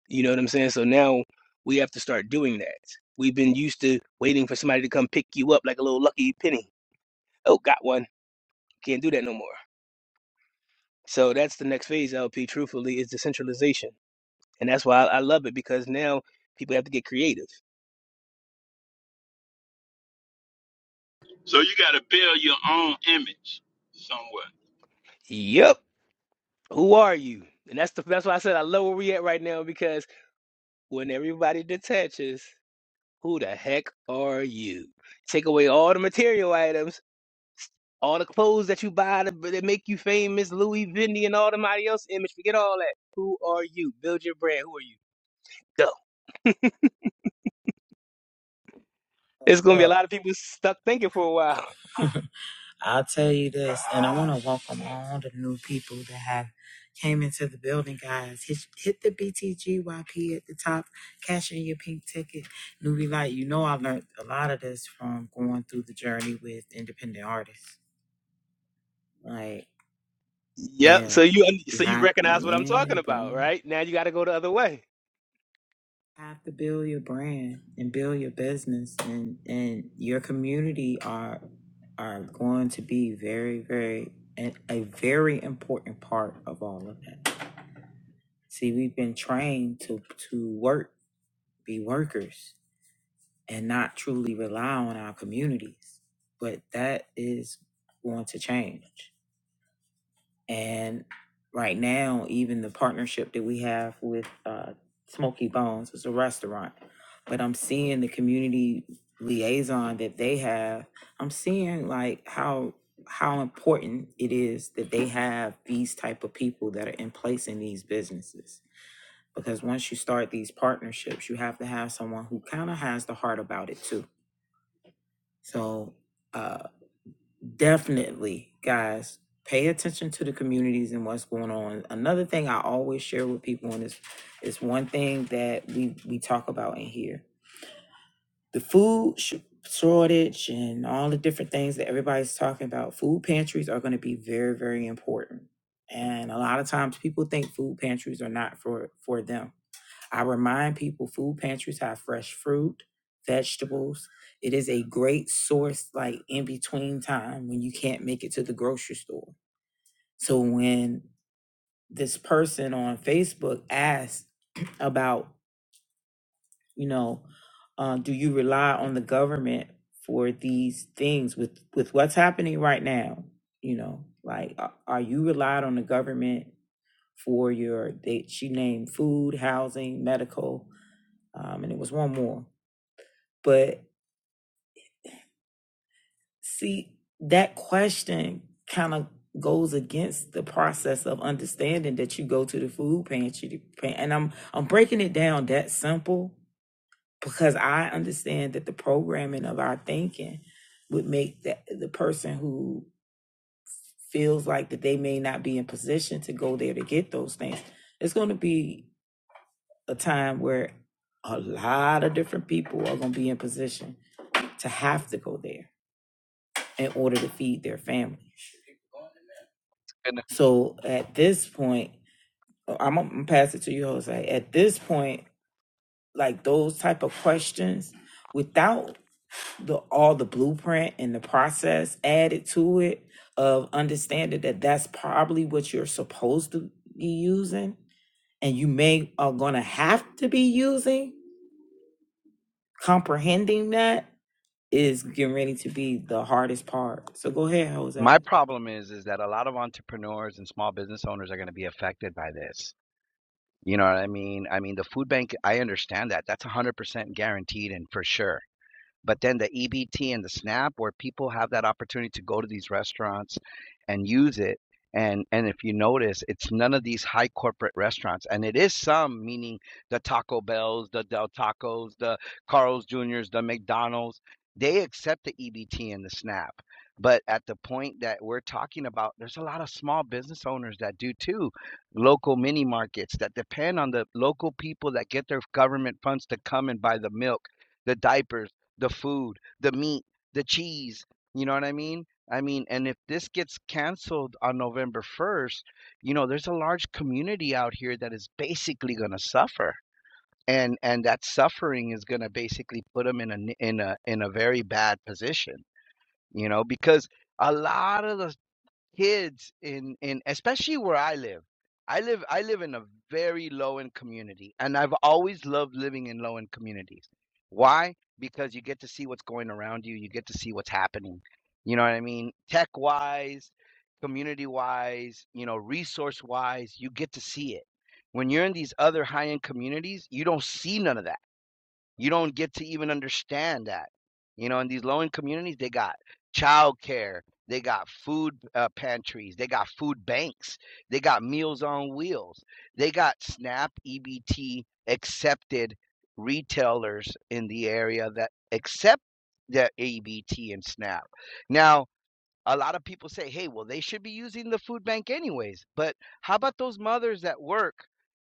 You know what I'm saying? So now we have to start doing that. We've been used to waiting for somebody to come pick you up like a little lucky penny. Oh, got one. Can't do that no more. So that's the next phase, LP, truthfully, is decentralization. And that's why I, I love it because now people have to get creative. So you got to build your own image somewhere. Yep. Who are you? And that's the that's why I said I love where we at right now because when everybody detaches, who the heck are you? Take away all the material items All the clothes that you buy that, that make you famous, Louis Vuitton and all them else image, forget all that. Who are you? Build your brand. Who are you? Go. It's gonna be a Oh, lot of people stuck thinking for a while. look. I'll tell you this, and I want to welcome all the new people that have came into the building, guys. Hit, hit the BTGYP at the top, cash in your pink ticket. Newbie Light, you know I learned a lot of this from going through the journey with independent artists. Like, Yep. yeah, So you un- you so you had, recognize what I'm talking yeah, about, bro. right? Now you got to go the other way. have to build your brand and build your business and and your community are are going to be very very a a very important part of all of that see we've been trained to to work be workers and not truly rely on our communities but that is going to change And right now, even the partnership that we have with uh, Smoky Bones is a restaurant. But I'm seeing the community liaison that they have. I'm seeing like how how important it is that they have these type of people that are in place in these businesses. Because once you start these partnerships, you have to have someone who kind of has the heart about it too. So uh, definitely guys pay attention to the communities and what's going on another thing i always share with people and is is one thing that we we talk about in here the food sh- shortage and all the different things that everybody's talking about food pantries are going to be very very important and a lot of times people think food pantries are not for for them I remind people food pantries have fresh fruit, vegetables. It is a great source, like in between time when you can't make it to the grocery store. So when this person on Facebook asked about, you know, uh, do you rely on the government for these things with with what's happening right now? You know, like a- are you relied on the government for your? They, she named food, housing, medical, um, and it was one more But see, that question kind of goes against the process of understanding that you go to the food pantry. And I'm I'm breaking it down that simple because I understand that the programming of our thinking would make that the person who feels like that they may not be in position to go there to get those things. It's going to be a time where a lot of different people are going to be in position to have to go there in order to feed their family And So at this point, uh, I'm gonna pass it to you, Jose. At this point, like those type of questions, without the all the blueprint and the process added to it of understanding that that's probably what you're supposed to be using, and you may are gonna have to be using. Comprehending that is getting ready to be the hardest part. So go ahead, Jose. my problem is is that a lot of entrepreneurs and small business owners are going to be affected by this. You know what I mean? I mean the food bank. I understand that. That's one hundred percent guaranteed and for sure. But then the EBT and the SNAP, where people have that opportunity to go to these restaurants and use it. And and if you notice, it's none of these high corporate restaurants, and it is some, meaning the Taco Bells, the Del Tacos, the Carl's Juniors, the McDonald's. They accept the EBT and the SNAP. But at the point that we're talking about, there's a lot of small business owners that do too, local mini markets that depend on the local people that get their government funds to come and buy the milk, the diapers, the food, the meat, the cheese. You know what I mean? I mean, and if this gets canceled on November 1st, you know, there's a large community out here that is basically going to suffer. And and that suffering is going to basically put them in a in a in a very bad position, you know, because a lot of the kids in in especially where I live. I live I live in a very low end community and I've always loved living in low end communities. Why? Because you get to see what's going around you, you get to see what's happening. You know what I mean? Tech wise, community wise, you know, resource wise, you get to see it. When you're in these other high end communities, you don't see none of that you don't get to even understand that. You know, in these low income communities, they got childcare, they got food uh, pantries, they got food banks, they got Meals on Wheels, they got SNAP EBT accepted retailers in the area that accept the EBT and SNAP. Now, a lot of people say, hey, well, they should be using the food bank anyways. But how about those mothers that work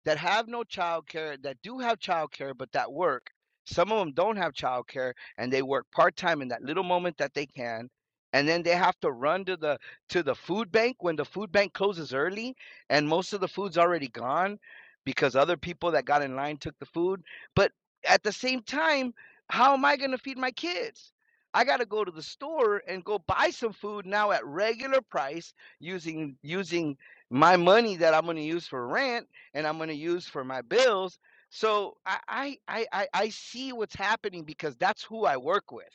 that have no child care, that do have child care, but that work? Some of them don't have child care and they work part time in that little moment that they can. And then they have to run to the to the food bank when the food bank closes early and most of the food's already gone because other people that got in line took the food. But at the same time, how am I going to feed my kids? I got to go to the store and go buy some food now at regular price using using my money that I'm going to use for rent and I'm going to use for my bills. So I, I I I see what's happening because that's who I work with.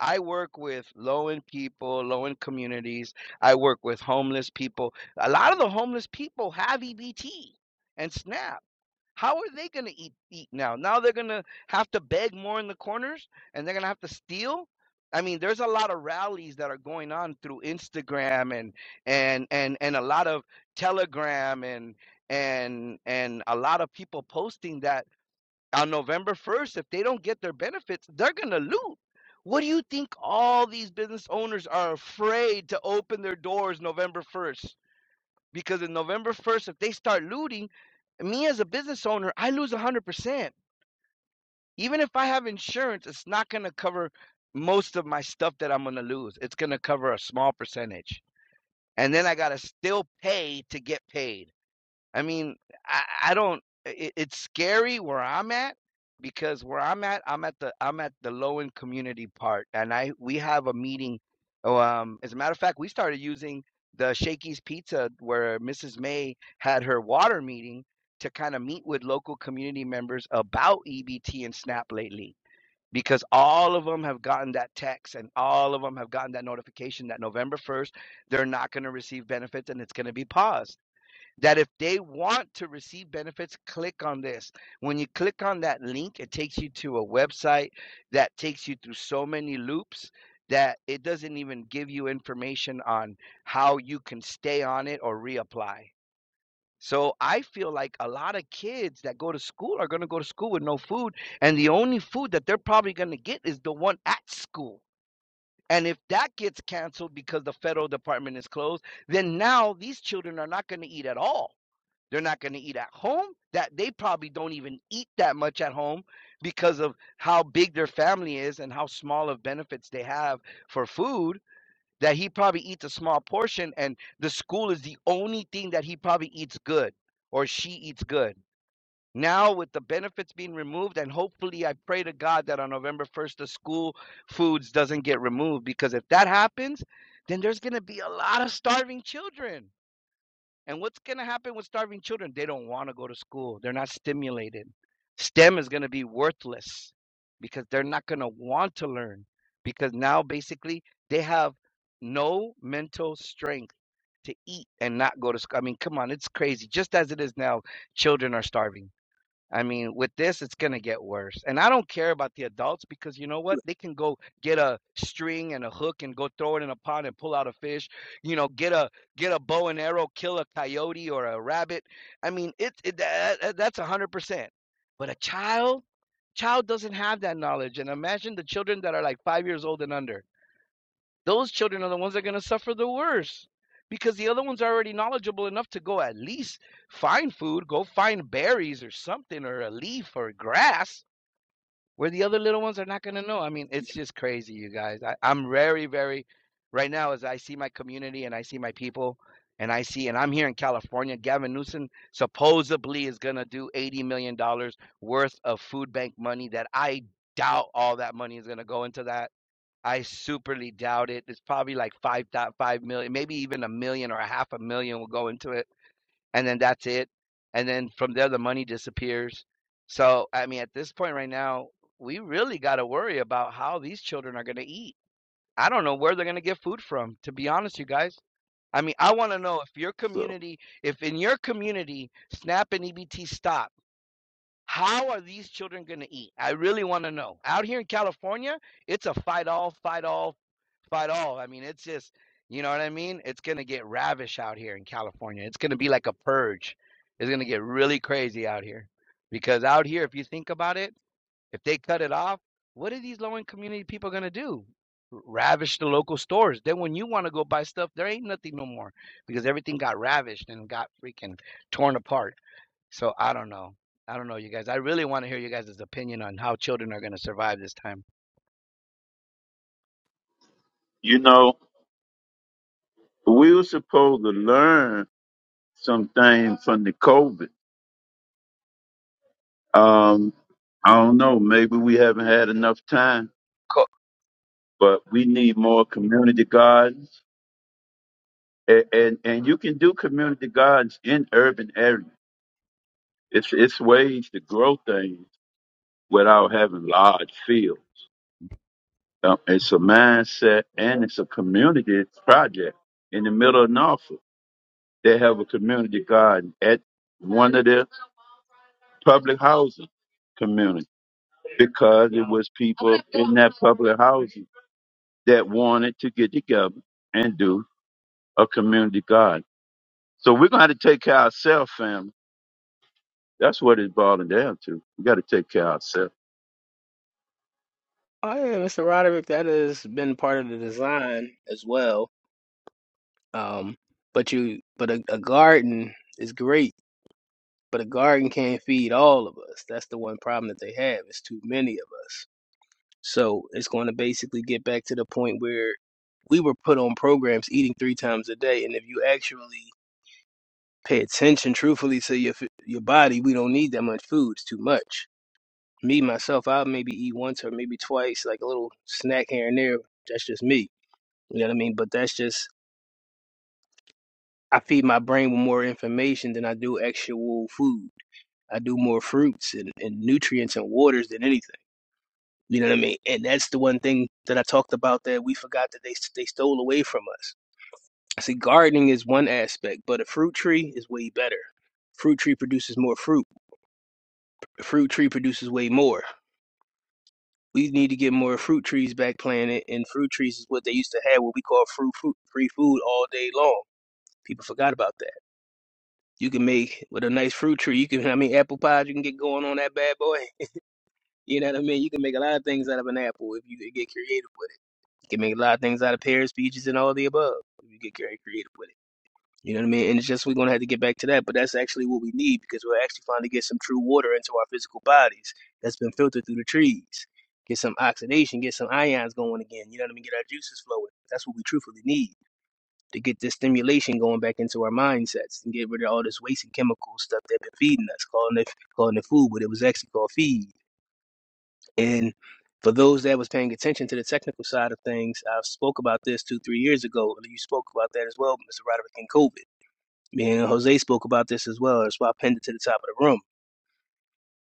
I work with low end people, low end communities. I work with homeless people. A lot of the homeless people have EBT and SNAP how are they going to eat eat now? Now they're going to have to beg more in the corners and they're going to have to steal. I mean, there's a lot of rallies that are going on through Instagram and and and and a lot of Telegram and and and a lot of people posting that on November 1st if they don't get their benefits, they're going to loot. What do you think all these business owners are afraid to open their doors November 1st? because in November 1st, if they start looting, me as a business owner, I lose 100%. Even if I have insurance, it's not going to cover most of my stuff that I'm going to lose. It's going to cover a small percentage. And then I got to still pay to get paid. I mean, I, I don't. It, it's scary where I'm at because where I'm at, I'm at the I'm at the low end community part, and I we have a meeting. oh, Um, as a matter of fact, we started using the Shakey's Pizza where Mrs. May had her water meeting to kind of meet with local community members about EBT and SNAP lately because all of them have gotten that text and all of them have gotten that notification that November 1st they're not going to receive benefits and it's going to be paused that if they want to receive benefits, click on this. When you click on that link, it takes you to a website that takes you through so many loops that it doesn't even give you information on how you can stay on it or reapply. So I feel like a lot of kids that go to school are going to go to school with no food and the only food that they're probably going to get is the one at school. And if that gets canceled because the federal department is closed, then now these children are not going to eat at all they're not going to eat at home. That they probably don't even eat that much at home because of how big their family is and how small of benefits they have for food. That he probably eats a small portion, and the school is the only thing that he probably eats good or she eats good. Now, with the benefits being removed, and hopefully, I pray to God that on November 1st, the school foods doesn't get removed because if that happens, then there's going to be a lot of starving children and what's going to happen with starving children? They don't want to go to school. They're not stimulated. STEM is going to be worthless because they're not going to want to learn because now basically they have no mental strength to eat and not go to school. I mean, come on, it's crazy. Just as it is now, children are starving. I mean, with this, it's gonna get worse. And I don't care about the adults because you know what? They can go get a string and a hook and go throw it in a pond and pull out a fish. You know, get a get a bow and arrow, kill a coyote or a rabbit. I mean, it, it that, that's a hundred percent. But a child, child doesn't have that knowledge. And imagine the children that are like five years old and under. Those children are the ones that are going to suffer the worst because the other ones are already knowledgeable enough to go at least find food, go find berries or something or a leaf or grass where the other little ones are not going to know. I mean, it's just crazy, you guys. I, I'm very, very, right now, as I see my community and I see my people. And I see, and I'm here in California. Gavin Newsom supposedly is going to do $80 million dollars worth of food bank money that I doubt all that money is going to go into that I superly doubt it. It's probably like five dot five million, maybe even a million or a half a million will go into it, and then that's it. And then from there, the money disappears. So I mean, at this point right now, we really got to worry about how these children are going to eat. I don't know where they're going to get food from. To be honest, you guys. I mean, I want to know if your So. community, if in your community, SNAP and EBT stop. How are these children going to eat? I really want to know. Out here in California, it's a fight all, fight all, fight all. I mean, it's just, you know what I mean? It's going to get ravish out here in California. It's going to be like a purge. It's going to get really crazy out here. Because out here, if you think about it, if they cut it off, what are these low income community people going to do? Ravish the local stores. Then when you want to go buy stuff, there ain't nothing no more because everything got ravished and got freaking torn apart. So I don't know. I don't know, you guys. I really want to hear you guys' opinion on how children are going to survive this time. You know, we were supposed to learn some things from the COVID. Um, I don't know. Maybe we haven't had enough time, Cool. but we need more community gardens, and and, and you can do community gardens in urban areas. It's it's ways to grow things without having large fields. Um, it's a mindset and it's a community project in the middle of Norfolk. They have a community garden at one of their public housing communities because it was people in that public housing that wanted to get together and do a community garden. So we're going to have to take care of ourselves, family. That's what it's boiling down to. We got to take care of ourselves. Oh yeah, Mr. Roderick, that has been part of the design as well. Um, but you, but a, a garden is great, but a garden can't feed all of us. That's the one problem that they have. It's too many of us. So it's going to basically get back to the point where we were put on programs eating three times a day, and if you actually pay attention truthfully to your f- your body, we don't need that much food. It's too much. Me myself, I'll maybe eat once or maybe twice, like a little snack here and there. That's just me. You know what I mean? But that's just I feed my brain with more information than I do actual food. I do more fruits and, and nutrients and waters than anything. You know what I mean? And that's the one thing that I talked about that we forgot that they they stole away from us. See, gardening is one aspect, but a fruit tree is way better. Fruit tree produces more fruit. A fruit tree produces way more. We need to get more fruit trees back planted, and fruit trees is what they used to have, what we call fruit, fruit free food all day long. People forgot about that. You can make with a nice fruit tree. You can, I mean, apple pies. You can get going on that bad boy. You know what I mean? You can make a lot of things out of an apple if you get creative with it. can make a lot of things out of pears, peaches, and all the above. You get very creative with it. You know what I mean? And it's just we're gonna have to get back to that, but that's actually what we need because we're actually finally get some true water into our physical bodies that's been filtered through the trees. Get some oxidation, get some ions going again. You know what I mean? Get our juices flowing. That's what we truthfully need to get this stimulation going back into our mindsets and get rid of all this waste and chemical stuff that have been feeding us, calling it calling it food, but it was actually called feed. And for those that was paying attention to the technical side of things, I spoke about this two, three years ago. and You spoke about that as well, Mr. Roderick, and COVID. Me and Jose spoke about this as well. That's why I pinned it to the top of the room.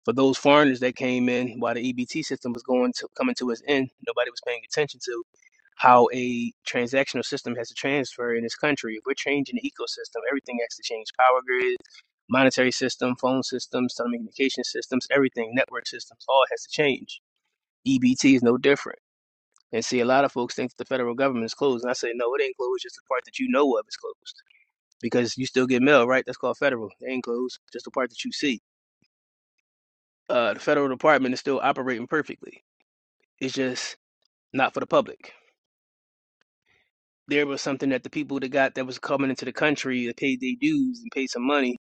For those foreigners that came in while the EBT system was going to coming to its end, nobody was paying attention to how a transactional system has to transfer in this country. If we're changing the ecosystem, everything has to change. Power grids, monetary system, phone systems, telecommunication systems, everything, network systems, all has to change. EBT is no different. And see, a lot of folks think that the federal government is closed. And I say, no, it ain't closed. Just the part that you know of is closed because you still get mail, right? That's called federal. It ain't closed. Just the part that you see. Uh, the federal department is still operating perfectly. It's just not for the public. There was something that the people that got that was coming into the country that paid their dues and paid some money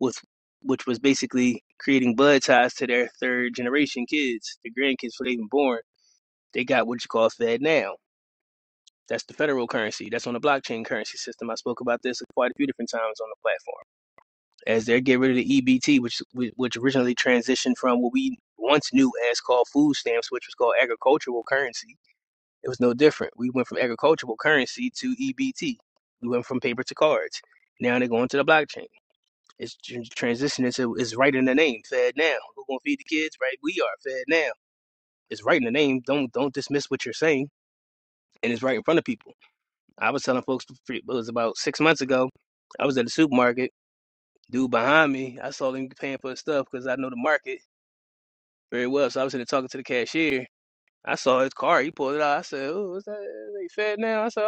with, which was basically creating blood ties to their third generation kids, their grandkids before they even born. They got what you call Fed now. That's the federal currency. That's on the blockchain currency system. I spoke about this quite a few different times on the platform. As they get rid of the EBT, which which originally transitioned from what we once knew as called food stamps, which was called agricultural currency. It was no different. We went from agricultural currency to EBT. We went from paper to cards. Now they're going to the blockchain. It's transitioning to it's right in the name. Fed now. Who's gonna feed the kids? Right, we are fed now. It's right in the name. Don't don't dismiss what you're saying, and it's right in front of people. I was telling folks it was about six months ago. I was at the supermarket. Dude behind me, I saw him paying for his stuff because I know the market very well. So I was in there talking to the cashier. I saw his car. He pulled it out. I said, "Oh, what's that? They fed now?" I said, "Oh,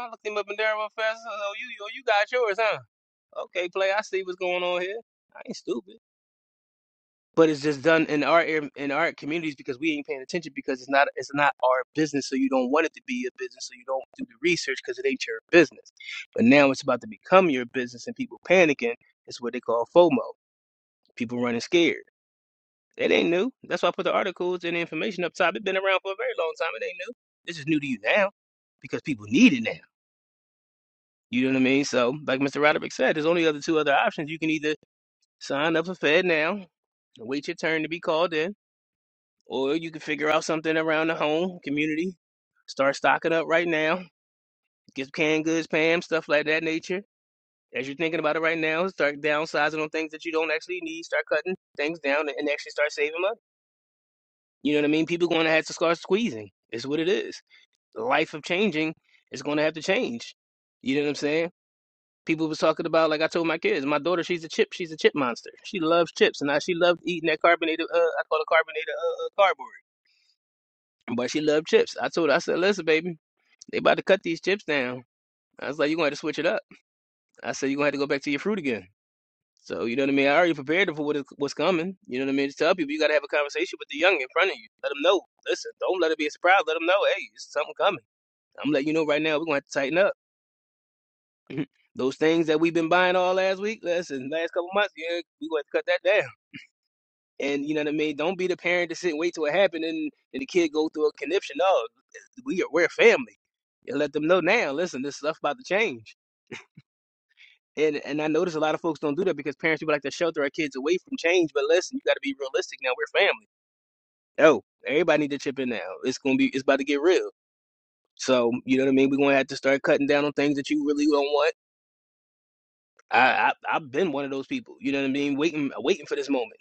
uh, uh." I looked him up and down real fast. I said, "Oh, you, oh, you got yours, huh?" Okay, play. I see what's going on here. I ain't stupid. but it's just done in our ar- in our communities because we ain't paying attention because it's not it's not our business so you don't want it to be a business so you don't do the research because it ain't your business but now it's about to become your business and people panicking it's what they call FOMO people running scared it ain't new that's why I put the articles and the information up top it's been around for a very long time it ain't new this is new to you now because people need it now you know what I mean so like Mr. Roderick said there's only other two other options you can either sign up for Fed now and wait your turn to be called in Or you can figure out something around the home community. Start stocking up right now. Get canned goods, Pam, stuff like that nature. As you're thinking about it right now, start downsizing on things that you don't actually need. Start cutting things down and actually start saving money. You know what I mean? People going to have to start squeezing. It's what it is. The life of changing is going to have to change. You know what I'm saying? People was talking about, like I told my kids, my daughter, she's a chip, she's a chip monster. She loves chips, and I, she loved eating that carbonated, uh, I call it carbonated uh, uh, cardboard. But she loved chips. I told her, I said, listen, baby. They about to cut these chips down. I was like, you're gonna have to switch it up. I said, you're gonna have to go back to your fruit again. So you know what I mean? I already prepared them for what is, what's coming. You know what I mean? Just tell people you gotta have a conversation with the young in front of you. Let them know. Listen, don't let it be a surprise. Let them know, hey, it's something coming. I'm letting you know right now. We're gonna have to tighten up. Those things that we've been buying all last week, listen, last couple months, yeah, we are gonna to cut that down. And you know what I mean? Don't be the parent to sit and wait till it happened and, and the kid go through a conniption. No, we are we're a family. And let them know now. Listen, this stuff about to change. And and I notice a lot of folks don't do that because parents people like to shelter our kids away from change. But listen, you got to be realistic. Now we're family. Oh, everybody need to chip in now. It's gonna be it's about to get real. So you know what I mean. We're gonna have to start cutting down on things that you really don't want. I, I I've been one of those people. You know what I mean. Waiting waiting for this moment.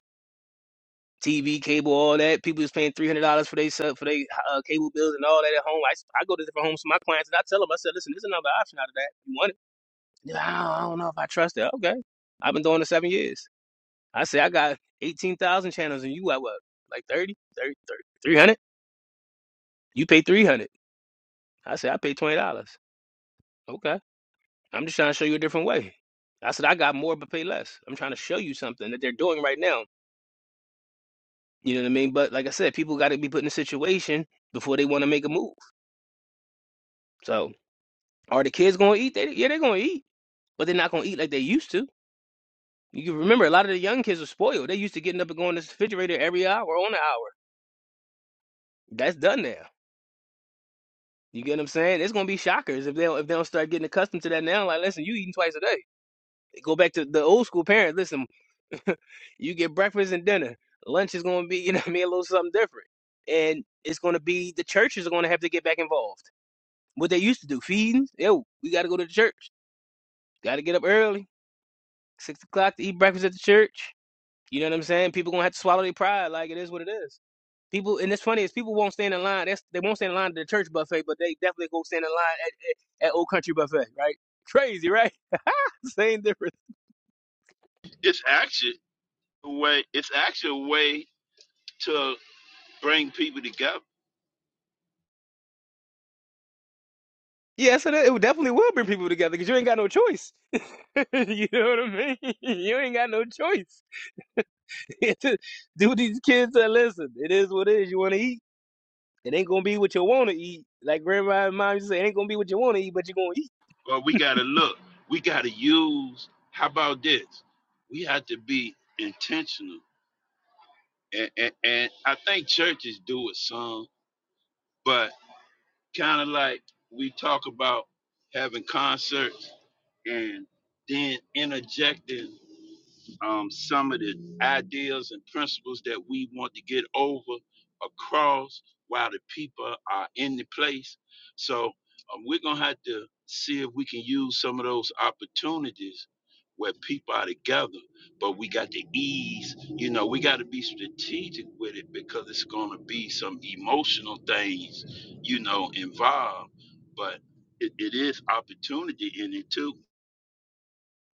TV, cable, all that. People is paying three hundred dollars for they sub- for they uh, cable bills and all that at home. I, s- I go to different homes for my clients and I tell them I said, listen, there's another option out of that. You want it? "Nah, I don't I don't know if I trust it. Okay, I've been doing it seven years. I say I got 18,000 channels and you got what? Like 30, 30, thirty, three hundred? You pay 300. I say I pay $20. Okay. I'm just trying to show you a different way. I said I got more but pay less. I'm trying to show you something that they're doing right now. You know what I mean? But like I said, people got to be put in a situation before they want to make a move. So are the kids going to eat? They, yeah, they're going to eat, but they're not going to eat like they used to. You can remember a lot of the young kids are spoiled. They used to getting up and going to the refrigerator every hour on the hour. That's done now. You get what I'm saying? It's gonna be shockers if they don't, if they don't start getting accustomed to that now. Like, listen, you eating twice a day. Go back to the old school parents. Listen, you get breakfast and dinner. Lunch is gonna be, you know, what I mean, a little something different. And it's gonna be the churches are gonna have to get back involved. What they used to do, feeding. Yo, we gotta go to the church. Gotta get up early, six o'clock to eat breakfast at the church. You know what I'm saying? People gonna have to swallow their pride. Like it is what it is. People, and it's funny is people won't stand in line. That's they won't stand in line at the church buffet, but they definitely go stand in line at, at, at Old Country buffet, right? Crazy, right? Same difference. It's actually a way. It's actually a way to bring people together. Yeah, so that, it definitely will bring people together because you ain't got no choice. you know what I mean? You ain't got no choice. Do these kids that listen? It is what it is. You want to eat? It ain't gonna be what you want to eat. Like grandma and mom used to say, it ain't gonna be what you want to eat, but you gonna eat. But we got to look. We got to use. How about this? We have to be intentional and, and, and I think churches do it some, but kind of like we talk about having concerts and then interjecting um, some of the ideas and principles that we want to get over across while the people are in the place. So um, we're gonna have to see if we can use some of those opportunities where people are together, but we got to ease, you know, we got to be strategic with it because it's gonna be some emotional things, you know, involved, but it, it is opportunity in it too.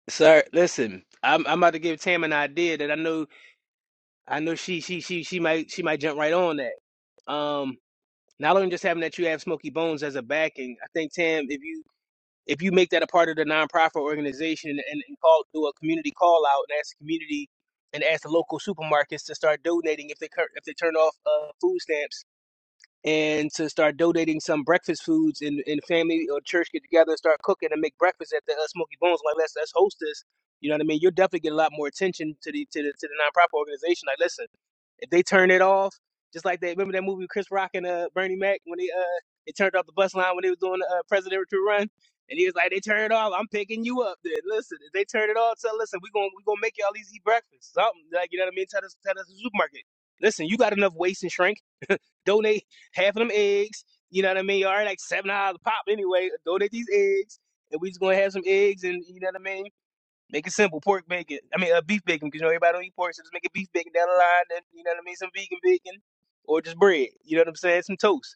Sir, listen, I'm I'm about to give Tam an idea that I know I know she she she she might she might jump right on that. Um, not only just having that you have Smokey Bones as a backing, I think Tam, if you if you make that a part of the nonprofit organization and, and, and call do a community call out and ask the community and ask the local supermarkets to start donating if they cur- if they turn off uh, food stamps and to start donating some breakfast foods and, and family or church get together and start cooking and make breakfast at the uh, Smoky Bones. Like let's let's host this. You know what I mean? You'll definitely get a lot more attention to the to the to the nonprofit organization. Like listen, if they turn it off, just like they remember that movie with Chris Rock and uh, Bernie Mac when they uh they turned off the bus line when they was doing the uh, presidential run. And he was like, "They turn it off. I'm picking you up. Then listen, if they turn it off, so listen, we gonna we gonna make y'all these eat breakfast, something like you know what I mean. Tell us, tell us the supermarket. Listen, you got enough waste and shrink donate half of them eggs. You know what I mean? All right, like seven dollars a pop anyway. Donate these eggs, and we just gonna have some eggs, and you know what I mean? Make it simple, pork bacon. I mean, uh, beef bacon, because you know everybody don't eat pork, so just make it beef bacon down the line, and you know what I mean? Some vegan bacon, or just bread. You know what I'm saying? Some toast.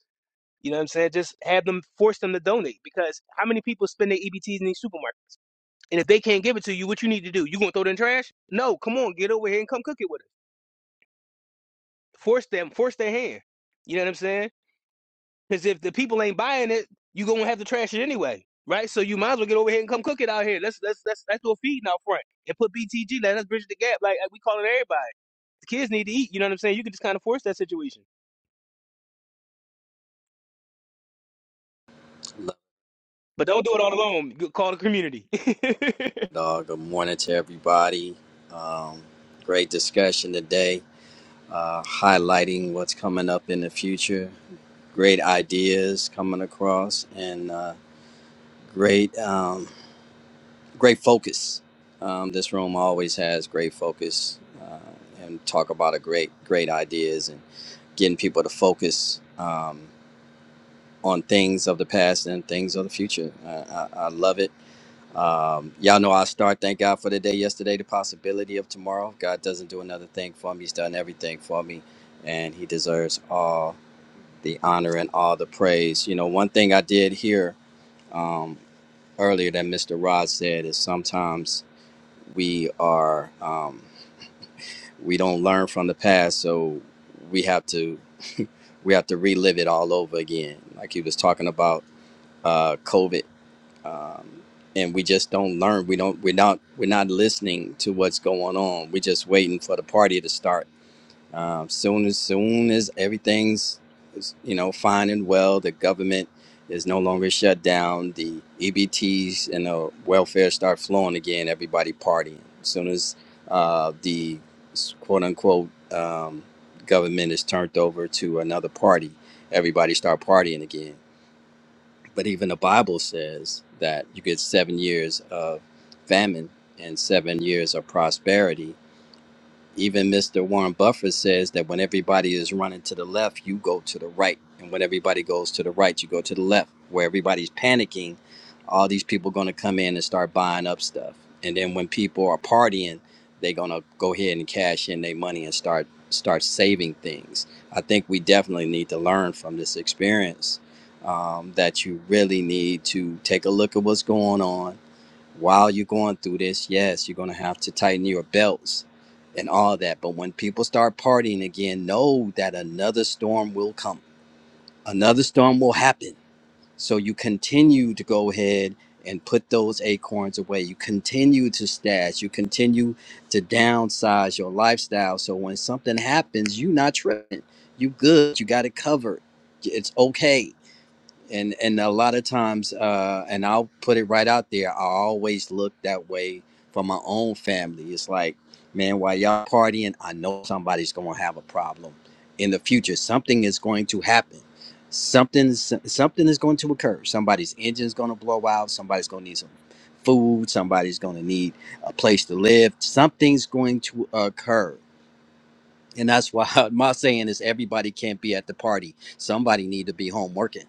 You know what I'm saying? Just have them force them to donate because how many people spend their EBTs in these supermarkets? And if they can't give it to you, what you need to do? You gonna throw it in the trash? No, come on, get over here and come cook it with us. Force them, force their hand. You know what I'm saying? Because if the people ain't buying it, you gonna have to trash it anyway, right? So you might as well get over here and come cook it out here. Let's let's let's let's do a feeding out front and put BTG. Let us bridge the gap. Like like we call it everybody. The kids need to eat. You know what I'm saying? You can just kind of force that situation, but don't do it all alone. Call the community. Uh, good morning to everybody. Um, great discussion today, uh, highlighting what's coming up in the future. Great ideas coming across, and uh, great, um, great focus. Um, this room always has great focus, uh, and talk about a great, great ideas and getting people to focus um, on things of the past and things of the future. I, I, I love it Um, y'all know I start. Thank God for the day yesterday, the possibility of tomorrow. God doesn't do another thing for me. He's done everything for me, and He deserves all the honor and all the praise. You know, one thing I did hear um, earlier that Mr. Rod said is sometimes we are um, we don't learn from the past, so we have to we have to relive it all over again. Like he was talking about uh, COVID um, and we just don't learn. We don't. We're not. We're not listening to what's going on. We're just waiting for the party to start. Um, soon as soon as everything's you know fine and well, the government is no longer shut down. The EBTs and the welfare start flowing again. Everybody partying. As soon as uh, the quote unquote um, government is turned over to another party, everybody start partying again but even the Bible says that you get seven years of famine and seven years of prosperity even Mr. Warren Buffett says that when everybody is running to the left, you go to the right. And when everybody goes to the right, you go to the left. Where everybody's panicking, all these people are going to come in and start buying up stuff. And then when people are partying, they're going to go ahead and cash in their money and start start saving things. I think we definitely need to learn from this experience um, that you really need to take a look at what's going on while you're going through this, yes, you're going to have to tighten your belts and all that. But when people start partying again, know that another storm will come, another storm will happen. So you continue to go ahead and put those acorns away. You continue to stash, you continue to downsize your lifestyle. So when something happens, you're not tripping. You good, you got it covered. It's okay and and a lot of times uh and i'll put it right out there i always look that way for my own family it's like man while y'all partying i know somebody's gonna have a problem in the future something is going to happen something something is going to occur somebody's engine's gonna blow out somebody's gonna need some food somebody's gonna need a place to live something's going to occur and that's why my saying is everybody can't be at the party. Somebody need to be home working.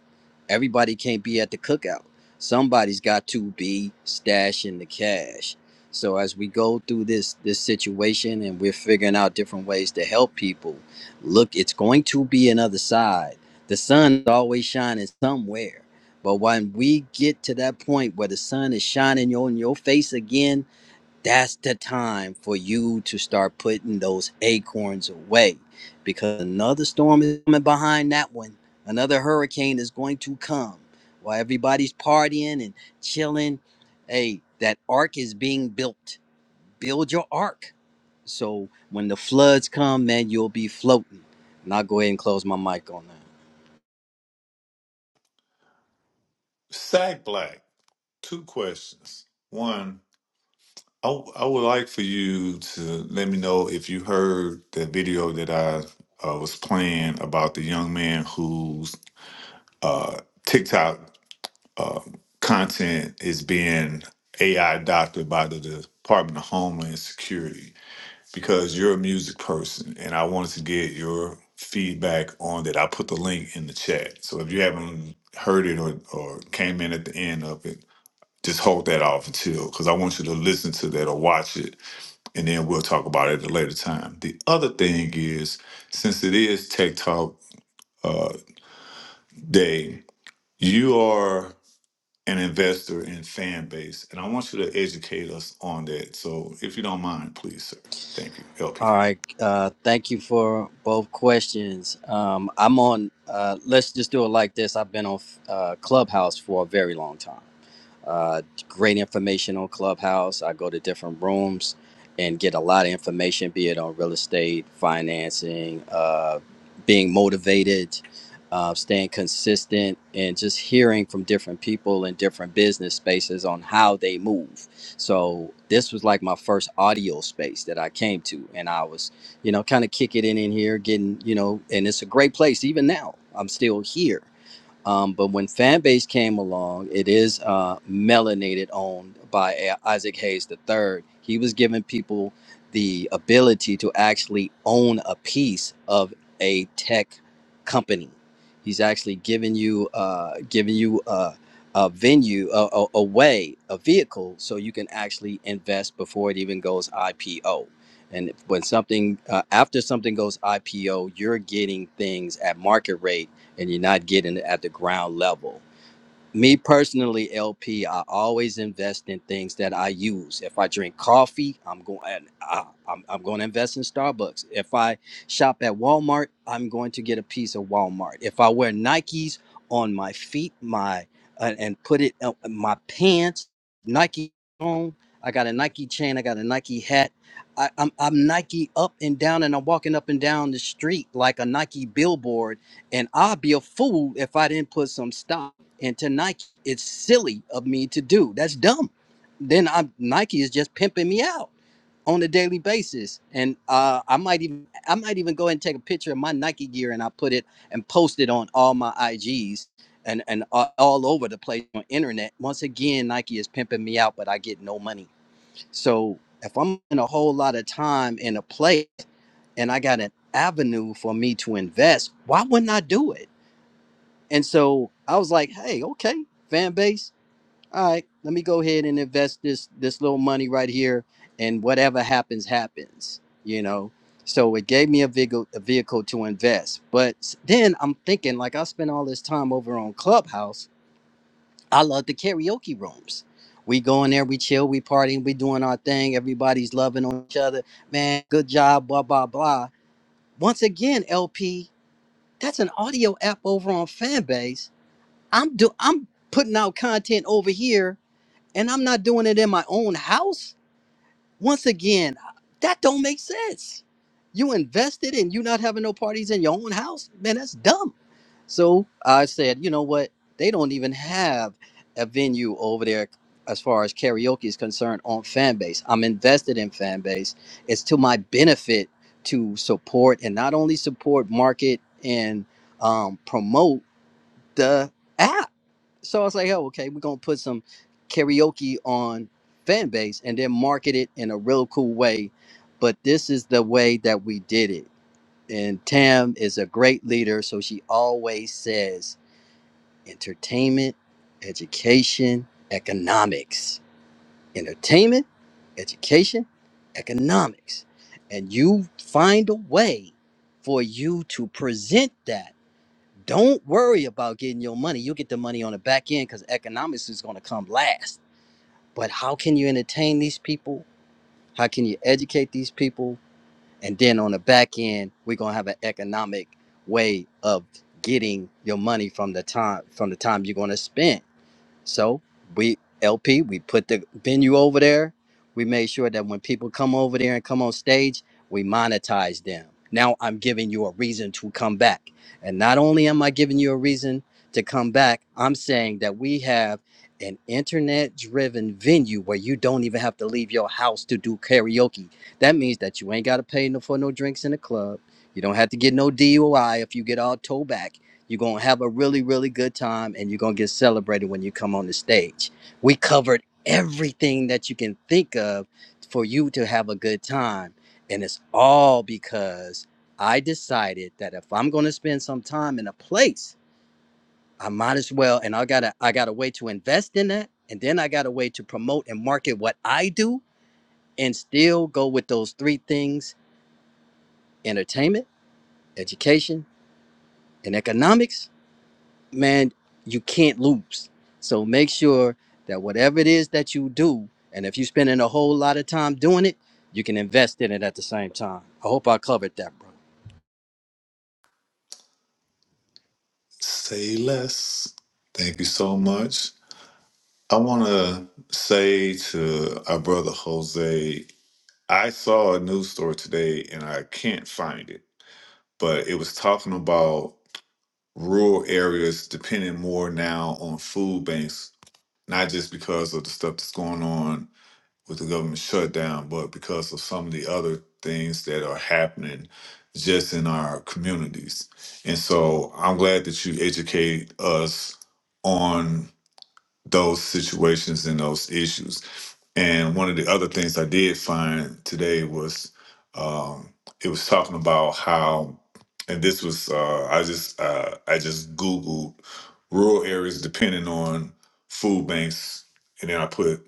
Everybody can't be at the cookout. Somebody's got to be stashing the cash. So as we go through this this situation and we're figuring out different ways to help people, look, it's going to be another side. The sun is always shining somewhere. But when we get to that point where the sun is shining on your face again, that's the time for you to start putting those acorns away because another storm is coming behind that one. Another hurricane is going to come while everybody's partying and chilling. Hey, that ark is being built. Build your ark. So when the floods come, man, you'll be floating. And I'll go ahead and close my mic on that. Sack Black, two questions. One, I, w- I would like for you to let me know if you heard the video that I uh, was playing about the young man whose uh, TikTok uh, content is being AI doctored by the Department of Homeland Security because you're a music person and I wanted to get your feedback on that. I put the link in the chat. So if you haven't heard it or, or came in at the end of it, just hold that off until, because I want you to listen to that or watch it, and then we'll talk about it at a later time. The other thing is, since it is Tech Talk uh, Day, you are an investor in fan base, and I want you to educate us on that. So, if you don't mind, please, sir. Thank you. Help you All out. right. Uh, thank you for both questions. Um, I'm on. Uh, let's just do it like this. I've been on uh, Clubhouse for a very long time. Uh, great information on Clubhouse. I go to different rooms and get a lot of information, be it on real estate, financing, uh, being motivated, uh, staying consistent, and just hearing from different people in different business spaces on how they move. So this was like my first audio space that I came to, and I was you know, kind of kicking it in in here, getting, you know, and it's a great place even now. I'm still here. Um, but when Fanbase came along, it is uh, melanated owned by A- Isaac Hayes III. He was giving people the ability to actually own a piece of a tech company. He's actually giving you uh, giving you a, a venue, a, a, a way, a vehicle, so you can actually invest before it even goes IPO. And when something uh, after something goes IPO, you're getting things at market rate and you're not getting it at the ground level me personally, LP, I always invest in things that I use. If I drink coffee, I'm going. I, I'm, I'm going to invest in Starbucks. If I shop at Walmart, I'm going to get a piece of Walmart. If I wear Nikes on my feet, my and and put it on my pants, Nike on. I got a Nike chain. I got a Nike hat. I, I'm I'm Nike up and down, and I'm walking up and down the street like a Nike billboard. And I'd be a fool if I didn't put some stock and to Nike. It's silly of me to do. That's dumb. Then I'm Nike is just pimping me out on a daily basis, and uh, I might even I might even go ahead and take a picture of my Nike gear and I put it and post it on all my IGs and and a- all over the place on internet. Once again, Nike is pimping me out, but I get no money. So if I'm in a whole lot of time in a place and I got an avenue for me to invest, why wouldn't I do it? And so I was like, hey, okay, fan base. All right, let me go ahead and invest this this little money right here, and whatever happens, happens. You know. So it gave me a vehicle a vehicle to invest. But s- then I'm thinking, like I spent all this time over on Clubhouse. I love the karaoke rooms. We go in there, we chill, we partying, we doing our thing. Everybody's loving on each other. Man, good job, blah blah blah. Once again, LP, that's an audio app over on Fanbase I'm do I'm putting out content over here and I'm not doing it in my own house. Once again, that don't make sense. You invested and you not having no parties in your own house, man, that's dumb. So I said, you know what? They don't even have a venue over there as far as karaoke is concerned on fan base. I'm invested in fan base. It's to my benefit to support and not only support, market, and um, promote the app so I was like, oh, okay, we're gonna put some karaoke on fan base and then market it in a real cool way. But this is the way that we did it. And Tam is a great leader, so she always says entertainment, education, economics. Entertainment, education, economics. And you find a way for you to present that don't worry about getting your money. You'll get the money on the back end because economics is going to come last. But how can you entertain these people? How can you educate these people? And then on the back end, we're going to have an economic way of getting your money from the time from the time you're going to spend. So we LP, we put the venue over there. We made sure that when people come over there and come on stage, we monetize them. Now I'm giving you a reason to come back. And not only am I giving you a reason to come back, I'm saying that we have an internet driven venue where you don't even have to leave your house to do karaoke. That means that you ain't got to pay no, for no drinks in the club. You don't have to get no DUI if you get all towed back. You're going to have a really, really good time and you're going to get celebrated when you come on the stage. We covered everything that you can think of for you to have a good time. And it's all because I decided that if I'm going to spend some time in a place, I might as well. And I got a I got a way to invest in that. And then I got a way to promote and market what I do and still go with those three things entertainment, education, and economics man, you can't lose. So make sure that whatever it is that you do, and if you're spending a whole lot of time doing it, you can invest in it at the same time. I hope I covered that, bro. Say less. Thank you so much. I want to say to our brother Jose, I saw a news story today and I can't find it. but it was talking about rural areas depending more now on food banks, not just because of the stuff that's going on with the government shutdown, but because of some of the other things that are happening just in our communities. And so I'm glad that you educate us on those situations and those issues. And one of the other things I did find today was um, it was talking about how, and this was uh, I just uh, I just googled rural areas depending on food banks, and then I put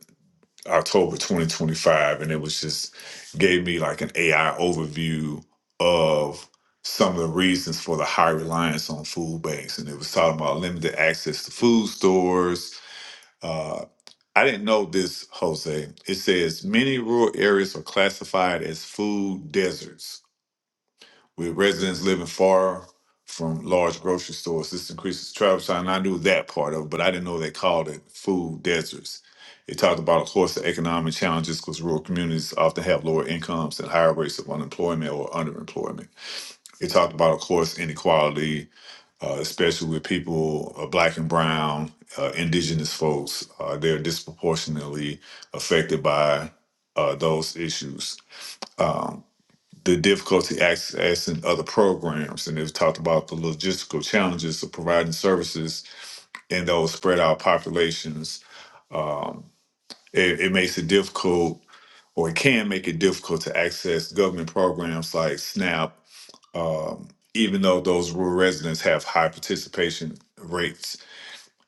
October 2025, and it was just gave me like an AI overview of some of the reasons for the high reliance on food banks, and it was talking about limited access to food stores uh, I didn't know this, Jose. It says many rural areas are classified as food deserts, with residents living far from large grocery stores. This increases travel time. and I knew that part of it, but I didn't know they called it food deserts. It talked about, of course, the economic challenges because rural communities often have lower incomes and higher rates of unemployment or underemployment. It talked about, of course, inequality, uh, especially with people, uh, black and brown, uh, indigenous folks, uh, they're disproportionately affected by uh, those issues. The difficulty accessing other programs, and they've talked about the logistical challenges of providing services in those spread out populations. Um, it, it makes it difficult, or it can make it difficult to access government programs like SNAP, um, even though those rural residents have high participation rates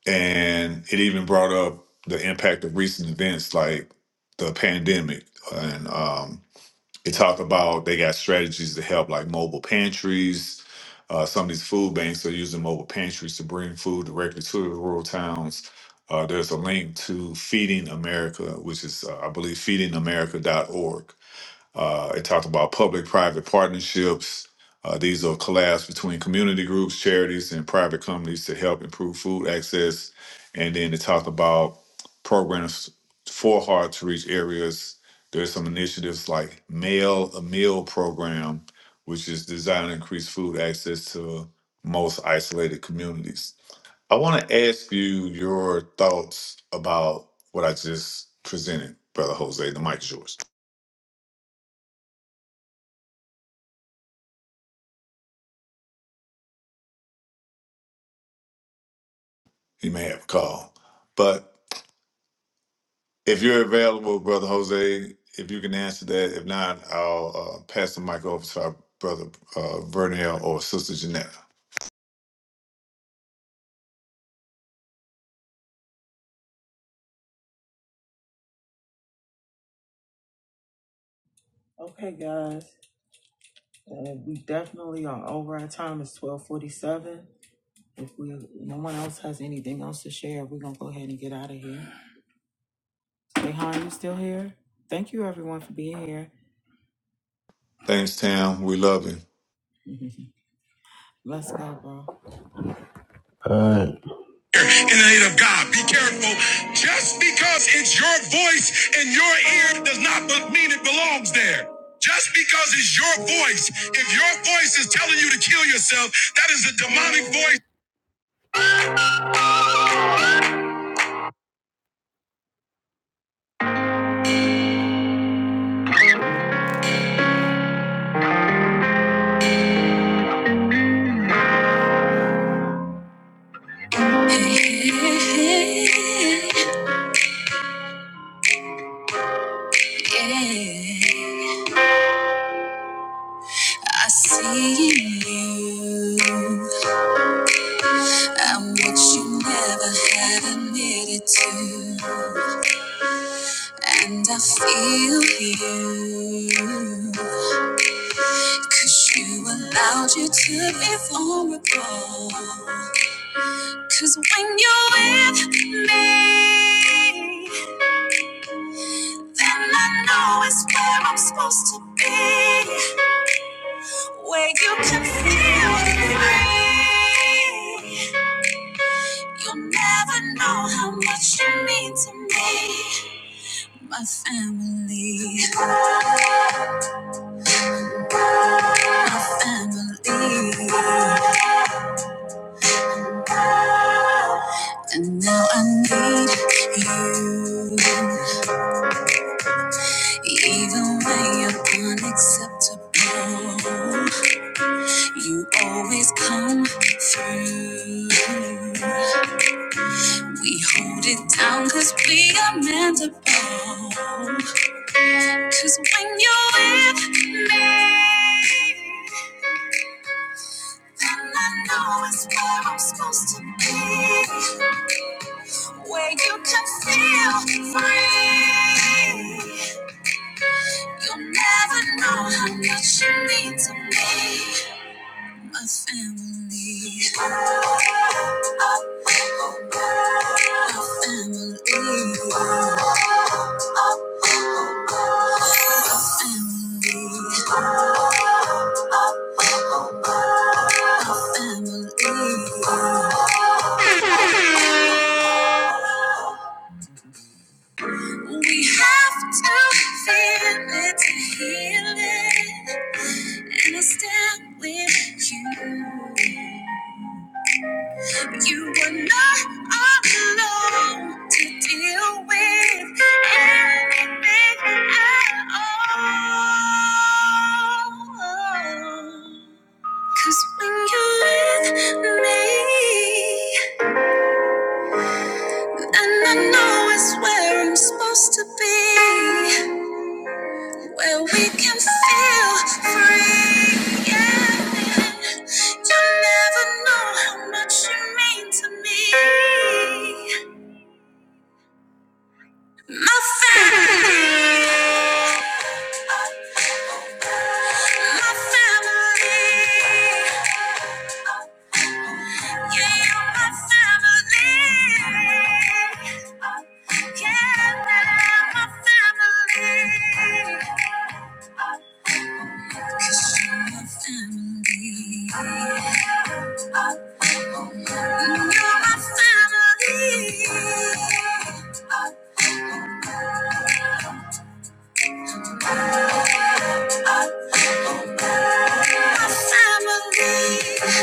and it even brought up the impact of recent events like the pandemic and um, it talked about they got strategies to help like mobile pantries uh, some of these food banks are using mobile pantries to bring food directly to the rural towns uh, there's a link to feeding america which is uh, i believe feedingamerica.org uh, it talked about public-private partnerships. Uh, these are collabs between community groups, charities, and private companies to help improve food access. And then it talked about programs for hard-to-reach areas. There's some initiatives like Mail a Meal program, which is designed to increase food access to most isolated communities. I want to ask you your thoughts about what I just presented, Brother Jose. The mic is yours. you may have a call. But if you're available, Brother Jose, if you can answer that. If not, I'll uh, pass the mic over to our brother uh, Vernell or Sister Janetta. Okay, guys. Uh, we definitely are over our time. It's twelve forty-seven. If we no one else has anything else to share, we're gonna go ahead and get out of here. Rehan, you still here? Thank you everyone for being here. Thanks, Tam. We love you. Let's go, bro. All right. in the name of God. Be careful. Just because it's your voice in your ear does not mean it belongs there. Just because it's your voice, if your voice is telling you to kill yourself, that is a demonic voice. You'll never know how much you mean to me. My family, my family. And now I need you, even when you're unacceptable. You always come through. We hold it down cause we are meant to bond. Cause when you're with me, then I know it's where I'm supposed to be. Where you can feel free. You'll never know how much you mean to me. a family, a family, family. family. We have this. You, you were not alone to deal with anything at all. Cause when you're with me, and my family, oh, yeah, now my family, My family, you're my family, my family.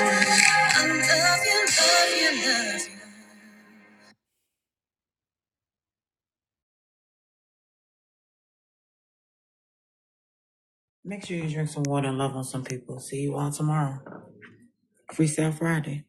I love you, love you, love you. Make sure you drink some water and love on some people. See you all tomorrow. Freestyle Friday.